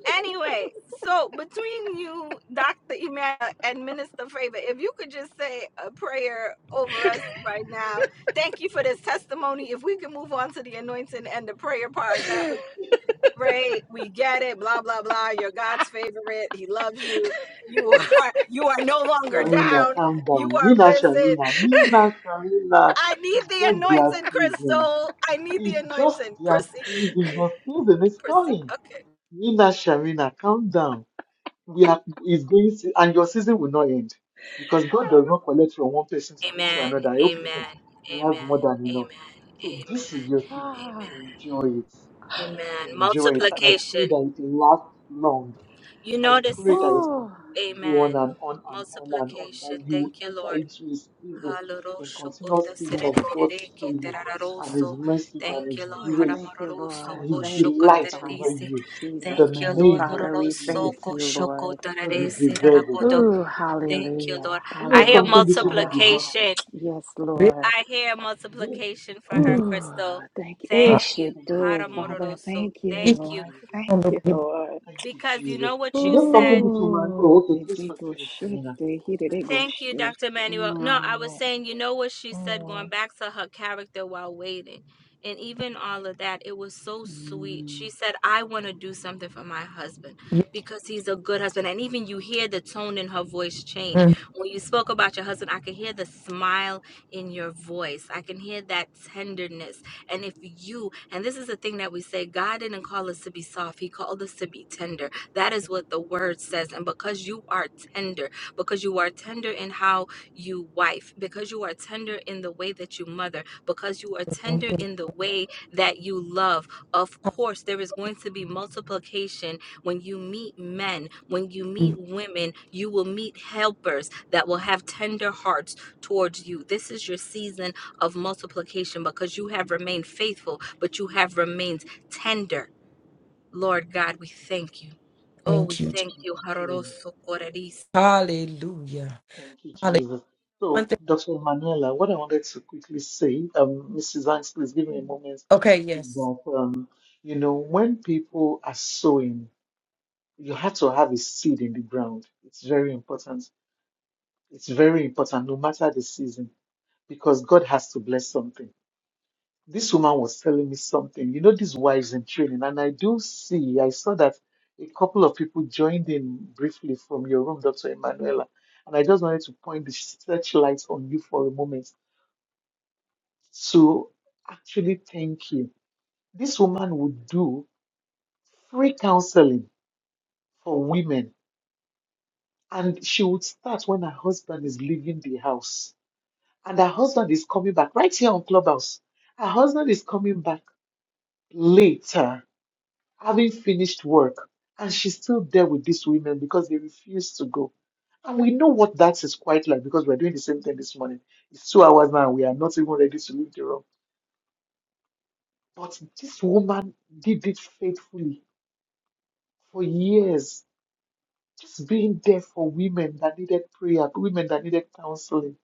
[SPEAKER 1] Anyway, so between you, Dr. Emmanuel, and Minister Favor, if you could just say a prayer over us right now. Thank you for this testimony. If we can move on to the anointing and the prayer part, that would be great. We get it. Blah blah blah. You're God's favorite. He loves you. You are you are no longer
[SPEAKER 4] Shamina,
[SPEAKER 1] down.
[SPEAKER 4] calm
[SPEAKER 1] You
[SPEAKER 4] down.
[SPEAKER 1] are
[SPEAKER 4] Mina,
[SPEAKER 1] risen.
[SPEAKER 4] Shamina, Mina, Shamina.
[SPEAKER 1] I need
[SPEAKER 4] It's
[SPEAKER 1] the
[SPEAKER 4] just their
[SPEAKER 1] anointing,
[SPEAKER 4] season.
[SPEAKER 1] Crystal. I need the
[SPEAKER 4] It's just
[SPEAKER 1] anointing.
[SPEAKER 4] their
[SPEAKER 1] Proceed.
[SPEAKER 4] season. Your season is
[SPEAKER 1] Proceed.
[SPEAKER 4] coming.
[SPEAKER 1] Okay.
[SPEAKER 4] Mina, Shamina, calm down. We are is going to, and your season will not end because God does not collect from one person to give to another. I hope you know He has more than enough. So
[SPEAKER 1] Amen.
[SPEAKER 4] this is your season.
[SPEAKER 11] ah,
[SPEAKER 1] Amen.
[SPEAKER 4] Enjoy it.
[SPEAKER 1] Amen.
[SPEAKER 4] Enjoy it, and I
[SPEAKER 1] Multiplication.
[SPEAKER 4] pray that it lasts long
[SPEAKER 1] You
[SPEAKER 4] I
[SPEAKER 1] notice,
[SPEAKER 4] pray that it
[SPEAKER 11] ooh,
[SPEAKER 4] continues to go
[SPEAKER 1] amen.
[SPEAKER 4] on and on and on and on,
[SPEAKER 1] Multiplication.
[SPEAKER 4] that you
[SPEAKER 1] Thank you,
[SPEAKER 4] enter
[SPEAKER 1] Lord.
[SPEAKER 4] into a season, a continuous season of God's favor and His
[SPEAKER 1] Haloroshokotaserererereketerararoso.
[SPEAKER 4] mercy and
[SPEAKER 1] Thank you,
[SPEAKER 4] His
[SPEAKER 1] Lord.
[SPEAKER 11] ooh, thank
[SPEAKER 4] grace
[SPEAKER 11] you,
[SPEAKER 4] and
[SPEAKER 11] Lord.
[SPEAKER 4] His
[SPEAKER 11] Thank you,
[SPEAKER 4] delight over
[SPEAKER 11] Father. In
[SPEAKER 1] Haramarorosokoshokatererese.
[SPEAKER 4] you in
[SPEAKER 11] Jesus'
[SPEAKER 4] the
[SPEAKER 1] Thank you,
[SPEAKER 11] name.
[SPEAKER 1] Lord.
[SPEAKER 4] name of
[SPEAKER 11] Father, we thank
[SPEAKER 4] Jesus,
[SPEAKER 11] you, Lord.
[SPEAKER 4] because you deserve it.
[SPEAKER 1] Hororosokoshokotarereserarakodo.
[SPEAKER 11] Ooh,
[SPEAKER 1] Thank you,
[SPEAKER 11] hallelujah.
[SPEAKER 1] Lord.
[SPEAKER 4] Do you
[SPEAKER 1] I
[SPEAKER 4] know
[SPEAKER 1] hear
[SPEAKER 4] something
[SPEAKER 11] Hallelujah,
[SPEAKER 4] this woman did
[SPEAKER 11] God.
[SPEAKER 4] not say?
[SPEAKER 1] multiplication.
[SPEAKER 11] Yes,
[SPEAKER 12] Mhm.
[SPEAKER 11] Lord.
[SPEAKER 1] I hear
[SPEAKER 4] Yes,
[SPEAKER 1] multiplication for her,
[SPEAKER 11] Whew,
[SPEAKER 1] Crystal.
[SPEAKER 11] thank you. It
[SPEAKER 1] Thank
[SPEAKER 11] should
[SPEAKER 1] you.
[SPEAKER 4] thank you,
[SPEAKER 11] do,
[SPEAKER 4] Jesus.
[SPEAKER 11] Father.
[SPEAKER 1] Haramororoso.
[SPEAKER 11] Thank
[SPEAKER 4] Thank
[SPEAKER 11] you,
[SPEAKER 4] you,
[SPEAKER 1] Thank you.
[SPEAKER 11] Lord.
[SPEAKER 4] Jesus.
[SPEAKER 11] Thank you, Lord.
[SPEAKER 4] Thank you,
[SPEAKER 1] Because you
[SPEAKER 4] Jesus.
[SPEAKER 1] know what
[SPEAKER 4] You
[SPEAKER 1] you
[SPEAKER 4] know something
[SPEAKER 1] said.
[SPEAKER 4] this woman,
[SPEAKER 11] Ooh,
[SPEAKER 4] oh, okay,
[SPEAKER 11] did
[SPEAKER 4] please
[SPEAKER 11] they go
[SPEAKER 4] finish,
[SPEAKER 11] shit?
[SPEAKER 4] Shamina.
[SPEAKER 11] Did he did
[SPEAKER 4] Finish.
[SPEAKER 11] they go
[SPEAKER 1] Thank
[SPEAKER 11] shit?
[SPEAKER 4] Yeah.
[SPEAKER 11] Mm, mm,
[SPEAKER 1] you.
[SPEAKER 11] mm.
[SPEAKER 1] because he's a good husband. And even you hear the tone in her voice change. When you spoke about your husband, I can hear the smile in your voice. I can hear that tenderness. And if you, and this is the thing that we say, God didn't call us to be soft, He called us to be tender. That is what the word says. And because you are tender, because you are tender in how you wife, because you are tender in the way that you mother, because you are tender in the way that you love, of course, there is going to be multiplication when you meet men, when you meet women, you will meet helpers that will have tender hearts towards you. This is your season of multiplication because you have remained faithful, but you have remained tender. Lord God, we thank you. Oh, we
[SPEAKER 12] Thank you.
[SPEAKER 1] thank
[SPEAKER 4] Thank
[SPEAKER 1] you.
[SPEAKER 4] you, Jesus.
[SPEAKER 1] Haroroso koreris.
[SPEAKER 12] Hallelujah.
[SPEAKER 4] Thank you,
[SPEAKER 12] Hallelujah.
[SPEAKER 4] Jesus.
[SPEAKER 12] One
[SPEAKER 4] So,
[SPEAKER 12] thing.
[SPEAKER 4] Dr. Manuela, what I wanted to quickly say, um, Mrs. Banks, please give me a moment,
[SPEAKER 12] Okay,
[SPEAKER 4] is
[SPEAKER 12] yes.
[SPEAKER 4] that, um, you know, when people are sowing, you have to have a seed in the ground. It's very important. It's very important, no matter the season, because God has to bless something this woman was telling me something. You know, these wives in training, and I do see, I saw that a couple of people joined in briefly from your room, Dr. Emanuela. And I just wanted to point the searchlight on you for a moment to actually thank you. This woman would do free counseling for women, and she would start when her husband is leaving the house. And her husband is coming back right here on Clubhouse. Her husband is coming back later having finished work, and she's still there with these women because they refuse to go. And we know what that is quite like because we're doing the same thing this morning. It's two hours now, and we are not even ready to leave the room. But this woman did it faithfully for years, just being there for women that needed prayer, women that needed counseling,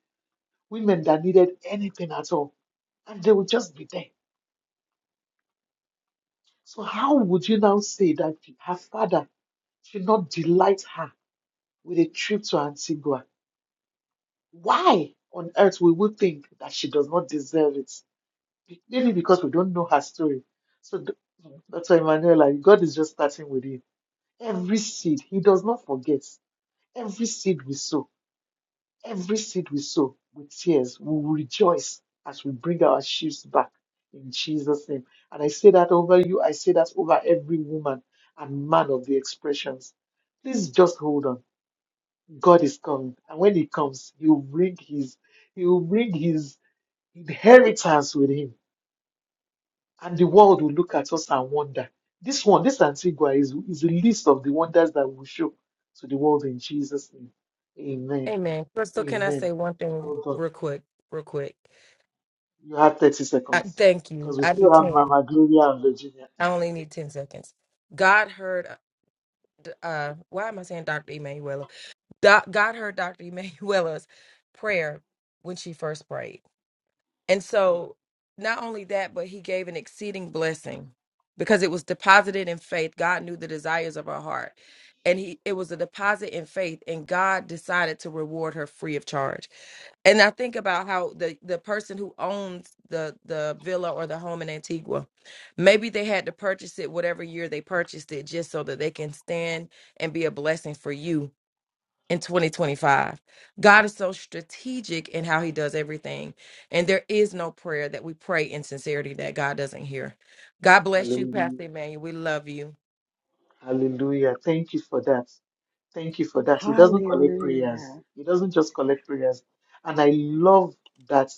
[SPEAKER 4] women that needed anything at all. And they would just be there. So, how would you now say that her father should not delight her with a trip to Antigua? Why on earth we would think that she does not deserve it? Be- Maybe because we don't know her story. So th- that's why Emanuela, God is just starting with you. Every seed, He does not forget. Every seed we sow, every seed we sow with tears, we will rejoice as we bring our sheaves back in Jesus' name. And I say that over you. I say that over every woman and man of the expressions. Please just hold on. God is coming, and when He comes, He will bring His. He will bring His inheritance with him, and the world will look at us and wonder. This one, this Antigua, is, is a list of the wonders that we will show to the world in Jesus' name. Amen.
[SPEAKER 12] Amen. Crystal, can I
[SPEAKER 4] Amen.
[SPEAKER 12] say one thing
[SPEAKER 4] Well
[SPEAKER 12] real
[SPEAKER 4] done.
[SPEAKER 12] quick? Real quick.
[SPEAKER 4] You have 30
[SPEAKER 12] I,
[SPEAKER 4] seconds
[SPEAKER 12] thank you.
[SPEAKER 4] because we
[SPEAKER 12] I
[SPEAKER 4] still
[SPEAKER 12] need
[SPEAKER 4] have
[SPEAKER 12] 10.
[SPEAKER 4] Mama Gloria and Virginia.
[SPEAKER 12] I only need 10 seconds. God heard, uh, uh, why am I saying Dr. Emanuela? Do- God heard Dr. Emanuela's prayer when she first prayed. And so, not only that, but he gave an exceeding blessing because it was deposited in faith. God knew the desires of her heart. And he it was a deposit in faith, and God decided to reward her free of charge. And I think about how the, the person who owns the the villa or the home in Antigua, maybe they had to purchase it whatever year they purchased it, just so that they can stand and be a blessing for you in 2025. God is so strategic in how he does everything. And there is no prayer that we pray in sincerity that God doesn't hear. God bless you,
[SPEAKER 4] Hallelujah.
[SPEAKER 12] Pastor Emmanuel. We love you.
[SPEAKER 4] Hallelujah. Thank you for that. Thank you for that. He doesn't collect
[SPEAKER 11] Hallelujah.
[SPEAKER 4] prayers. He doesn't just collect prayers. And I love that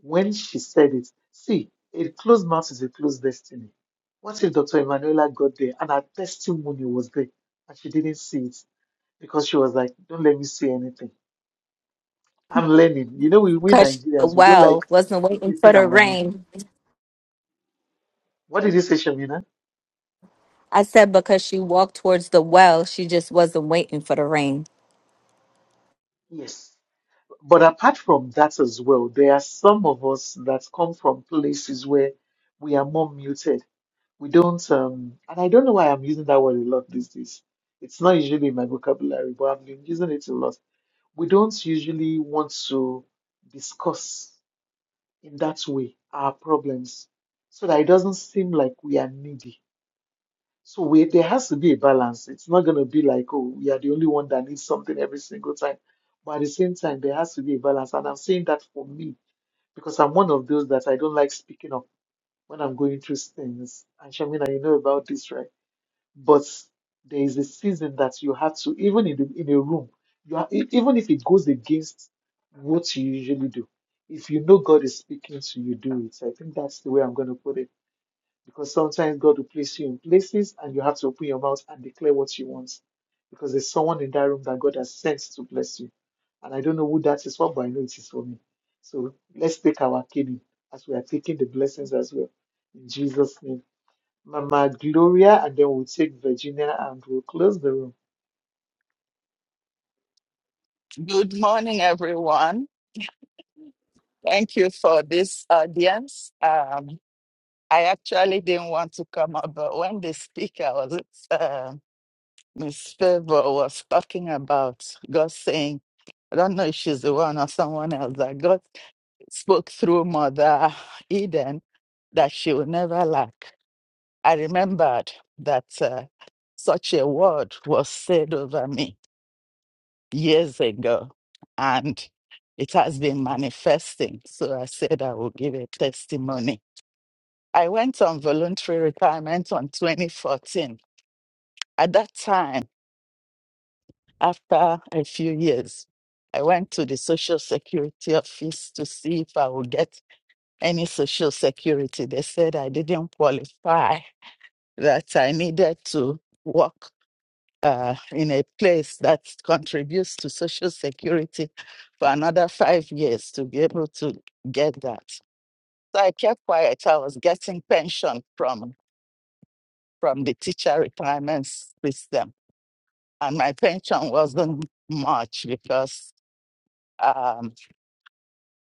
[SPEAKER 4] when she said it, see, a closed mouth is a closed destiny. What if Dr. Emanuela got there and her testimony was there and she didn't see it because she was like, don't let me see anything. I'm learning. You know, we, we
[SPEAKER 1] Because she- the
[SPEAKER 4] Nigerians, we don't like
[SPEAKER 1] well wasn't waiting for
[SPEAKER 4] showcasing
[SPEAKER 1] the
[SPEAKER 4] our mouth.
[SPEAKER 1] rain.
[SPEAKER 4] What did you say, Shamina?
[SPEAKER 1] I said because she walked towards the well, she just wasn't waiting for the rain.
[SPEAKER 4] Yes. But apart from that as well, there are some of us that come from places where we are more muted. We don't, um, and I don't know why I'm using that word a lot these days. It's not usually in my vocabulary, but I've been using it a lot. We don't usually want to discuss in that way our problems so that it doesn't seem like we are needy so we, there has to be a balance. It's not going to be like, oh, we are the only one that needs something every single time. But at the same time, there has to be a balance. And I'm saying that for me because I'm one of those that I don't like speaking up when I'm going through things. And Shamina, you know about this, right? But there is a season that you have to, even in, the, in a room, you are, e- even if it goes against what you usually do, if you know God is speaking to you, do it. I think that's the way I'm going to put it because sometimes God will place you in places and you have to open your mouth and declare what you want because there's someone in that room that God has sent to bless you. And I don't know who that is for, but I know it is for me. So let's take our kidney as we are taking the blessings as well. In Jesus' name. Mama Gloria, and then we'll take Virginia and we'll close the room.
[SPEAKER 13] Good morning, everyone. Thank you for this audience. Um, I actually didn't want to come up, but when the speaker was, uh, Miss Favor was talking about God saying, I don't know if she's the one or someone else, that God spoke through Mother Eden that she would never lack. I remembered that uh, such a word was said over me years ago, and it has been manifesting. So I said I will give a testimony. I went on voluntary retirement on 2014. At that time, after a few years, I went to the Social Security office to see if I would get any Social Security. They said I didn't qualify, that I needed to work uh, in a place that contributes to social security for another five years to be able to get that. So I kept quiet. I was getting pension from from the teacher retirement system, and my pension wasn't much because um,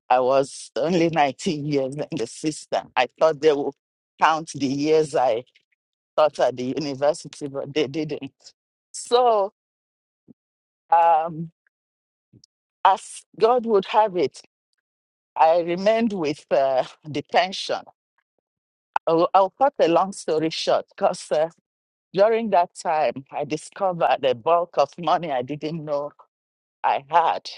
[SPEAKER 13] I was only 19 years in the system. I thought they would count the years I taught at the university, but they didn't. So um, as God would have it. I remained with uh, the pension. I'll, I'll cut a long story short because uh, during that time, I discovered a bulk of money I didn't know I had.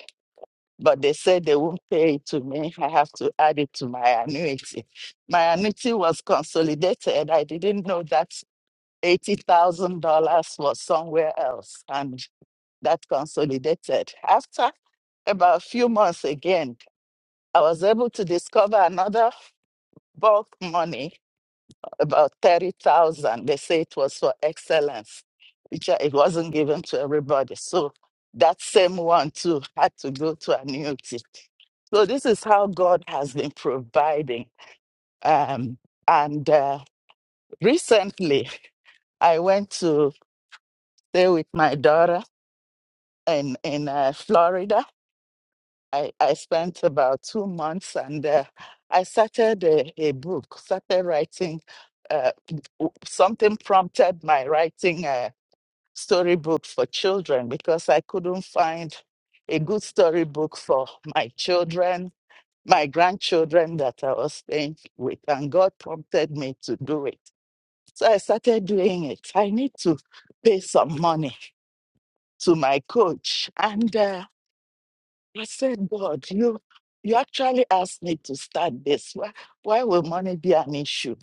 [SPEAKER 13] But they said they won't pay it to me. I have to add it to my annuity. My annuity was consolidated. I didn't know that $80,000 was somewhere else and that consolidated. After about a few months again, I was able to discover another bulk money about 30,000. They say it was for excellence, which uh, it wasn't given to everybody. So that same one too had to go to annuity. So this is how God has been providing. Um, and uh, recently, I went to stay with my daughter in in uh, Florida. I, I spent about two months, and uh, I started a, a book. Started writing. Uh, w- something prompted my writing. uh, storybook for children because I couldn't find a good storybook for my children, my grandchildren that I was staying with. And God prompted me to do it. So I started doing it. I need to pay some money to my coach. And uh, I said, God, you, you actually asked me to start this. Why, why will money be an issue?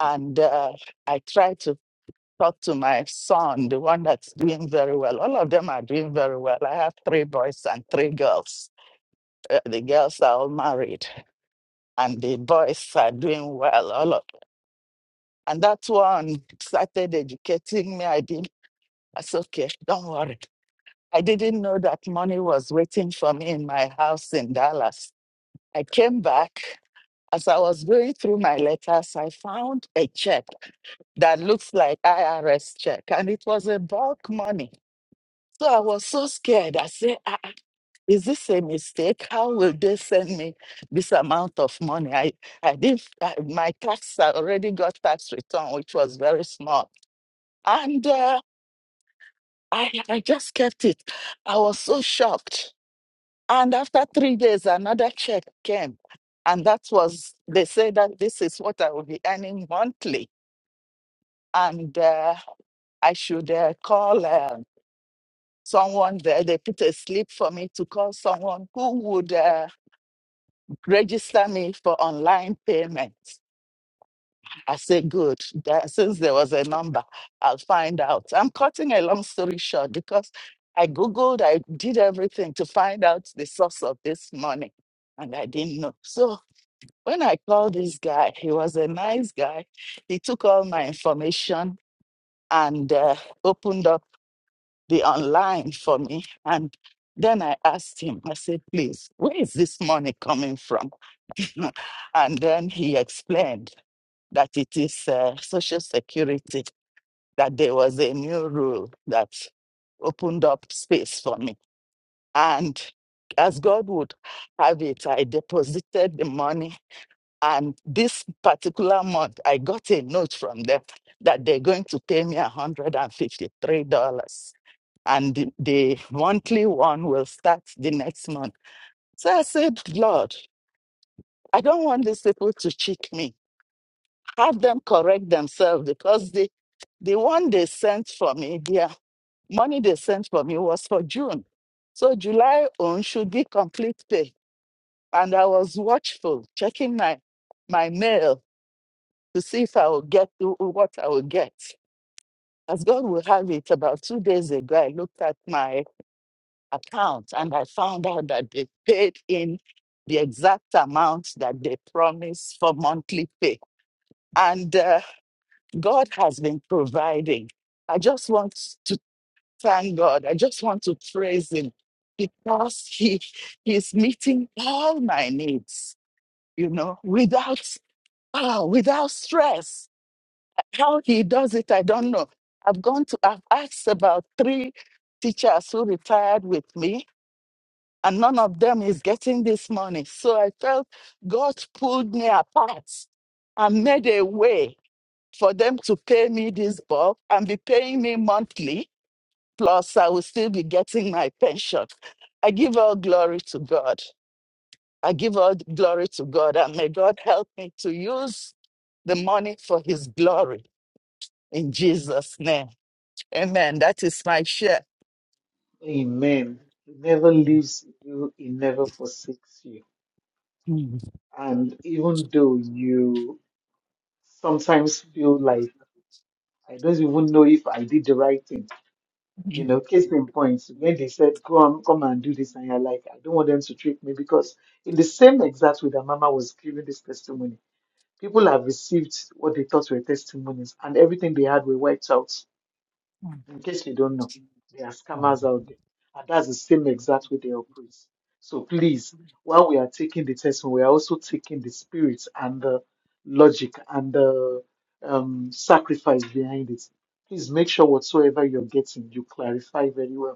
[SPEAKER 13] And uh, I tried to talk to my son, the one that's doing very well. All of them are doing very well. I have three boys and three girls. Uh, the girls are all married, and the boys are doing well. All of, and that one started educating me. I didn't. I said, okay, don't worry. I didn't know that money was waiting for me in my house in Dallas. I came back. As I was going through my letters, I found a check that looks like IRS check, and it was a bulk money So I was so scared. I said, ah, ah, is this a mistake? How will they send me this amount of money? I, I didn't, I, my tax, I already got tax return, which was very small. And uh, I, I just kept it. I was so shocked. And after three days, another check came. And that was, they said that this is what I will be earning monthly. And uh, I should uh, call uh, someone there. They put a slip for me to call someone who would. Uh, register me for online payments. I say, good. That, since there was a number, I'll find out. I'm cutting a long story short because I Googled, I did everything to find out the source of this money, and I didn't know. So when I called this guy, he was a nice guy. He took all my information and uh, opened up the online for me. And then I asked him, I said, please, where is this money coming from? Mm. And then he explained that it is uh, Social Security, that there was a new rule that opened up space for me. And as God would have it, I deposited the money. And this particular month, I got a note from them that they're going to pay me $153. And the the monthly one will start the next month. So I said, Lord, I don't want these people to cheat me. have them correct themselves because the the one they sent for me, their money they sent for me was for June. So July on should be complete pay. And I was watchful, checking my my mail to see if I would get to- what I would get. As God will have it, about two days ago, I looked at my account and I found out that they paid in the exact amount that they promised for monthly pay. And uh, God has been providing. I just want to thank God. I just want to praise Him because He He's meeting all my needs, you know, without ah, without stress. How He does it, I don't know. I've gone to I've asked about three teachers who retired with me, and none of them is getting this money. So I felt God pulled me apart and made a way for them to pay me this bulk and be paying me monthly, plus I will still be getting my pension. I give all glory to God. I give all glory to God, and may God help me to use the money for His glory in Jesus' name. Amen. That is my share.
[SPEAKER 4] Amen. He never leaves you, he never forsakes you. And even though you sometimes feel like, I don't even know if I did the right thing You know, case in point, when they said, go on, come and do this, and you're like, I don't want them to trick me because in the same exact way that Mama was giving this testimony, people have received what they thought were testimonies and everything they had were wiped out. In case you don't know, there are scammers out there. And that's the same exact way they operate. So please, while we are taking the testimony, we are also taking the spirit and the logic and the um, sacrifice behind it please make sure whatsoever you're getting, you clarify very well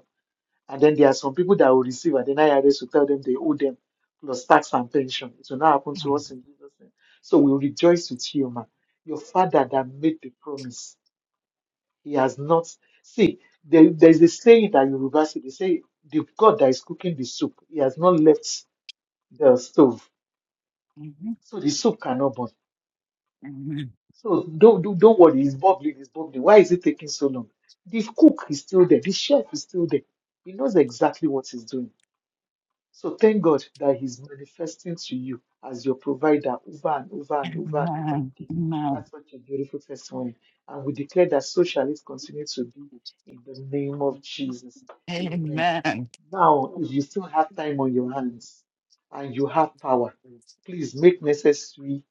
[SPEAKER 4] and then there are some people that will receive, and then IRS will tell them they owe them plus tax and pension. It will not happen to us in Jesus' name. So we rejoice with you, man. Your father that made the promise, he has not. See, there, there's a saying that you reverse it. They say, the God that is cooking the soup, he has not left the stove. So the soup cannot burn. So don't, don't, don't worry, it's bubbling, it's bubbling. Why is it taking so long? The cook is still there, the chef is still there. He knows exactly what he's doing. So thank God that He's manifesting to you as your provider over and over and over and over again. That's such a beautiful testimony. And we declare that so shall it continue to be in the name of Jesus. Amen.
[SPEAKER 13] Amen.
[SPEAKER 4] Now, if you still have time on your
[SPEAKER 13] Mhm.
[SPEAKER 4] hands and you have power, please make necessary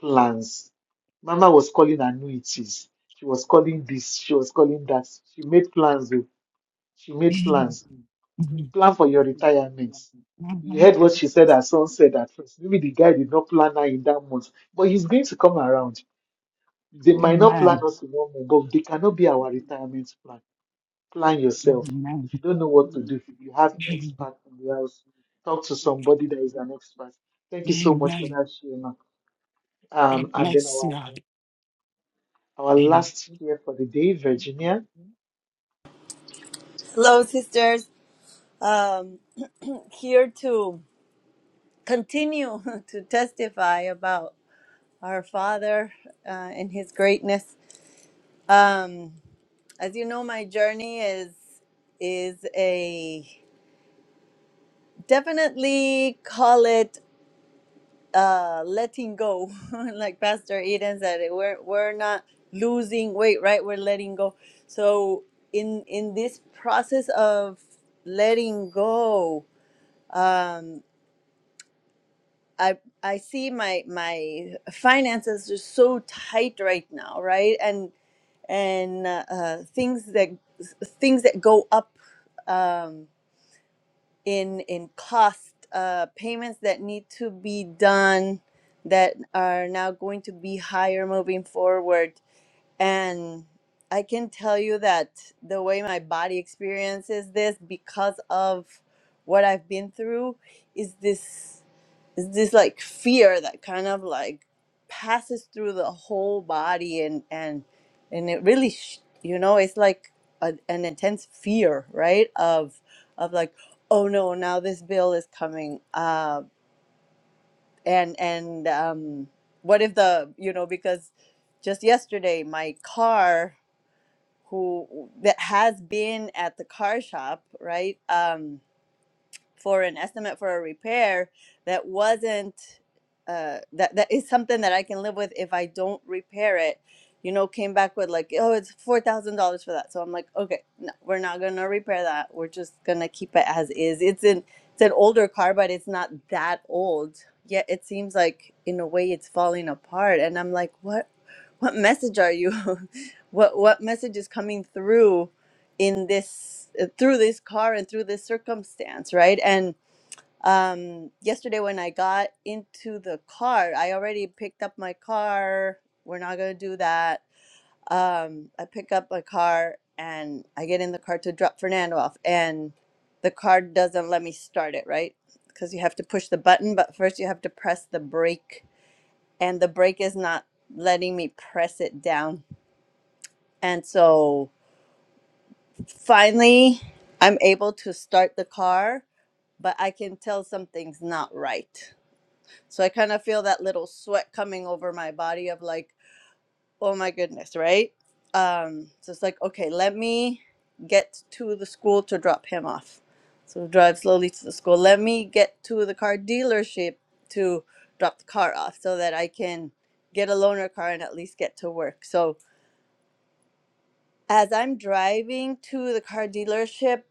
[SPEAKER 4] plans. Mama was calling annuities. She was calling this. She was calling that. She made plans. oh. She made plans
[SPEAKER 13] Mhm.
[SPEAKER 4] plan for your retirement. You
[SPEAKER 13] Mhm.
[SPEAKER 4] heard what she said, her son said at first. Maybe the guy did not plan her in that month, but he's going to come around. They might not plan
[SPEAKER 13] Amen.
[SPEAKER 4] us in one month, but they cannot be our retirement plan. Plan yourself.
[SPEAKER 13] Amen.
[SPEAKER 4] If you don't know what to do, you have expert in the house. Talk to somebody that is an expert. Thank you so much for
[SPEAKER 13] Amen.
[SPEAKER 4] that, Shema.
[SPEAKER 13] God
[SPEAKER 4] Um, and then
[SPEAKER 13] bless
[SPEAKER 4] our
[SPEAKER 13] you. all.
[SPEAKER 4] our
[SPEAKER 13] Amen.
[SPEAKER 4] last here for the day, Virginia.
[SPEAKER 14] Hello, sisters. Um, here to continue to testify about our Father uh, and His greatness. Um, as you know, my journey is is a definitely call it uh, letting go, like Pastor Eden said. We're we're not losing weight, right? We're letting go. So in in this process of letting go. Um, I I see my my finances are so tight right now, right? And and uh, uh, things that things that go up um, in in cost, uh, payments that need to be done that are now going to be higher moving forward. And I can tell you that the way my body experiences this because of what I've been through is this it's this like fear that kind of like passes through the whole body and and and it really sh- you know it's like a, an intense fear right of of like oh no now this bill is coming uh and and um what if the you know because just yesterday my car who that has been at the car shop right um for an estimate for a repair that wasn't uh, that that is something that I can live with if I don't repair it. You know, came back with like, oh, it's four thousand dollars for that. So I'm like, okay, no, we're not gonna repair that. We're just gonna keep it as is. It's an it's an older car, but it's not that old. Yet it seems like in a way it's falling apart. And I'm like, what what message are you? what what message is coming through? in this uh, through this car and through this circumstance right and um yesterday when i got into the car i already picked up my car we're not going to do that um i pick up my car and i get in the car to drop fernando off and the car doesn't let me start it right because you have to push the button but first you have to press the brake and the brake is not letting me press it down and so Finally, I'm able to start the car, but I can tell something's not right. So I kind of feel that little sweat coming over my body of like, oh my goodness, right? Um, so it's like, okay, let me get to the school to drop him off. So drive slowly to the school. Let me get to the car dealership to drop the car off so that I can get a loaner car and at least get to work. So as I'm driving to the car dealership,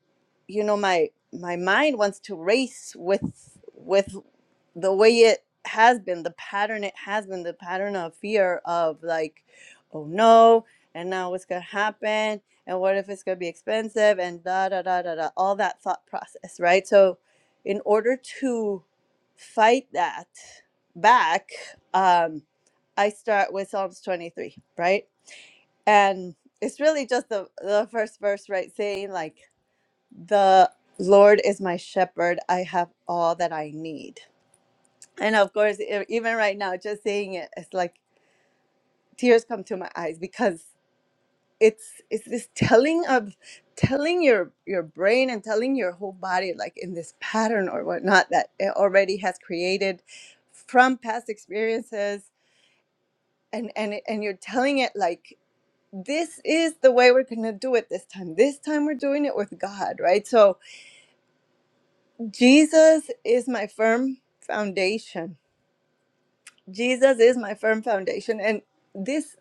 [SPEAKER 14] you know, my my mind wants to race with with the way it has been, the pattern it has been, the pattern of fear of like, oh no, and now what's gonna happen, and what if it's gonna be expensive, and da da da da da, all that thought process, right? So, in order to fight that back, um, I start with Psalms 23, right? and it's really just the the first verse right saying like the lord is my shepherd i have all that i need and of course e- even right now just saying it it's like tears come to my eyes because it's it's this telling of telling your your brain and telling your whole body like in this pattern or whatnot that it already has created from past experiences and and it- and you're telling it like this is the way we're going to do it this time. This time we're doing it with God, right? So Jesus is my firm foundation. Jesus is my firm foundation and this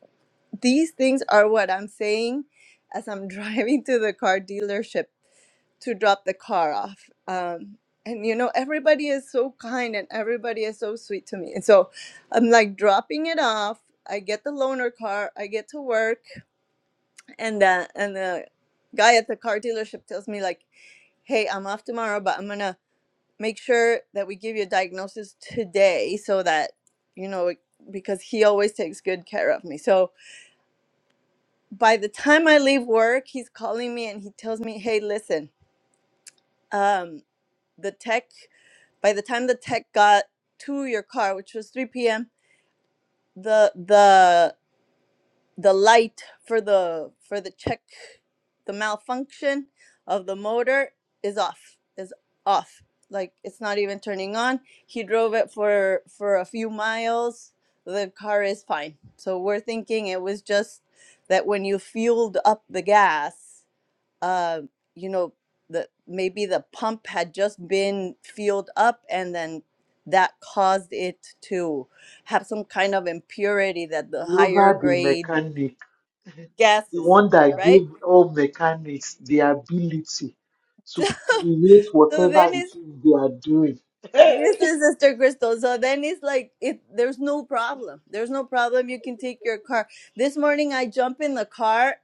[SPEAKER 14] these things are what I'm saying as I'm driving to the car dealership to drop the car off. Um and you know everybody is so kind and everybody is so sweet to me. And so I'm like dropping it off. I get the loaner car, I get to work and the and the guy at the car dealership tells me like hey i'm off tomorrow but i'm gonna make sure that we give you a diagnosis today so that you know it- because he always takes good care of me so by the time i leave work he's calling me and he tells me hey listen um the tech by the time the tech got to your car which was 3 p.m the the the light for the for the check the malfunction of the motor is off is off like it's not even turning on he drove it for for a few miles the car is fine so we're thinking it was just that when you fueled up the gas uh you know the maybe the pump had just been fueled up and then that caused it to have some kind of impurity that the higher
[SPEAKER 4] Global the
[SPEAKER 14] grade
[SPEAKER 4] mechanic. the
[SPEAKER 14] gases,
[SPEAKER 4] one that
[SPEAKER 14] right?
[SPEAKER 4] gave all mechanics the ability to create
[SPEAKER 14] So
[SPEAKER 4] whatever
[SPEAKER 14] then
[SPEAKER 4] it
[SPEAKER 14] it's
[SPEAKER 4] is they are doing.
[SPEAKER 14] this is Esther Crystal. So then it's like it there's no problem. There's no problem. You can take your car. This morning I jump in the car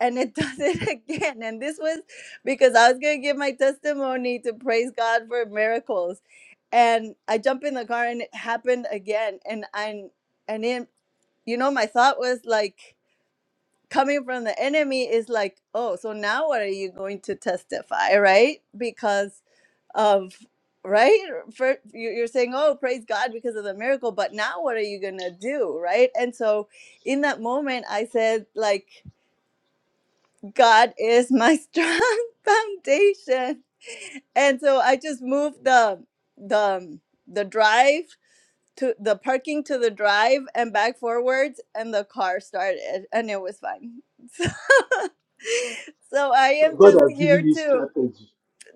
[SPEAKER 14] and it does it again. And this was because I was gonna give my testimony to praise God for miracles. And I jump in the car and it happened again. And I and in you know my thought was like coming from the enemy is like, oh, so now what are you going to testify, right? Because of right for you- you're saying oh praise god because of the miracle but now what are you gonna do right and so in that moment i said like god is my strong foundation and so i just moved the the the drive to the parking to the drive and back forwards and the car started and it was fine so, so i
[SPEAKER 4] So
[SPEAKER 14] am
[SPEAKER 4] God
[SPEAKER 14] just
[SPEAKER 4] has given
[SPEAKER 14] here
[SPEAKER 4] you
[SPEAKER 14] to
[SPEAKER 4] strategy.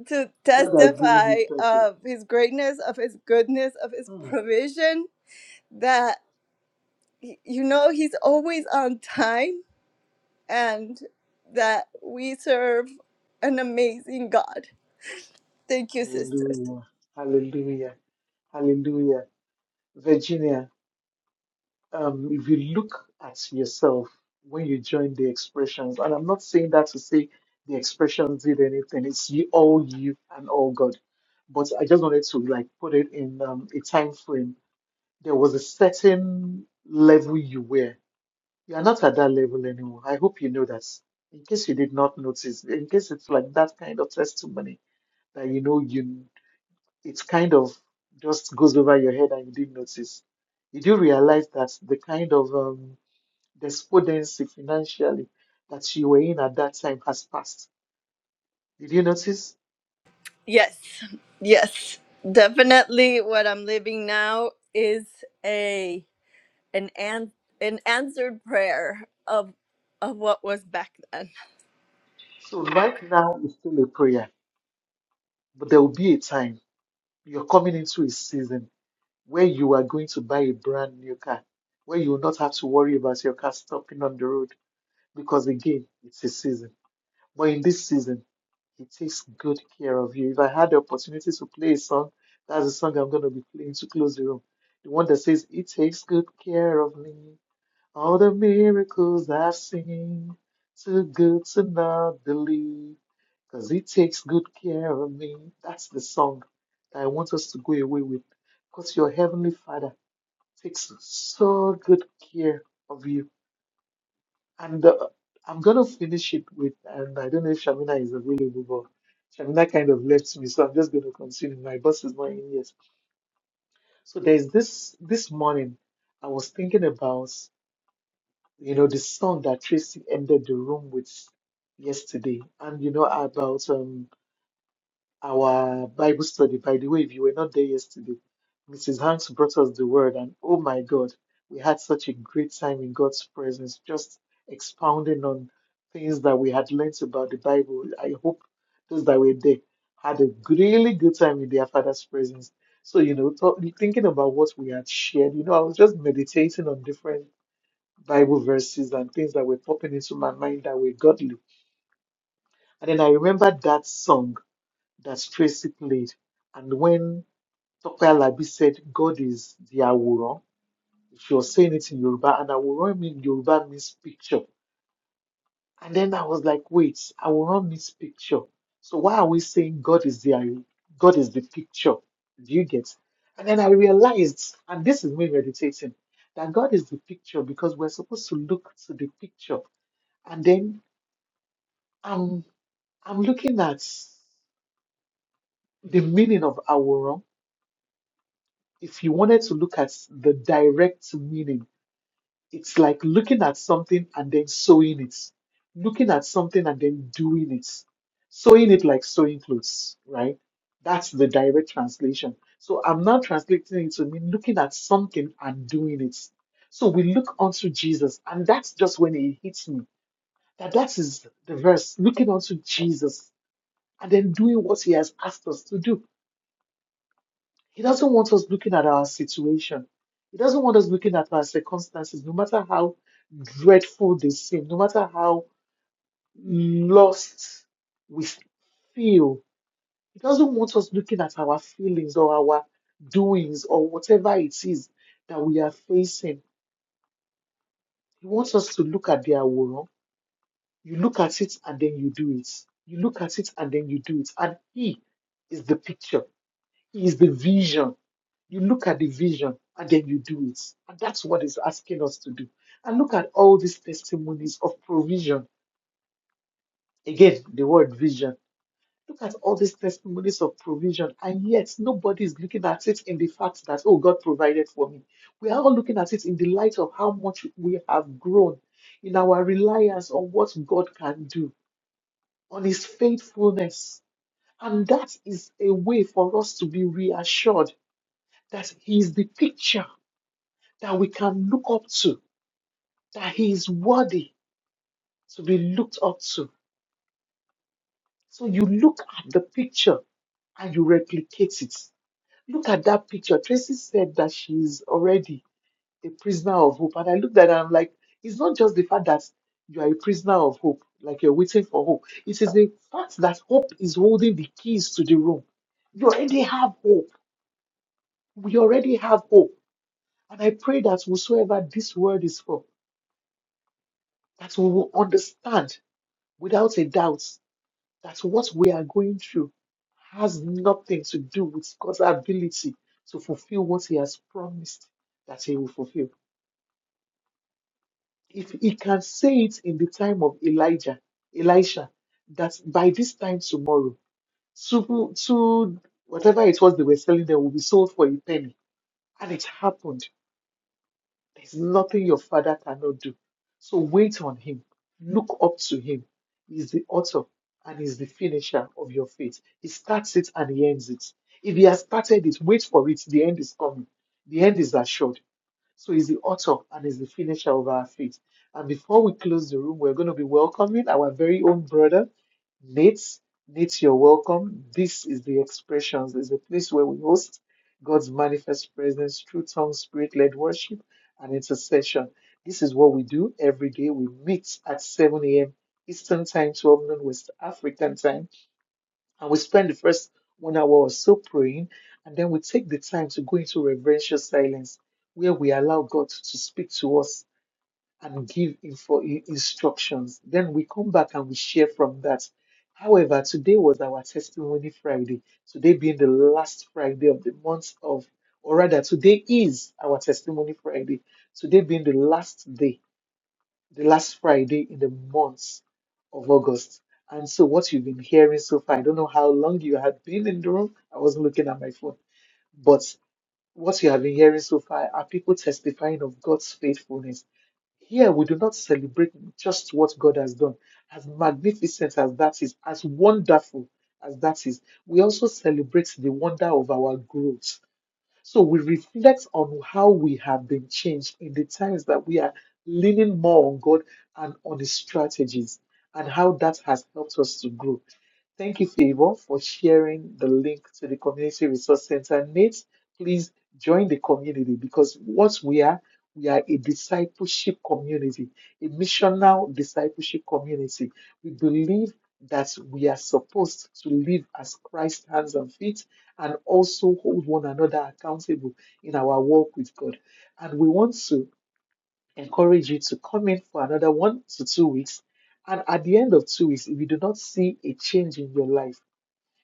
[SPEAKER 14] to
[SPEAKER 4] God has given
[SPEAKER 14] testify
[SPEAKER 4] you strategy.
[SPEAKER 14] of his greatness of his goodness of his
[SPEAKER 4] Hmm.
[SPEAKER 14] provision that y- you know he's always on time and that we serve an amazing god thank you sisters
[SPEAKER 4] Hallelujah. Hallelujah. Hallelujah. Virginia, um, if you look at yourself when you join the expressions, and I'm not saying that to say the expressions did anything, it's you, all you and all God. But I just wanted to like put it in um, a time frame there was a certain level you were. You are not at that level anymore. I hope you know that. In case you did not notice, in case it's like that kind of testimony that you know you it kind of just goes over your head and you didn't notice. You do realize that the kind of um, despondency financially that you were in at that time has passed. Did you notice?
[SPEAKER 14] yes yes definitely what i'm living now is a an an an answered prayer of of what was back then.
[SPEAKER 4] So right now it's still a prayer, but there will be a time you're coming into a season where you are going to buy a brand new car, where you will not have to worry about your car stopping on the road because, again, it's a season. But in this season, He takes good care of you. If I had the opportunity to play a song, that's the song I'm going to be playing to close the room. The one that says, it takes good care of me. All the miracles I've seen, too good to not believe, 'cause it takes good care of me. That's the song that I want us to go away with. Because your Heavenly Father Six. So good care of you. And uh, I'm gonna finish it with, and I don't know if Shamina is available, but Shamina kind of left me, so I'm just gonna continue. My boss is not in yet. So there's this this morning, I was thinking about, you know, the song that Tracy ended the room with yesterday, and you know about um. our Bible study. By the way, if you were not there yesterday, Mrs. Hanks brought us the word, and oh my God, we had such a great time in God's presence, just expounding on things that we had learnt about the Bible. I hope those that were there had a really good time in their Father's presence. So, you know, thought- thinking about what we had shared, you know, I was just meditating on different Bible verses and things that were popping into my mind that were godly. And then I remembered that song that Tracy played. And when Dr. Alabi said God is the Aworan, she was saying it in Yoruba, and Aworan in Yoruba means picture. And then I was like, wait, Aworan means picture. So why are we saying God is the God is the picture? Do you get? And then I realized, and this is me meditating, that God is the picture because we're supposed to look to the picture. And then I'm I'm looking at the meaning of Aworan if you wanted to look at the direct meaning, it's like looking at something and then sewing it, looking at something and then doing it, sewing it like sewing clothes, right? That's the direct translation. So I'm now translating it to mean looking at something and doing it. So we look unto Jesus, and that's just when it hits me that that is the verse looking unto Jesus and then doing what he has asked us to do. He doesn't want us looking at our situation. He doesn't want us looking at our circumstances, no matter how dreadful they seem, no matter how lost we feel. He doesn't want us looking at our feelings or our doings or whatever it is that we are facing. He wants us to look at the aworan. You look at it and then you do it. You look at it and then you do it. And He is the picture. is the vision. You look at the vision and then you do it. And that's what is asking us to do. And look at all these testimonies of provision. Again, the word vision. Look at all these testimonies of provision, and yet nobody is looking at it in the fact that, oh, God provided for me. We are all looking at it in the light of how much we have grown in our reliance on what God can do, on His faithfulness. And that is a way for us to be reassured that he is the picture that we can look up to, that he is worthy to be looked up to. So you look at the picture and you replicate it. Look at that picture. Tracy said that she's already a prisoner of hope. And I looked at her and I'm like, it's not just the fact that you are a prisoner of hope, like you're waiting for hope. It is the fact that hope is holding the keys to the room. You already have hope. We already have hope. And I pray that whosoever this word is for, that we will understand without a doubt that what we are going through has nothing to do with God's ability to fulfill what He has promised that He will fulfill. If He can say it in the time of Elijah, Elisha, that by this time tomorrow, two, two whatever it was they were selling them will be sold for a penny, and it happened. There's nothing your father cannot do. So wait on him. Look up to him. He's the author and he's the finisher of your faith. He starts it and he ends it. If he has started it, wait for it. The end is coming. The end is assured. So he's the author and he's the finisher of our faith. And before we close the room, we're going to be welcoming our very own brother, Nate. Nate, you're welcome. This is the expressions. It's a place where we host God's manifest presence through tongue, spirit-led worship and intercession. This is what we do every day. We meet at 7 a.m. Eastern Time, 12 noon West African Time. And we spend the first one hour or so praying, and then we take the time to go into reverential silence where we allow God to speak to us and give info instructions. Then we come back and we share from that. However, today was our testimony Friday, today being the last Friday of the month of, or rather, today is our testimony Friday, today being the last day the last Friday in the month of August. And so, what you've been hearing so far, I don't know how long you had been in the room. I wasn't looking at my phone, but what you have been hearing so far are people testifying of God's faithfulness. Here, we do not celebrate just what God has done, as magnificent as that is, as wonderful as that is. We also celebrate the wonder of our growth so we reflect on how we have been changed in the times that we are leaning more on God and on His strategies and how that has helped us to grow. Thank you, Favor, for sharing the link to the Community Resource Center. Nate, please join the community because what we are, we are a discipleship community, a missional discipleship community. We believe that we are supposed to live as Christ's hands and feet and also hold one another accountable in our walk with God. And we want to encourage you to come in for another one to two weeks. And at the end of two weeks, if you do not see a change in your life,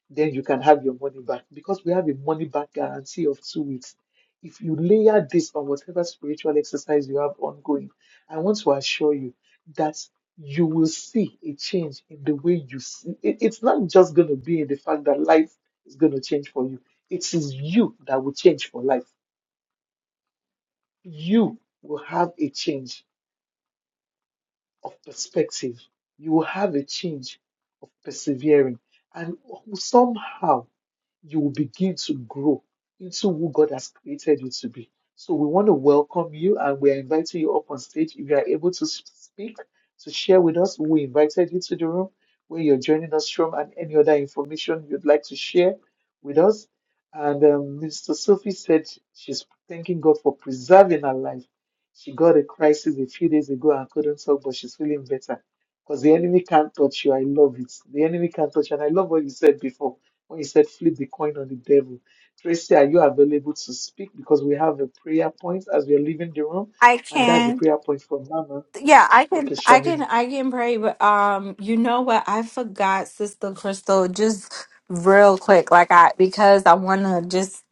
[SPEAKER 4] then you can have your money back because we have a money back guarantee of two weeks. If you layer this on whatever spiritual exercise you have ongoing, I want to assure you that you will see a change in the way you see. It, it's not just going to be in the fact that life is going to change for you, it is you that will change for life. You will have a change of perspective, you will have a change of persevering, and somehow you will begin to grow into who God has created you to be. So we want to welcome you and we are inviting you up on stage. If you are able to speak, to share with us, we invited you to the room where you're joining us from and any other information you'd like to share with us. And um, Mr. Sophie said she's thanking God for preserving her life. She got a crisis a few days ago and couldn't talk, but she's feeling better because the enemy can't touch you. I love it. The enemy can't touch you. And I love what you said before when you said flip the coin on the devil, Tracy, are you available to speak? Because we have a prayer point as we are leaving the room,
[SPEAKER 1] I
[SPEAKER 4] and that's the
[SPEAKER 1] can.
[SPEAKER 4] prayer point from Mama.
[SPEAKER 1] Yeah, I can,
[SPEAKER 4] Okay,
[SPEAKER 1] I can,
[SPEAKER 4] Shamina.
[SPEAKER 1] I can pray, but um, you know what? I forgot, Sister Crystal, just real quick, like I because I want to just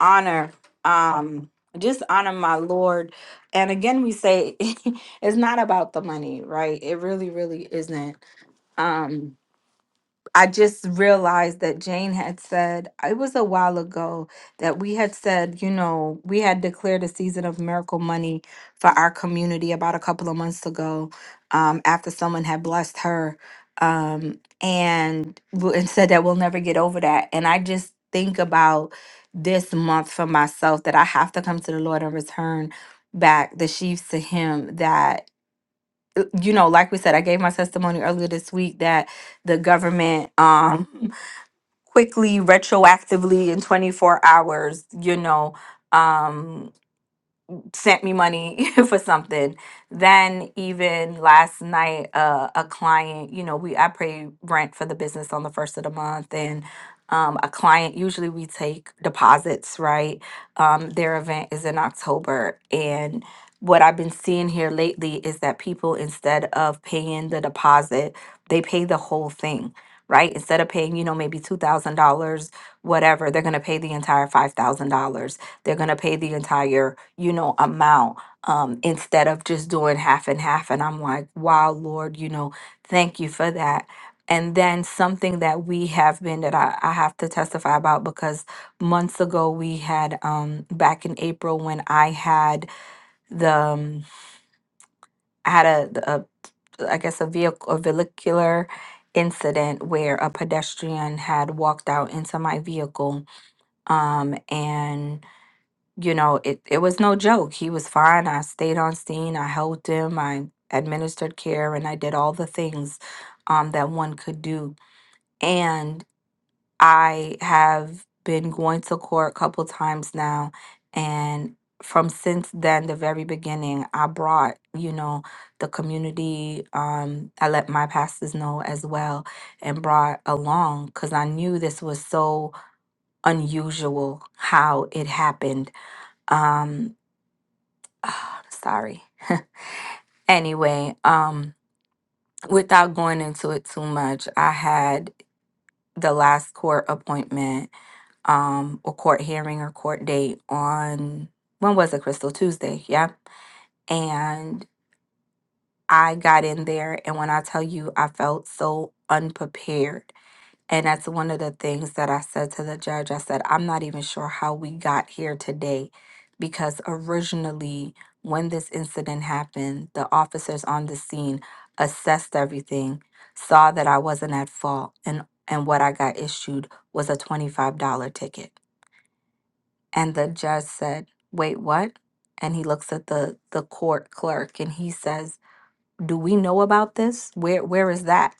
[SPEAKER 1] honor, um, just honor my Lord. And again, we say it's not about the money, right? It really, really isn't. Um, I just realized that Jane had said, it was a while ago that we had said, you know, we had declared a season of miracle money for our community about a couple of months ago um, after someone had blessed her um, and, w- and said that we'll never get over that. And I just think about this month for myself that I have to come to the Lord and return back the sheaves to Him that, you know, like we said, I gave my testimony earlier this week that the government um quickly retroactively in 24 hours you know um sent me money for something. Then even last night, uh, a client, you know, we I pay rent for the business on the first of the month, and um, a client usually we take deposits, right? Um, their event is in October, and what I've been seeing here lately is that people instead of paying the deposit, they pay the whole thing, right? Instead of paying, you know, maybe two thousand dollars, whatever, they're gonna pay the entire five thousand dollars they're going to pay the entire you know amount um, instead of just doing half and half and i'm like wow lord you know thank you for that and then something that we have been that I, I have to testify about because months ago we had um back in april when i had the um, i had a, a i guess a vehicle a vehicular incident where a pedestrian had walked out into my vehicle um and you know, it, it was no joke. He was fine. I stayed on scene. I helped him. I administered care and I did all the things um, that one could do. And I have been going to court a couple times now. And from since then, the very beginning, I brought, you know, the community. Um, I let my pastors know as well and brought along because I knew this was so unusual how it happened. Um, Ah, Sorry. Anyway, um, without going into it too much, I had the last court appointment, um, or court hearing or court date on when was it, Crystal? Tuesday, yeah. And I got in there and when I tell you I felt so unprepared. And that's one of the things that I said to the judge. I said, I'm not even sure how we got here today because originally, when this incident happened, the officers on the scene assessed everything, saw that I wasn't at fault, and, and what I got issued was a $25 ticket. And the judge said, Wait, what? And he looks at the, the court clerk and he says, do we know about this? Where where is that?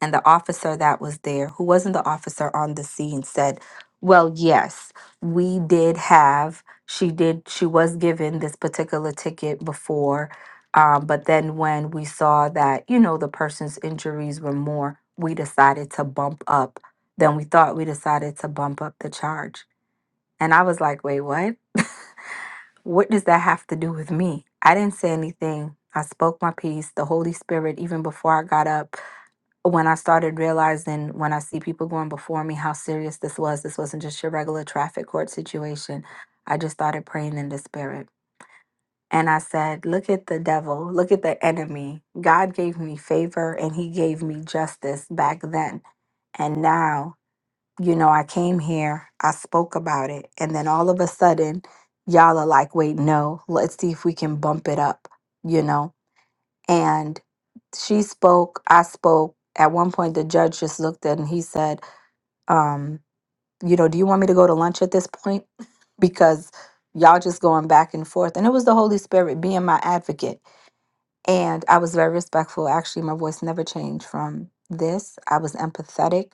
[SPEAKER 1] And the officer that was there, who wasn't the officer on the scene, said, Well, yes, we did have, she did, she was given this particular ticket before. Um, but then when we saw that, you know, the person's injuries were more, we decided to bump up. Then we thought we decided to bump up the charge. And I was like, Wait, what? What does that have to do with me? I didn't say anything. I spoke my piece. The Holy Spirit, even before I got up, when I started realizing when I see people going before me how serious this was, this wasn't just your regular traffic court situation. I just started praying in the Spirit. And I said, Look at the devil, look at the enemy. God gave me favor and he gave me justice back then. And now you know, I came here, I spoke about it, and then all of a sudden, y'all are like, wait, no, let's see if we can bump it up, you know? And she spoke, I spoke. At one point, the judge just looked at and he said, um, you know, do you want me to go to lunch at this point? because y'all just going back and forth. And it was the Holy Spirit being my advocate and I was very respectful. Actually, my voice never changed from this. I was empathetic.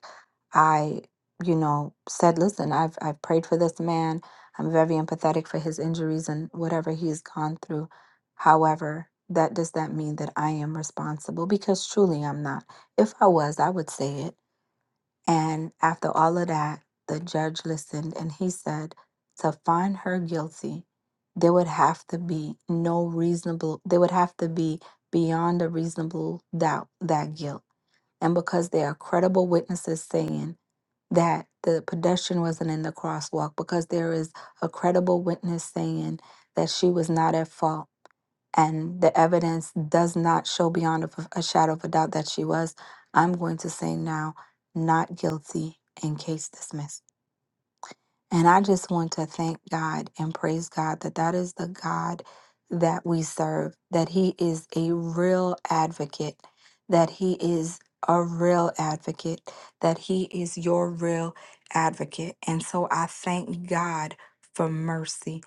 [SPEAKER 1] I, you know, said, listen, I've, I've prayed for this man. I'm very empathetic for his injuries and whatever he's gone through. However, that does that mean that I am responsible? Because truly I'm not. If I was, I would say it. And after all of that, the judge listened and he said to find her guilty, there would have to be no reasonable, there would have to be beyond a reasonable doubt that guilt. And because there are credible witnesses saying that the pedestrian wasn't in the crosswalk, because there is a credible witness saying that she was not at fault and the evidence does not show beyond a, a shadow of a doubt that she was, I'm going to say now, not guilty and case dismissed. And I just want to thank God and praise God that that is the God that we serve, that He is a real advocate, that He is a real advocate, that He is your real advocate. And so I thank God for mercy.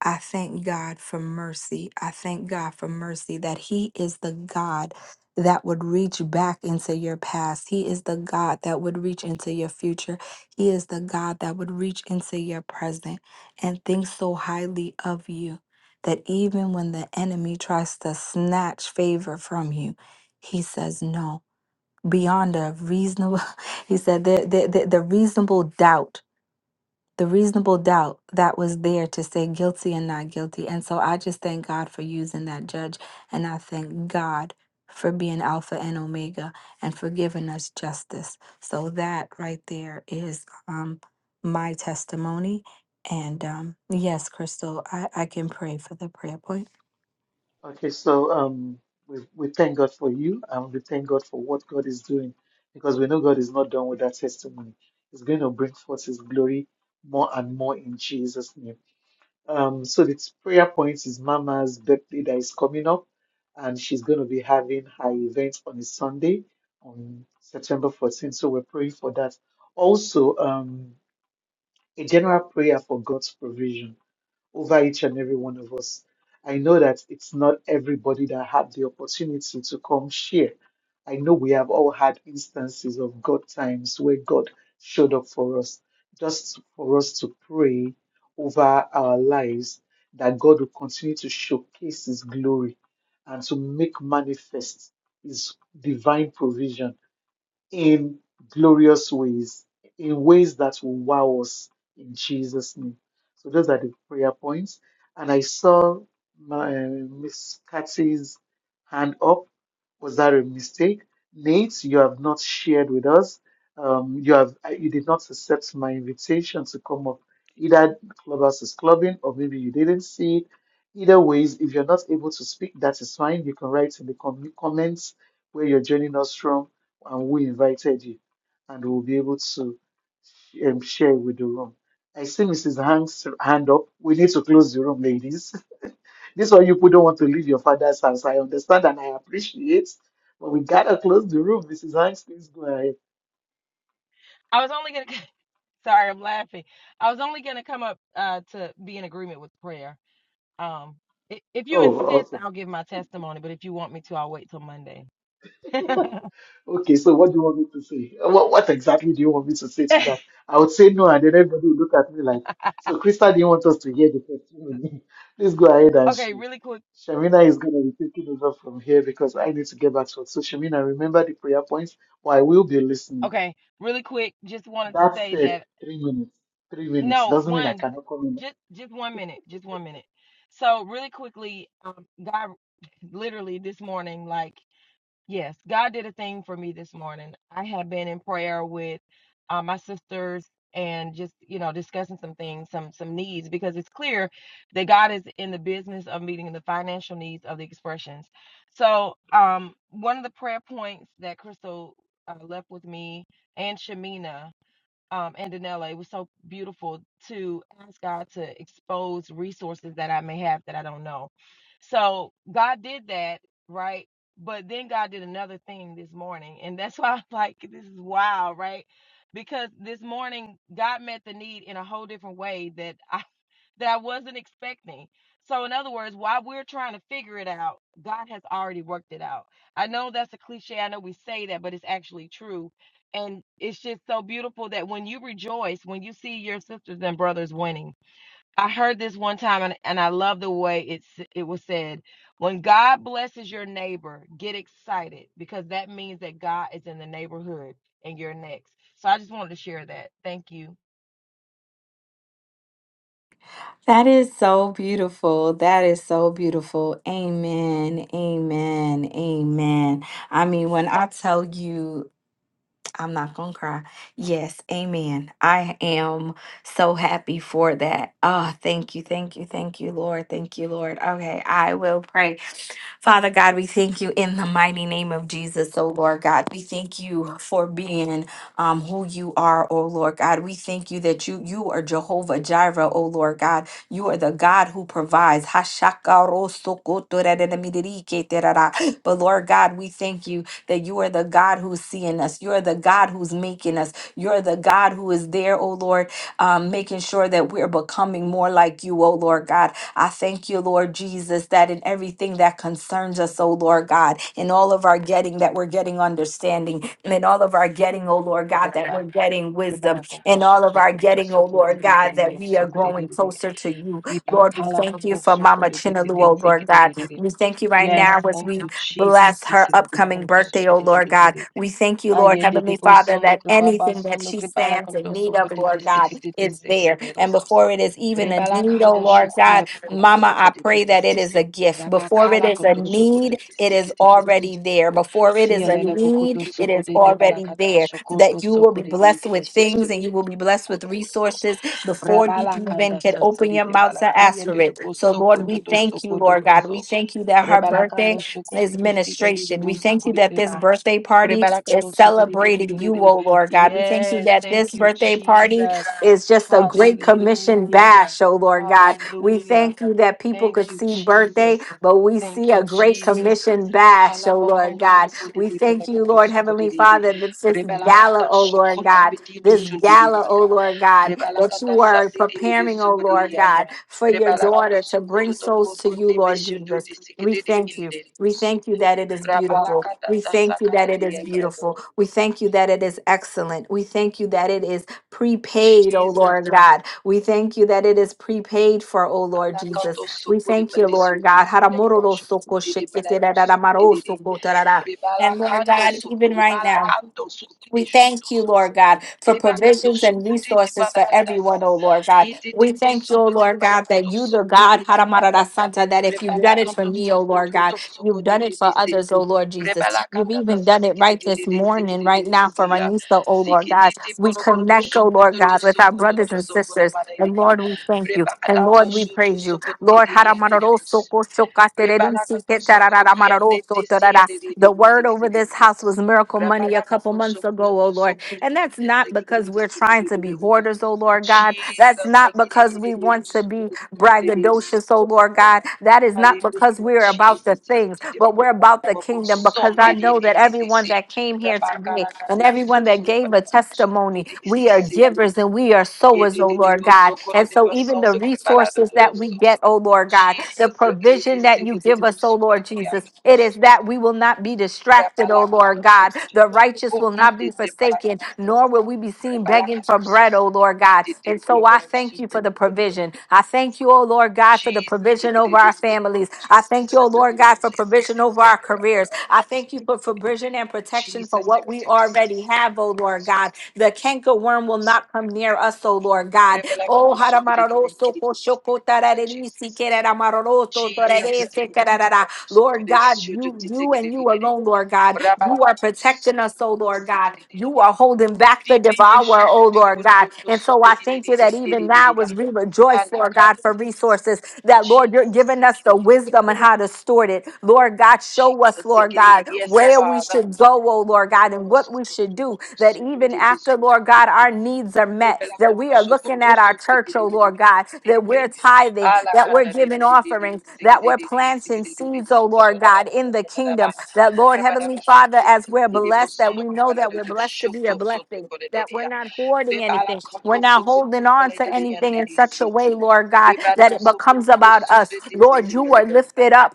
[SPEAKER 1] I thank God for mercy. I thank God for mercy that He is the God that would reach back into your past. He is the God that would reach into your future. He is the God that would reach into your present and think so highly of you that even when the enemy tries to snatch favor from you, He says no. Beyond a reasonable, he said, the, the, the the reasonable doubt the reasonable doubt that was there to say guilty and not guilty. And so I just thank God for using that judge. And I thank God for being Alpha and Omega and for giving us justice. So that right there is um, my testimony. And um, yes, Crystal, I, I can pray for the prayer point.
[SPEAKER 4] Okay, so um, we, we thank God for you, and we thank God for what God is doing, because we know God is not done with that testimony. He's going to bring forth His glory more and more in Jesus' name. Um, so the prayer point is Mama's birthday that is coming up, and she's going to be having her event on a Sunday on September 14th. So we're praying for that. Also, um, a general prayer for God's provision over each and every one of us. I know that it's not everybody that had the opportunity to come share. I know we have all had instances of God times where God showed up for us, just for us to pray over our lives that God will continue to showcase His glory and to make manifest His divine provision in glorious ways, in ways that will wow us in Jesus' name. So those are the prayer points. And I saw my, uh, Miss Kathy's hand up. Was that a mistake? Nate, you have not shared with us. Um, you have uh, you did not accept my invitation to come up. Either Clubhouse is clubbing, or maybe you didn't see it. Either ways, if you're not able to speak, that is fine. You can write in the com- comments where you're joining us from and who invited you, and we'll be able to um, share with the room. I see Mrs. Hank's hand up. We need to close the room, ladies. These are you who don't want to leave your father's house. I understand and I appreciate, but we gotta close the room. Mrs. Hanks, please go ahead.
[SPEAKER 12] I was only gonna. Sorry, I'm laughing. I was only gonna come up uh, to be in agreement with prayer. Um, i- if you
[SPEAKER 4] Oh,
[SPEAKER 12] insist,
[SPEAKER 4] awesome.
[SPEAKER 12] I'll give my testimony. But if you want me to, I'll wait till Monday. okay,
[SPEAKER 4] Okay, so what do you want me to say? What, what exactly do you want me to say to that? I would say no, and then everybody would look at me like, so Krista didn't want us to hear the testimony. Please go ahead and share.
[SPEAKER 12] really quick.
[SPEAKER 4] Shamina is going to be taking over from here because I need to get back to work. So, Shamina, remember the prayer points? Well, I will be listening.
[SPEAKER 12] Okay, really quick. Just wanted to
[SPEAKER 4] That
[SPEAKER 12] say
[SPEAKER 4] said,
[SPEAKER 12] that.
[SPEAKER 4] three minutes. Three minutes
[SPEAKER 12] No,
[SPEAKER 4] doesn't mean I
[SPEAKER 12] one,
[SPEAKER 4] cannot come in
[SPEAKER 12] just just one minute, just one minute. So really quickly, um, God literally this morning, like yes, God did a thing for me this morning. I had been in prayer with uh, my sisters and just you know discussing some things, some some needs because it's clear that God is in the business of meeting the financial needs of the expressions. So um, one of the prayer points that Crystal uh, left with me and Shamina um, and in LA was so beautiful to ask God to expose resources that I may have that I don't know. So God did that, right? But then God did another thing this morning. And that's why I'm like, this is wild, right? Because this morning God met the need in a whole different way that I that I wasn't expecting. So in other words, while we're trying to figure it out, God has already worked it out. I know that's a cliche. I know we say that, but it's actually true and it's just so beautiful that when you rejoice, when you see your sisters and brothers winning. I heard this one time and, and I love the way it's it was said. When God blesses your neighbor, get excited because that means that God is in the neighborhood and you're next. So I just wanted to share that. Thank you.
[SPEAKER 1] That is so beautiful. That is so beautiful. Amen. Amen. Amen. I mean, when I tell you. I'm not gonna cry. Yes, amen. I am so happy for that. Oh, thank you, thank you, thank you, Lord. Thank you, Lord. Okay, I will pray. Father God, we thank you in the mighty name of Jesus, oh Lord God. We thank you for being um, who you are, oh Lord God. We thank you that you you are Jehovah Jireh, oh Lord God. You are the God who provides. But Lord God, we thank you that you are the God who's seeing us. You're the God who's making us. You're the God who is there, oh Lord, um, making sure that we're becoming more like you, oh Lord God. I thank you, Lord Jesus, that in everything that concerns us, oh Lord God, in all of our getting, that we're getting understanding, and in all of our getting, oh Lord God, that we're
[SPEAKER 12] Kodedeba,
[SPEAKER 1] getting wisdom,
[SPEAKER 12] Ribala Kondo
[SPEAKER 1] in all of
[SPEAKER 12] Soko
[SPEAKER 1] our
[SPEAKER 12] Toto
[SPEAKER 1] getting, oh
[SPEAKER 12] Soko de
[SPEAKER 1] Lord
[SPEAKER 12] de
[SPEAKER 1] God, that we are
[SPEAKER 12] Soko de
[SPEAKER 1] growing closer to you. Lord, we
[SPEAKER 12] Ribakala
[SPEAKER 1] thank you
[SPEAKER 12] Kondo
[SPEAKER 1] for
[SPEAKER 12] Soko
[SPEAKER 1] Mama
[SPEAKER 12] de de
[SPEAKER 1] Chinalu, oh Lord God. We thank you right
[SPEAKER 12] Yes,
[SPEAKER 1] now as
[SPEAKER 12] thank
[SPEAKER 1] we
[SPEAKER 12] you, Jesus.
[SPEAKER 1] Bless her
[SPEAKER 12] Zeke Lobo
[SPEAKER 1] upcoming
[SPEAKER 12] Kondo
[SPEAKER 1] birthday,
[SPEAKER 12] Soko
[SPEAKER 1] oh Lord
[SPEAKER 12] de
[SPEAKER 1] God. We thank you, Lord
[SPEAKER 12] Ayete de
[SPEAKER 1] Heavenly Father,
[SPEAKER 12] bosondo
[SPEAKER 1] that
[SPEAKER 12] kribaba
[SPEAKER 1] anything that
[SPEAKER 12] sondo
[SPEAKER 1] she
[SPEAKER 12] kribala
[SPEAKER 1] stands in
[SPEAKER 12] kondo
[SPEAKER 1] need
[SPEAKER 12] soko
[SPEAKER 1] of,
[SPEAKER 12] de de
[SPEAKER 1] Lord God,
[SPEAKER 12] seke de de
[SPEAKER 1] is
[SPEAKER 12] seke de
[SPEAKER 1] there.
[SPEAKER 12] de
[SPEAKER 1] And
[SPEAKER 12] roso.
[SPEAKER 1] before it is even a
[SPEAKER 12] Brebala
[SPEAKER 1] need, oh
[SPEAKER 12] kanda
[SPEAKER 1] Lord God,
[SPEAKER 12] shukule pokoto
[SPEAKER 1] Mama, I
[SPEAKER 12] soko de de
[SPEAKER 1] pray that it is a gift. Before it
[SPEAKER 12] Rabakala
[SPEAKER 1] is a
[SPEAKER 12] kondo soko de
[SPEAKER 1] need,
[SPEAKER 12] de
[SPEAKER 1] it is
[SPEAKER 12] seke de de de
[SPEAKER 1] already
[SPEAKER 12] soko.
[SPEAKER 1] there. Before it is a
[SPEAKER 12] Sielele pokoto
[SPEAKER 1] need, it
[SPEAKER 12] soko
[SPEAKER 1] is
[SPEAKER 12] de de
[SPEAKER 1] already
[SPEAKER 12] balakata
[SPEAKER 1] there. That
[SPEAKER 12] shokoto
[SPEAKER 1] you will be
[SPEAKER 12] soko de de
[SPEAKER 1] blessed with
[SPEAKER 12] yeseko
[SPEAKER 1] things
[SPEAKER 12] de
[SPEAKER 1] and
[SPEAKER 12] de
[SPEAKER 1] you will be blessed with
[SPEAKER 12] boso.
[SPEAKER 1] resources before you
[SPEAKER 12] Rabala
[SPEAKER 1] even
[SPEAKER 12] kanda
[SPEAKER 1] can open
[SPEAKER 12] sokote de
[SPEAKER 1] your
[SPEAKER 12] de
[SPEAKER 1] mouth to ask
[SPEAKER 12] balakia
[SPEAKER 1] for
[SPEAKER 12] de boso
[SPEAKER 1] it. So, Lord,
[SPEAKER 12] bosoko de
[SPEAKER 1] we
[SPEAKER 12] de
[SPEAKER 1] thank you,
[SPEAKER 12] soko
[SPEAKER 1] Lord God.
[SPEAKER 12] so.
[SPEAKER 1] We thank you that her
[SPEAKER 12] Rebalakando
[SPEAKER 1] birthday is
[SPEAKER 12] Shukodidi Seek and Didi
[SPEAKER 1] ministration. We thank you that this
[SPEAKER 12] Bosokodideba.
[SPEAKER 1] birthday party is
[SPEAKER 12] Rebalakando
[SPEAKER 1] celebrating you,
[SPEAKER 12] Sukodidididididi.
[SPEAKER 1] oh Lord God. We thank you
[SPEAKER 12] Yes,
[SPEAKER 1] that
[SPEAKER 12] thank
[SPEAKER 1] this
[SPEAKER 12] you,
[SPEAKER 1] birthday party
[SPEAKER 12] Jesus.
[SPEAKER 1] is just a great commission
[SPEAKER 12] Hallelujah.
[SPEAKER 1] bash, oh Lord God. We
[SPEAKER 12] Hallelujah.
[SPEAKER 1] thank you that people
[SPEAKER 12] Thank
[SPEAKER 1] could
[SPEAKER 12] you,
[SPEAKER 1] see birthday,
[SPEAKER 12] Jesus.
[SPEAKER 1] but we see
[SPEAKER 12] Thank
[SPEAKER 1] a
[SPEAKER 12] you,
[SPEAKER 1] great
[SPEAKER 12] Jesus.
[SPEAKER 1] commission bash, oh Lord
[SPEAKER 12] Halabokondo
[SPEAKER 1] God. We
[SPEAKER 12] sokodidi
[SPEAKER 1] thank you,
[SPEAKER 12] belakondo
[SPEAKER 1] Lord Heavenly
[SPEAKER 12] sokodidi.
[SPEAKER 1] Father, that this gala,
[SPEAKER 12] Brebelakanda
[SPEAKER 1] oh Lord
[SPEAKER 12] shokondi
[SPEAKER 1] God,
[SPEAKER 12] bididu
[SPEAKER 1] this
[SPEAKER 12] shundidi
[SPEAKER 1] gala, oh
[SPEAKER 12] bada.
[SPEAKER 1] Lord God, that
[SPEAKER 12] Brebelakanda
[SPEAKER 1] you are
[SPEAKER 12] sandididi
[SPEAKER 1] preparing, oh Lord
[SPEAKER 12] sokodidiya.
[SPEAKER 1] God, for your
[SPEAKER 12] Brebelakando
[SPEAKER 1] daughter to bring
[SPEAKER 12] sokododo
[SPEAKER 1] souls to you,
[SPEAKER 12] bokundi
[SPEAKER 1] Lord
[SPEAKER 12] beshundu
[SPEAKER 1] Jesus. We
[SPEAKER 12] disikididi
[SPEAKER 1] thank you.
[SPEAKER 12] inde.
[SPEAKER 1] We thank you that it is beautiful.
[SPEAKER 12] Brebelakanda
[SPEAKER 1] We thank you that it is
[SPEAKER 12] dasakadadiya
[SPEAKER 1] beautiful.
[SPEAKER 12] kadododo.
[SPEAKER 1] We thank you that it is excellent. We thank you that it is prepaid, O
[SPEAKER 12] Jesus.
[SPEAKER 1] Lord God. We thank you that it is prepaid for, O Lord
[SPEAKER 12] Ala
[SPEAKER 1] Jesus.
[SPEAKER 12] kanto Alakato
[SPEAKER 1] We
[SPEAKER 12] sukuri
[SPEAKER 1] thank you,
[SPEAKER 12] bati
[SPEAKER 1] Lord
[SPEAKER 12] sukuri
[SPEAKER 1] God.
[SPEAKER 12] bete
[SPEAKER 1] Haramororo
[SPEAKER 12] shukuri
[SPEAKER 1] soko
[SPEAKER 12] dede bala
[SPEAKER 1] shekete da da da
[SPEAKER 12] sukuri
[SPEAKER 1] maro
[SPEAKER 12] dede
[SPEAKER 1] soko da da da.
[SPEAKER 12] Bribala
[SPEAKER 1] And Lord
[SPEAKER 12] kando
[SPEAKER 1] God, even
[SPEAKER 12] sukuri
[SPEAKER 1] right
[SPEAKER 12] bala
[SPEAKER 1] now.
[SPEAKER 12] kando sukuri
[SPEAKER 1] We
[SPEAKER 12] shukudo
[SPEAKER 1] thank you, Lord
[SPEAKER 12] sukuri
[SPEAKER 1] God, for
[SPEAKER 12] Briba kando
[SPEAKER 1] provisions and
[SPEAKER 12] sukuri di
[SPEAKER 1] resources
[SPEAKER 12] bala
[SPEAKER 1] for everyone,
[SPEAKER 12] kandasa
[SPEAKER 1] oh Lord God.
[SPEAKER 12] Yiti di
[SPEAKER 1] We thank you, oh
[SPEAKER 12] bosundu
[SPEAKER 1] Lord
[SPEAKER 12] kribala
[SPEAKER 1] God,
[SPEAKER 12] kuto
[SPEAKER 1] that you, the
[SPEAKER 12] sukuri di
[SPEAKER 1] God,
[SPEAKER 12] bala
[SPEAKER 1] Haramarada Santa, that if you've
[SPEAKER 12] Rebala
[SPEAKER 1] done it for
[SPEAKER 12] kanto
[SPEAKER 1] me, oh
[SPEAKER 12] soko
[SPEAKER 1] Lord God,
[SPEAKER 12] to soko
[SPEAKER 1] you've
[SPEAKER 12] de
[SPEAKER 1] done it
[SPEAKER 12] de
[SPEAKER 1] for
[SPEAKER 12] de se.
[SPEAKER 1] others, oh Lord Jesus.
[SPEAKER 12] Rebala
[SPEAKER 1] You've
[SPEAKER 12] kanda da
[SPEAKER 1] even
[SPEAKER 12] se
[SPEAKER 1] done it
[SPEAKER 12] siki de
[SPEAKER 1] right
[SPEAKER 12] de
[SPEAKER 1] this
[SPEAKER 12] de de siki
[SPEAKER 1] morning,
[SPEAKER 12] de de
[SPEAKER 1] right
[SPEAKER 12] de
[SPEAKER 1] now for
[SPEAKER 12] se ya.
[SPEAKER 1] Manisa, oh Lord
[SPEAKER 12] Siki
[SPEAKER 1] God.
[SPEAKER 12] de de
[SPEAKER 1] We
[SPEAKER 12] polo kunto
[SPEAKER 1] connect, oh
[SPEAKER 12] soko
[SPEAKER 1] Lord
[SPEAKER 12] to
[SPEAKER 1] God, with our brothers and sisters. And Lord, we thank you.
[SPEAKER 12] Rebala
[SPEAKER 1] And
[SPEAKER 12] ndo
[SPEAKER 1] Lord, we
[SPEAKER 12] shuto
[SPEAKER 1] praise you.
[SPEAKER 12] soko de
[SPEAKER 1] Lord,
[SPEAKER 12] de ya de de hos.
[SPEAKER 1] Haramararoso, Kosho,
[SPEAKER 12] Rebala
[SPEAKER 1] Katererisi,
[SPEAKER 12] kanto soko de ya de de
[SPEAKER 1] Ketarararamararoso,
[SPEAKER 12] se ya
[SPEAKER 1] Tarara.
[SPEAKER 12] de de de
[SPEAKER 1] the
[SPEAKER 12] de
[SPEAKER 1] word
[SPEAKER 12] siki de
[SPEAKER 1] over
[SPEAKER 12] de.
[SPEAKER 1] this house was miracle money a
[SPEAKER 12] Rebala
[SPEAKER 1] couple
[SPEAKER 12] kanto
[SPEAKER 1] months
[SPEAKER 12] soko to
[SPEAKER 1] ago, oh
[SPEAKER 12] to
[SPEAKER 1] Lord.
[SPEAKER 12] soko de
[SPEAKER 1] And
[SPEAKER 12] de
[SPEAKER 1] that's
[SPEAKER 12] de
[SPEAKER 1] not
[SPEAKER 12] siki de
[SPEAKER 1] because
[SPEAKER 12] de
[SPEAKER 1] we're
[SPEAKER 12] siki
[SPEAKER 1] trying
[SPEAKER 12] de
[SPEAKER 1] to
[SPEAKER 12] de
[SPEAKER 1] be
[SPEAKER 12] de.
[SPEAKER 1] hoarders, oh Lord God. That's
[SPEAKER 12] Jesus,
[SPEAKER 1] not
[SPEAKER 12] siki de de
[SPEAKER 1] because
[SPEAKER 12] de
[SPEAKER 1] we want to be
[SPEAKER 12] so.
[SPEAKER 1] braggadocious, oh Lord God. That is not because
[SPEAKER 12] Hallelujah,
[SPEAKER 1] we're about the
[SPEAKER 12] Jesus.
[SPEAKER 1] things,
[SPEAKER 12] Didi
[SPEAKER 1] but we're
[SPEAKER 12] bukumo
[SPEAKER 1] about the
[SPEAKER 12] bukobo
[SPEAKER 1] kingdom
[SPEAKER 12] som
[SPEAKER 1] because I
[SPEAKER 12] didi
[SPEAKER 1] know that
[SPEAKER 12] didi si.
[SPEAKER 1] everyone that came here today
[SPEAKER 12] Rabakala
[SPEAKER 1] and
[SPEAKER 12] kate do su
[SPEAKER 1] everyone that gave
[SPEAKER 12] kripala
[SPEAKER 1] a
[SPEAKER 12] kapusu
[SPEAKER 1] testimony.
[SPEAKER 12] didi
[SPEAKER 1] We
[SPEAKER 12] si
[SPEAKER 1] are
[SPEAKER 12] yadi dudu.
[SPEAKER 1] givers and we are
[SPEAKER 12] Ye
[SPEAKER 1] sowers, oh
[SPEAKER 12] didi di
[SPEAKER 1] Lord
[SPEAKER 12] boso
[SPEAKER 1] God.
[SPEAKER 12] kore
[SPEAKER 1] And
[SPEAKER 12] di
[SPEAKER 1] so,
[SPEAKER 12] baso
[SPEAKER 1] even the
[SPEAKER 12] do kripala do
[SPEAKER 1] resources
[SPEAKER 12] do do
[SPEAKER 1] that we
[SPEAKER 12] so.
[SPEAKER 1] get, oh Lord God, the
[SPEAKER 12] Jesus, digi didi
[SPEAKER 1] provision
[SPEAKER 12] si
[SPEAKER 1] that you
[SPEAKER 12] didi
[SPEAKER 1] give
[SPEAKER 12] di
[SPEAKER 1] us, oh
[SPEAKER 12] boso kore
[SPEAKER 1] Lord
[SPEAKER 12] di
[SPEAKER 1] Jesus,
[SPEAKER 12] yadu
[SPEAKER 1] it is
[SPEAKER 12] boso.
[SPEAKER 1] that we will not be distracted,
[SPEAKER 12] Kripala
[SPEAKER 1] oh
[SPEAKER 12] kato
[SPEAKER 1] Lord
[SPEAKER 12] su
[SPEAKER 1] God.
[SPEAKER 12] kutu
[SPEAKER 1] The
[SPEAKER 12] su
[SPEAKER 1] righteous will not be forsaken forsaken, nor will we be seen begging for bread, oh Lord God. And so I thank you for the provision. I thank you, oh Lord God, for the
[SPEAKER 12] Jesus,
[SPEAKER 1] provision over our
[SPEAKER 12] sikididi,
[SPEAKER 1] families. I
[SPEAKER 12] Jesus,
[SPEAKER 1] thank you, oh Lord God,
[SPEAKER 12] sikididi,
[SPEAKER 1] for
[SPEAKER 12] Jesus,
[SPEAKER 1] provision over our
[SPEAKER 12] sikididi,
[SPEAKER 1] careers.
[SPEAKER 12] bababa,
[SPEAKER 1] I thank you
[SPEAKER 12] sikididi,
[SPEAKER 1] for provision and protection for
[SPEAKER 12] Jesus,
[SPEAKER 1] what we
[SPEAKER 12] sikididi,
[SPEAKER 1] already
[SPEAKER 12] sikididi,
[SPEAKER 1] have, oh
[SPEAKER 12] bababa,
[SPEAKER 1] Lord God. The canker worm will
[SPEAKER 12] sikididi.
[SPEAKER 1] not come near us, oh Lord God. Oh,
[SPEAKER 12] Revelakato to
[SPEAKER 1] haramararo
[SPEAKER 12] benkidi,
[SPEAKER 1] soko
[SPEAKER 12] sikididi,
[SPEAKER 1] shoko tarariri
[SPEAKER 12] Jesus.
[SPEAKER 1] sikeraramaroro
[SPEAKER 12] Jesus,
[SPEAKER 1] totorere
[SPEAKER 12] sikididi,
[SPEAKER 1] sekararara. Lord
[SPEAKER 12] sukudidi,
[SPEAKER 1] God, you,
[SPEAKER 12] shudidi,
[SPEAKER 1] you and you
[SPEAKER 12] sikididi,
[SPEAKER 1] alone, Lord God. You are
[SPEAKER 12] rabalakato
[SPEAKER 1] protecting us, oh
[SPEAKER 12] sukudidi,
[SPEAKER 1] Lord God.
[SPEAKER 12] sikididi.
[SPEAKER 1] You are holding back the
[SPEAKER 12] Ribedi
[SPEAKER 1] devourer, oh
[SPEAKER 12] shukudi,
[SPEAKER 1] Lord God.
[SPEAKER 12] kudokudo
[SPEAKER 1] And so I thank you
[SPEAKER 12] sukudidi,
[SPEAKER 1] that even now
[SPEAKER 12] indididi, ya.
[SPEAKER 1] as we rejoice, Lord God,
[SPEAKER 12] Halakata,
[SPEAKER 1] for resources, that Lord, you're
[SPEAKER 12] Jesus,
[SPEAKER 1] giving us the
[SPEAKER 12] sikididi,
[SPEAKER 1] wisdom
[SPEAKER 12] kudokudo,
[SPEAKER 1] and how to store it. Lord God, show us,
[SPEAKER 12] Jesus,
[SPEAKER 1] Lord
[SPEAKER 12] sikididi.
[SPEAKER 1] God,
[SPEAKER 12] Yes,
[SPEAKER 1] where we
[SPEAKER 12] Father.
[SPEAKER 1] should go, oh Lord God, and what we should do that even after, Lord God, our needs are met, that we are looking at our church, oh Lord God, that we're tithing,
[SPEAKER 12] Bala
[SPEAKER 1] that we're
[SPEAKER 12] kanda de
[SPEAKER 1] giving
[SPEAKER 12] de de de
[SPEAKER 1] offerings,
[SPEAKER 12] seke
[SPEAKER 1] that
[SPEAKER 12] de
[SPEAKER 1] we're
[SPEAKER 12] de de seke
[SPEAKER 1] planting
[SPEAKER 12] de de de
[SPEAKER 1] seeds, oh
[SPEAKER 12] sunde
[SPEAKER 1] Lord
[SPEAKER 12] odo
[SPEAKER 1] God, in the
[SPEAKER 12] sunde abba.
[SPEAKER 1] kingdom. That, Lord
[SPEAKER 12] Bala
[SPEAKER 1] Heavenly
[SPEAKER 12] de suku
[SPEAKER 1] Father,
[SPEAKER 12] de
[SPEAKER 1] as we're
[SPEAKER 12] de de
[SPEAKER 1] blessed, that
[SPEAKER 12] bossondo
[SPEAKER 1] we know
[SPEAKER 12] bala
[SPEAKER 1] that
[SPEAKER 12] de
[SPEAKER 1] we're
[SPEAKER 12] suku
[SPEAKER 1] blessed to be a
[SPEAKER 12] suku
[SPEAKER 1] blessing
[SPEAKER 12] suku de de
[SPEAKER 1] that we're
[SPEAKER 12] ya.
[SPEAKER 1] not hoarding
[SPEAKER 12] Bala
[SPEAKER 1] anything. We're
[SPEAKER 12] kanda
[SPEAKER 1] not
[SPEAKER 12] suku
[SPEAKER 1] holding on
[SPEAKER 12] bala de
[SPEAKER 1] to
[SPEAKER 12] de
[SPEAKER 1] anything
[SPEAKER 12] yende
[SPEAKER 1] in
[SPEAKER 12] de
[SPEAKER 1] such a
[SPEAKER 12] siya.
[SPEAKER 1] way, Lord God, that
[SPEAKER 12] Banda
[SPEAKER 1] it
[SPEAKER 12] suku
[SPEAKER 1] becomes about us.
[SPEAKER 12] sunde de de
[SPEAKER 1] Lord, you
[SPEAKER 12] seke
[SPEAKER 1] are lifted up.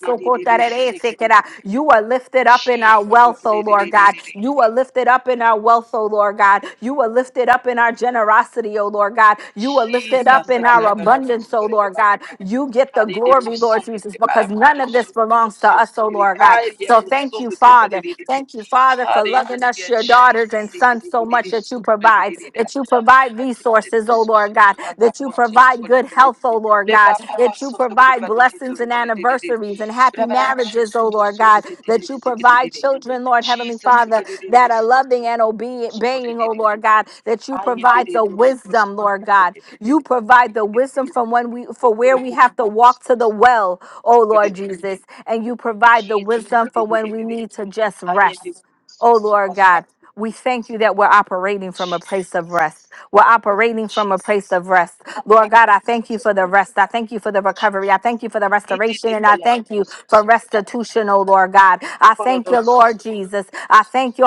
[SPEAKER 12] de de de
[SPEAKER 1] kotareresekera. You are lifted up in our
[SPEAKER 12] chisa
[SPEAKER 1] wealth,
[SPEAKER 12] seke
[SPEAKER 1] oh
[SPEAKER 12] de de
[SPEAKER 1] Lord
[SPEAKER 12] de
[SPEAKER 1] God.
[SPEAKER 12] de.
[SPEAKER 1] You are lifted up in our wealth, oh Lord God. You are lifted up in our generosity, oh Lord God. You are lifted up
[SPEAKER 12] Jesus,
[SPEAKER 1] in our
[SPEAKER 12] Aguilera Rose,
[SPEAKER 1] abundance, oh
[SPEAKER 12] Borede
[SPEAKER 1] Lord
[SPEAKER 12] Bala.
[SPEAKER 1] God. You get the
[SPEAKER 12] Hare de
[SPEAKER 1] glory, Lord
[SPEAKER 12] Boson
[SPEAKER 1] Jesus,
[SPEAKER 12] de Bala,
[SPEAKER 1] because none
[SPEAKER 12] Kundo
[SPEAKER 1] of this
[SPEAKER 12] Su,
[SPEAKER 1] belongs to
[SPEAKER 12] Tosu,
[SPEAKER 1] us, oh Lord God.
[SPEAKER 12] Hare
[SPEAKER 1] So thank
[SPEAKER 12] Boson
[SPEAKER 1] you,
[SPEAKER 12] de
[SPEAKER 1] Father.
[SPEAKER 12] Gribalere.
[SPEAKER 1] Thank you, Father, for loving us,
[SPEAKER 12] Hallelujah,
[SPEAKER 1] your daughters
[SPEAKER 12] Jesus.
[SPEAKER 1] and
[SPEAKER 12] Thank
[SPEAKER 1] sons,
[SPEAKER 12] you,
[SPEAKER 1] so
[SPEAKER 12] Lord. It
[SPEAKER 1] much
[SPEAKER 12] is
[SPEAKER 1] that you
[SPEAKER 12] so good. It
[SPEAKER 1] provide,
[SPEAKER 12] is there.
[SPEAKER 1] that you provide
[SPEAKER 12] I did the
[SPEAKER 1] resources, oh
[SPEAKER 12] most of the
[SPEAKER 1] Lord
[SPEAKER 12] good
[SPEAKER 1] God,
[SPEAKER 12] one. I
[SPEAKER 1] that you
[SPEAKER 12] was so
[SPEAKER 1] provide
[SPEAKER 12] good. It
[SPEAKER 1] good
[SPEAKER 12] is
[SPEAKER 1] health,
[SPEAKER 12] there.
[SPEAKER 1] oh Lord God,
[SPEAKER 12] Leba papa
[SPEAKER 1] that you
[SPEAKER 12] so to be
[SPEAKER 1] provide
[SPEAKER 12] batted
[SPEAKER 1] blessings
[SPEAKER 12] to
[SPEAKER 1] and
[SPEAKER 12] go to the
[SPEAKER 1] anniversaries and happy
[SPEAKER 12] Rabala to
[SPEAKER 1] marriages, oh
[SPEAKER 12] to
[SPEAKER 1] Lord
[SPEAKER 12] so
[SPEAKER 1] God,
[SPEAKER 12] good it
[SPEAKER 1] that
[SPEAKER 12] is
[SPEAKER 1] you
[SPEAKER 12] secret.
[SPEAKER 1] provide children, Lord. Lord, Heavenly
[SPEAKER 12] Jesus
[SPEAKER 1] Father,
[SPEAKER 12] secret
[SPEAKER 1] that are
[SPEAKER 12] was
[SPEAKER 1] loving and obe-
[SPEAKER 12] so good.
[SPEAKER 1] obeying, oh Lord God, that you
[SPEAKER 12] I ended
[SPEAKER 1] provide
[SPEAKER 12] it
[SPEAKER 1] the
[SPEAKER 12] was so
[SPEAKER 1] wisdom, Lord God. You provide the
[SPEAKER 12] good.
[SPEAKER 1] wisdom from when we for where we have to
[SPEAKER 12] Jesus.
[SPEAKER 1] walk to the well, oh Lord Jesus. And you provide the wisdom for when we need to just rest. Oh Lord God, we thank you that we're operating from a place of
[SPEAKER 12] Jesus.
[SPEAKER 1] rest. We're operating from a
[SPEAKER 12] Jesus.
[SPEAKER 1] place of rest.
[SPEAKER 12] Oh,
[SPEAKER 1] Lord God, I thank you for the rest. I thank you for the recovery.
[SPEAKER 12] Jesus.
[SPEAKER 1] I thank you for the
[SPEAKER 12] He did
[SPEAKER 1] restoration.
[SPEAKER 12] the
[SPEAKER 1] And I thank
[SPEAKER 12] Balabita
[SPEAKER 1] you for
[SPEAKER 12] Sukati.
[SPEAKER 1] restitution, oh Lord God. I thank
[SPEAKER 12] Corridor
[SPEAKER 1] you, Lord
[SPEAKER 12] Sulu.
[SPEAKER 1] Jesus. I thank you.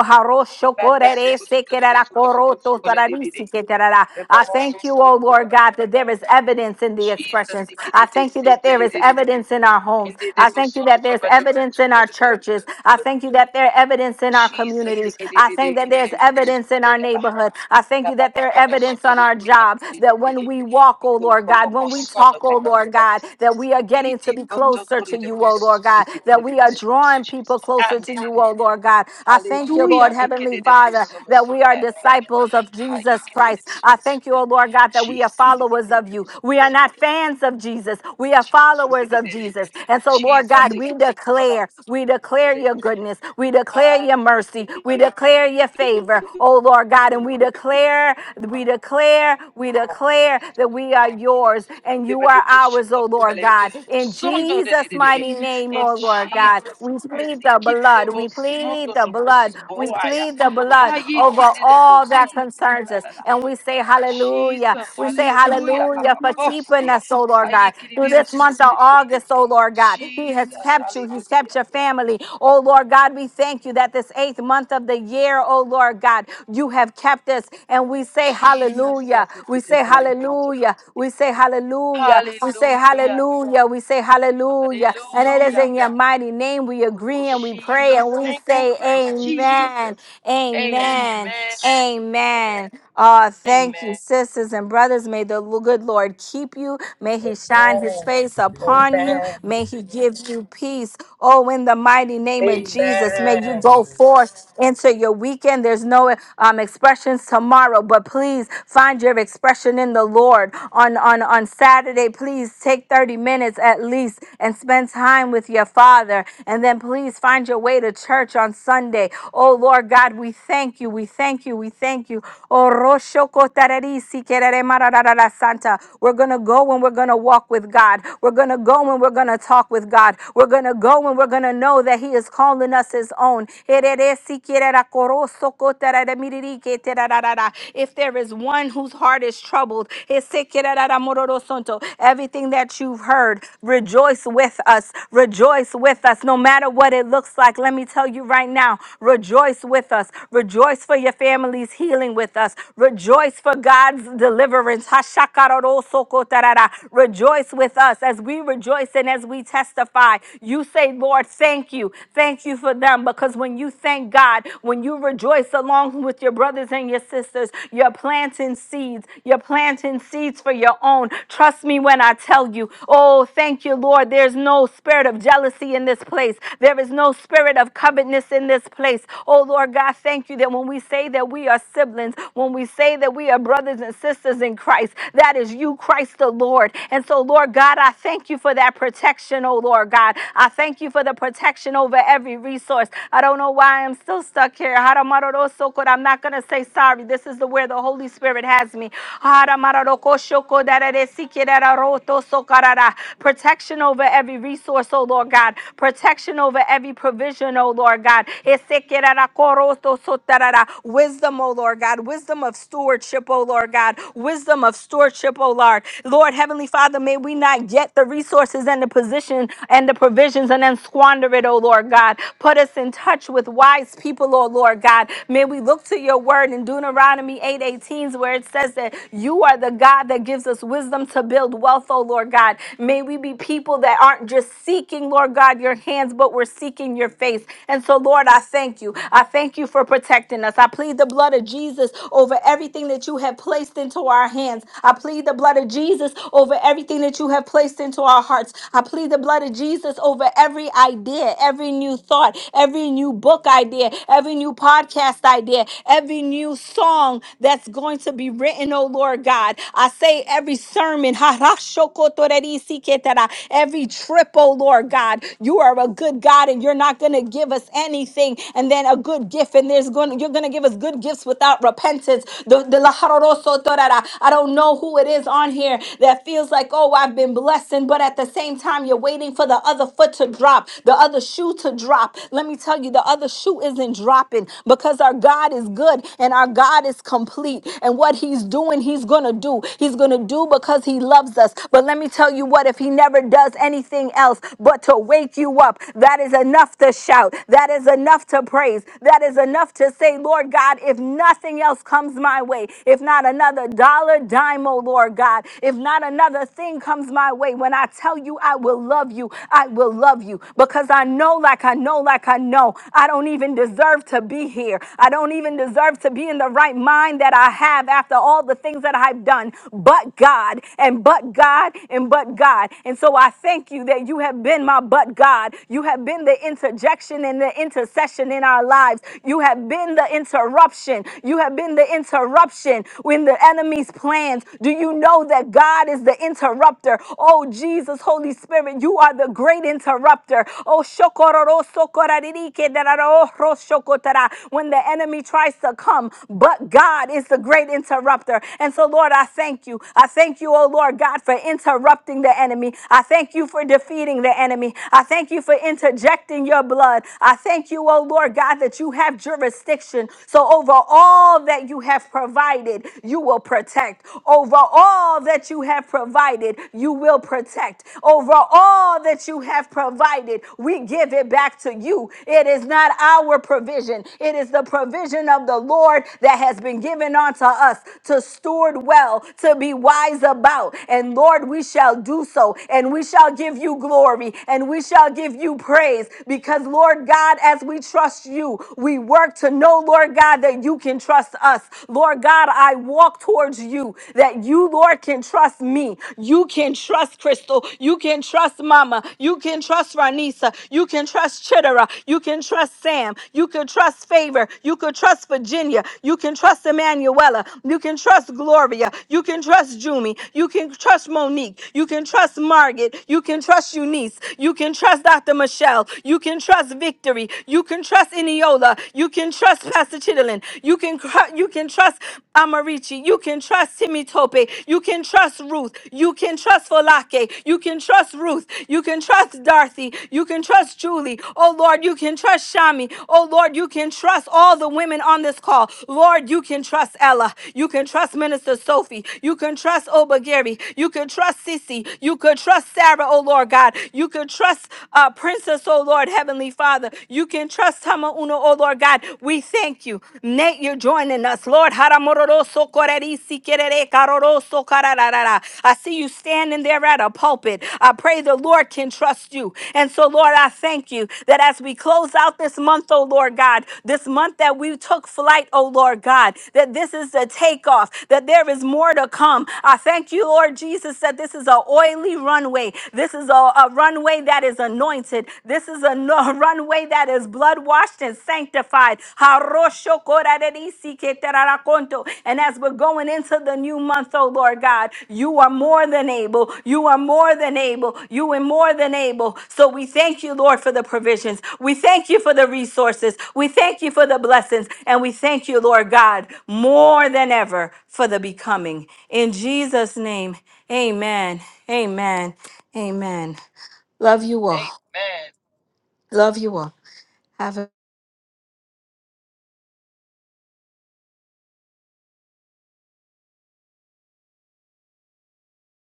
[SPEAKER 12] We bad the
[SPEAKER 1] I
[SPEAKER 12] Sukutu Sukatu Sukolidity. Remember
[SPEAKER 1] thank you,
[SPEAKER 12] Sukutu
[SPEAKER 1] oh Lord God, that
[SPEAKER 12] Korakanda.
[SPEAKER 1] there is evidence in the
[SPEAKER 12] Jesus,
[SPEAKER 1] expressions.
[SPEAKER 12] he
[SPEAKER 1] I
[SPEAKER 12] did the
[SPEAKER 1] thank you that there is
[SPEAKER 12] city.
[SPEAKER 1] evidence in our homes.
[SPEAKER 12] And did the
[SPEAKER 1] I thank you
[SPEAKER 12] Boson of
[SPEAKER 1] that
[SPEAKER 12] the
[SPEAKER 1] there's
[SPEAKER 12] Bandit
[SPEAKER 1] evidence in our
[SPEAKER 12] Sukolidity.
[SPEAKER 1] churches. I thank you that there's evidence in our
[SPEAKER 12] Jesus, he
[SPEAKER 1] communities.
[SPEAKER 12] did
[SPEAKER 1] I thank
[SPEAKER 12] it
[SPEAKER 1] that
[SPEAKER 12] in
[SPEAKER 1] there's
[SPEAKER 12] the
[SPEAKER 1] evidence in our
[SPEAKER 12] Sukolidaba.
[SPEAKER 1] neighborhood. I thank you that they're evidence on our job, that when we walk, oh Lord God, when we talk, oh Lord God, that we are getting to be closer to you, oh Lord God, that we are drawing people
[SPEAKER 12] Jesus.
[SPEAKER 1] closer
[SPEAKER 12] And
[SPEAKER 1] to
[SPEAKER 12] did it.
[SPEAKER 1] you, oh Lord God. I thank you, Lord
[SPEAKER 12] Hallelujah.
[SPEAKER 1] Heavenly Father, that we are disciples of Jesus Christ. I thank you, oh Lord God,
[SPEAKER 12] Jesus.
[SPEAKER 1] that we are
[SPEAKER 12] Jesus.
[SPEAKER 1] followers of you. We are not fans of Jesus, we are followers of Jesus. And
[SPEAKER 12] Jesus.
[SPEAKER 1] so, Lord God,
[SPEAKER 12] Jesus.
[SPEAKER 1] we declare, we declare your goodness, we declare your mercy, we declare your favor, oh Lord God. God, and we declare, we declare, we
[SPEAKER 12] Jesus.
[SPEAKER 1] declare that we are yours and
[SPEAKER 12] In
[SPEAKER 1] you are ours, oh Lord God. In Jesus' mighty name, oh Lord God,
[SPEAKER 12] Jesus
[SPEAKER 1] we
[SPEAKER 12] Christ,
[SPEAKER 1] plead
[SPEAKER 12] in
[SPEAKER 1] the
[SPEAKER 12] kidi de
[SPEAKER 1] blood,
[SPEAKER 12] bo
[SPEAKER 1] we plead
[SPEAKER 12] sondo
[SPEAKER 1] the
[SPEAKER 12] de bo
[SPEAKER 1] blood, we
[SPEAKER 12] so aya.
[SPEAKER 1] plead the blood
[SPEAKER 12] Haye
[SPEAKER 1] over
[SPEAKER 12] kidi de bo
[SPEAKER 1] all that
[SPEAKER 12] sondo de ba
[SPEAKER 1] concerns
[SPEAKER 12] da
[SPEAKER 1] us. And we say hallelujah.
[SPEAKER 12] Jesus,
[SPEAKER 1] We say
[SPEAKER 12] hallelujah.
[SPEAKER 1] hallelujah
[SPEAKER 12] Apa
[SPEAKER 1] for
[SPEAKER 12] ba bo
[SPEAKER 1] keeping
[SPEAKER 12] se.
[SPEAKER 1] us, oh Lord God.
[SPEAKER 12] Haye kidi
[SPEAKER 1] Through
[SPEAKER 12] de de
[SPEAKER 1] this
[SPEAKER 12] so
[SPEAKER 1] month of
[SPEAKER 12] de de de.
[SPEAKER 1] August, oh Lord God, He has
[SPEAKER 12] Jesus,
[SPEAKER 1] kept you, He's kept
[SPEAKER 12] hallelujah.
[SPEAKER 1] your family. Oh Lord God, we thank you that this eighth month of the year, oh Lord God. You have kept us. And we say
[SPEAKER 12] Jesus,
[SPEAKER 1] hallelujah. We
[SPEAKER 12] hakete de
[SPEAKER 1] say
[SPEAKER 12] bo la ko to so de
[SPEAKER 1] hallelujah.
[SPEAKER 12] de de.
[SPEAKER 1] We say hallelujah. We say
[SPEAKER 12] hallelujah.
[SPEAKER 1] hallelujah. We say hallelujah. And it is
[SPEAKER 12] Hallelujah.
[SPEAKER 1] in your mighty name we agree and we pray and
[SPEAKER 12] Jesus,
[SPEAKER 1] we
[SPEAKER 12] thank you,
[SPEAKER 1] say
[SPEAKER 12] Christ. Jesus,
[SPEAKER 1] amen. Amen.
[SPEAKER 12] amen. Amen.
[SPEAKER 1] Amen. Oh, thank you,
[SPEAKER 12] Amen.
[SPEAKER 1] sisters and brothers. May the lo- good Lord keep you. May he shine his face upon you. May he give you peace. Oh, in the mighty name of Jesus, may you go forth into your weekend. There's no um, expressions tomorrow, but please find your expression in the Lord on, on, on Saturday. Please take 30 minutes at least and spend time with your Father. And then please find your way to church on Sunday. Oh, Lord God, we thank you. We thank you. We thank you. Oh, Roshokotarerisi kerere mararara Santa. We're going to go and we're going to walk with God. We're going to go and we're going to talk walk with God. We're going to go and we're going to know that He is calling us His own. If there is one whose heart is troubled, everything that you've heard, rejoice with us. Rejoice with us, no matter what it looks like. Let me tell you right now, rejoice with us. Rejoice for your family's healing with us. Rejoice for God's deliverance. Rejoice with us as as we rejoice and as we testify, you say, Lord, thank you. Thank you for them. Because when you thank God, when you rejoice along with your brothers and your sisters, you're planting seeds. You're planting seeds for your own. Trust me when I tell you, oh, thank you, Lord. There's no spirit of jealousy in this place, there is no spirit of covetousness in this place. Oh, Lord God, thank you that when we say that we are siblings, when we say that we are brothers and sisters in Christ, that is you, Christ the Lord. Lord. And so, Lord God, I thank you for that protection, oh Lord God. I thank you for the protection over every resource. I don't know why I'm still stuck here. Haramarorosoko. I'm not going to say sorry. This is the where the Holy Spirit has me. Haramarorokoshoko dararesikirararotosokarara. Protection over every resource, oh Lord God. Protection over every provision, oh Lord God. Esekirarakorotosotara. Wisdom, oh Lord God. Wisdom of stewardship, oh Lord God. Wisdom of stewardship worship, oh Lord. Lord, Heavenly Father, may we not get the resources and the position and the provisions and then squander it, oh Lord God. Put us in touch with wise people, oh Lord God. May we look to your word in Deuteronomy 8:18, where it says that you are the God that gives us wisdom to build wealth, oh Lord God. May we be people that aren't just seeking, Lord God, your hands, but we're seeking your face. And so, Lord, I thank you. I thank you for protecting us. I plead the blood of Jesus over everything that you have placed placed into our hands. I plead the blood of Jesus over everything that you have placed into our hearts. I plead the blood of Jesus over every idea, every new thought, every new book idea, every new podcast idea, every new song that's going to be written, oh Lord God. I say every sermon, every trip, oh Lord God. You are a good God and you're not going to give us anything and then a good gift, and there's going to you're going to give us good gifts without repentance is. The, the la jaroroso torara. I don't know who it is on here that feels like, oh, I've been blessing, but at the same time, you're waiting for the other foot to drop, the other shoe to drop. Let me tell you, the other shoe isn't dropping because our God is good and our God is complete. And what He's doing, He's going to do. He's going to do because He loves us. But let me tell you what, if He never does anything else but to wake you up, that is enough to shout. That is enough to praise. That is enough to say, Lord God, God, if nothing else comes my way, if not another dollar, dime, oh Lord God, if not another thing comes my way, when I tell you I will love you, I will love you because I know, like I know, like I know, I don't even deserve to be here. I don't even deserve to be in the right mind that I have after all the things that I've done, but God, and but God, and but God. And so I thank you that you have been my but God. You have been the interjection and the intercession in our lives. You have been the interruption. You have been the interruption when the enemy's plans. Do you know that God is the interrupter? Oh, Jesus, Holy Spirit, you are the great interrupter. Oh, shokororo sokorarike dararo ro shokotara. when the enemy tries to come, but God is the great interrupter. And so, Lord, I thank you. I thank you, oh Lord God, for interrupting the enemy. I thank you for defeating the enemy. I thank you for interjecting your blood. I thank you, you, oh Lord God, that you have jurisdiction. So over all that you have provided, you will protect. Over all that you have provided, you will protect. Over all that you have provided, we give it back to you. It is not our provision, it is the provision of the Lord that has been given unto us to steward well, to be wise about. And Lord, we shall do so, and we shall give you glory, and we shall give you praise because, Lord God, as we trust you, we work to know, Lord God, that you can trust us. Lord God, I walk towards you, that you, Lord, can trust me. You can trust Crystal. You can trust Mama. You can trust Ranisa. You can trust Chittera. You can trust Sam. You can trust Favor. You can trust Virginia. You can trust Emanuela. You can trust Gloria. You can trust Jumi. You can trust Monique. You can trust Margaret. You can trust Eunice. You can trust Dr. Michelle. You can trust Victory. You can trust Eniola. You can trust Pastor Chitlin. You can cr- you can trust Amarichi. You can trust Timmy Tope. You can trust Ruth. You can trust Folake. You can trust Ruth. You can trust Dorothy. You can trust Julie. Oh Lord, you can trust Shami. Oh Lord, you can trust all the women on this call. Lord, you can trust Ella. You can trust Minister Sophie. You can trust Oba Gary. You can trust Sissy. You can trust Sarah. Oh Lord. Lord God. You can trust uh, Princess, oh Lord, Heavenly Father. You can trust Tama Uno, oh Lord God. We thank you. Nate, you're joining us. Lord, Haramororoso korerisi kerere karoroso karararara. I see you standing there at a pulpit. I pray the Lord can trust you. And so, Lord, I thank you that as we close out this month, oh Lord God, this month that we took flight, oh Lord God, that this is the takeoff, that there is more to come. I thank you, Lord Jesus, that this is an oil oily runway. This is a, a runway that is anointed. This is a no- runway that is blood washed and sanctified. And as we're going into the new month, oh Lord God, you are more than able. You are more than able. You are more than able. So we thank you, Lord, for the provisions. We thank you for the resources. We thank you for the blessings. And we thank you, Lord God, more than ever for the becoming. In Jesus' name, amen. Amen. Amen. Love you all.
[SPEAKER 12] Amen.
[SPEAKER 1] Love you all.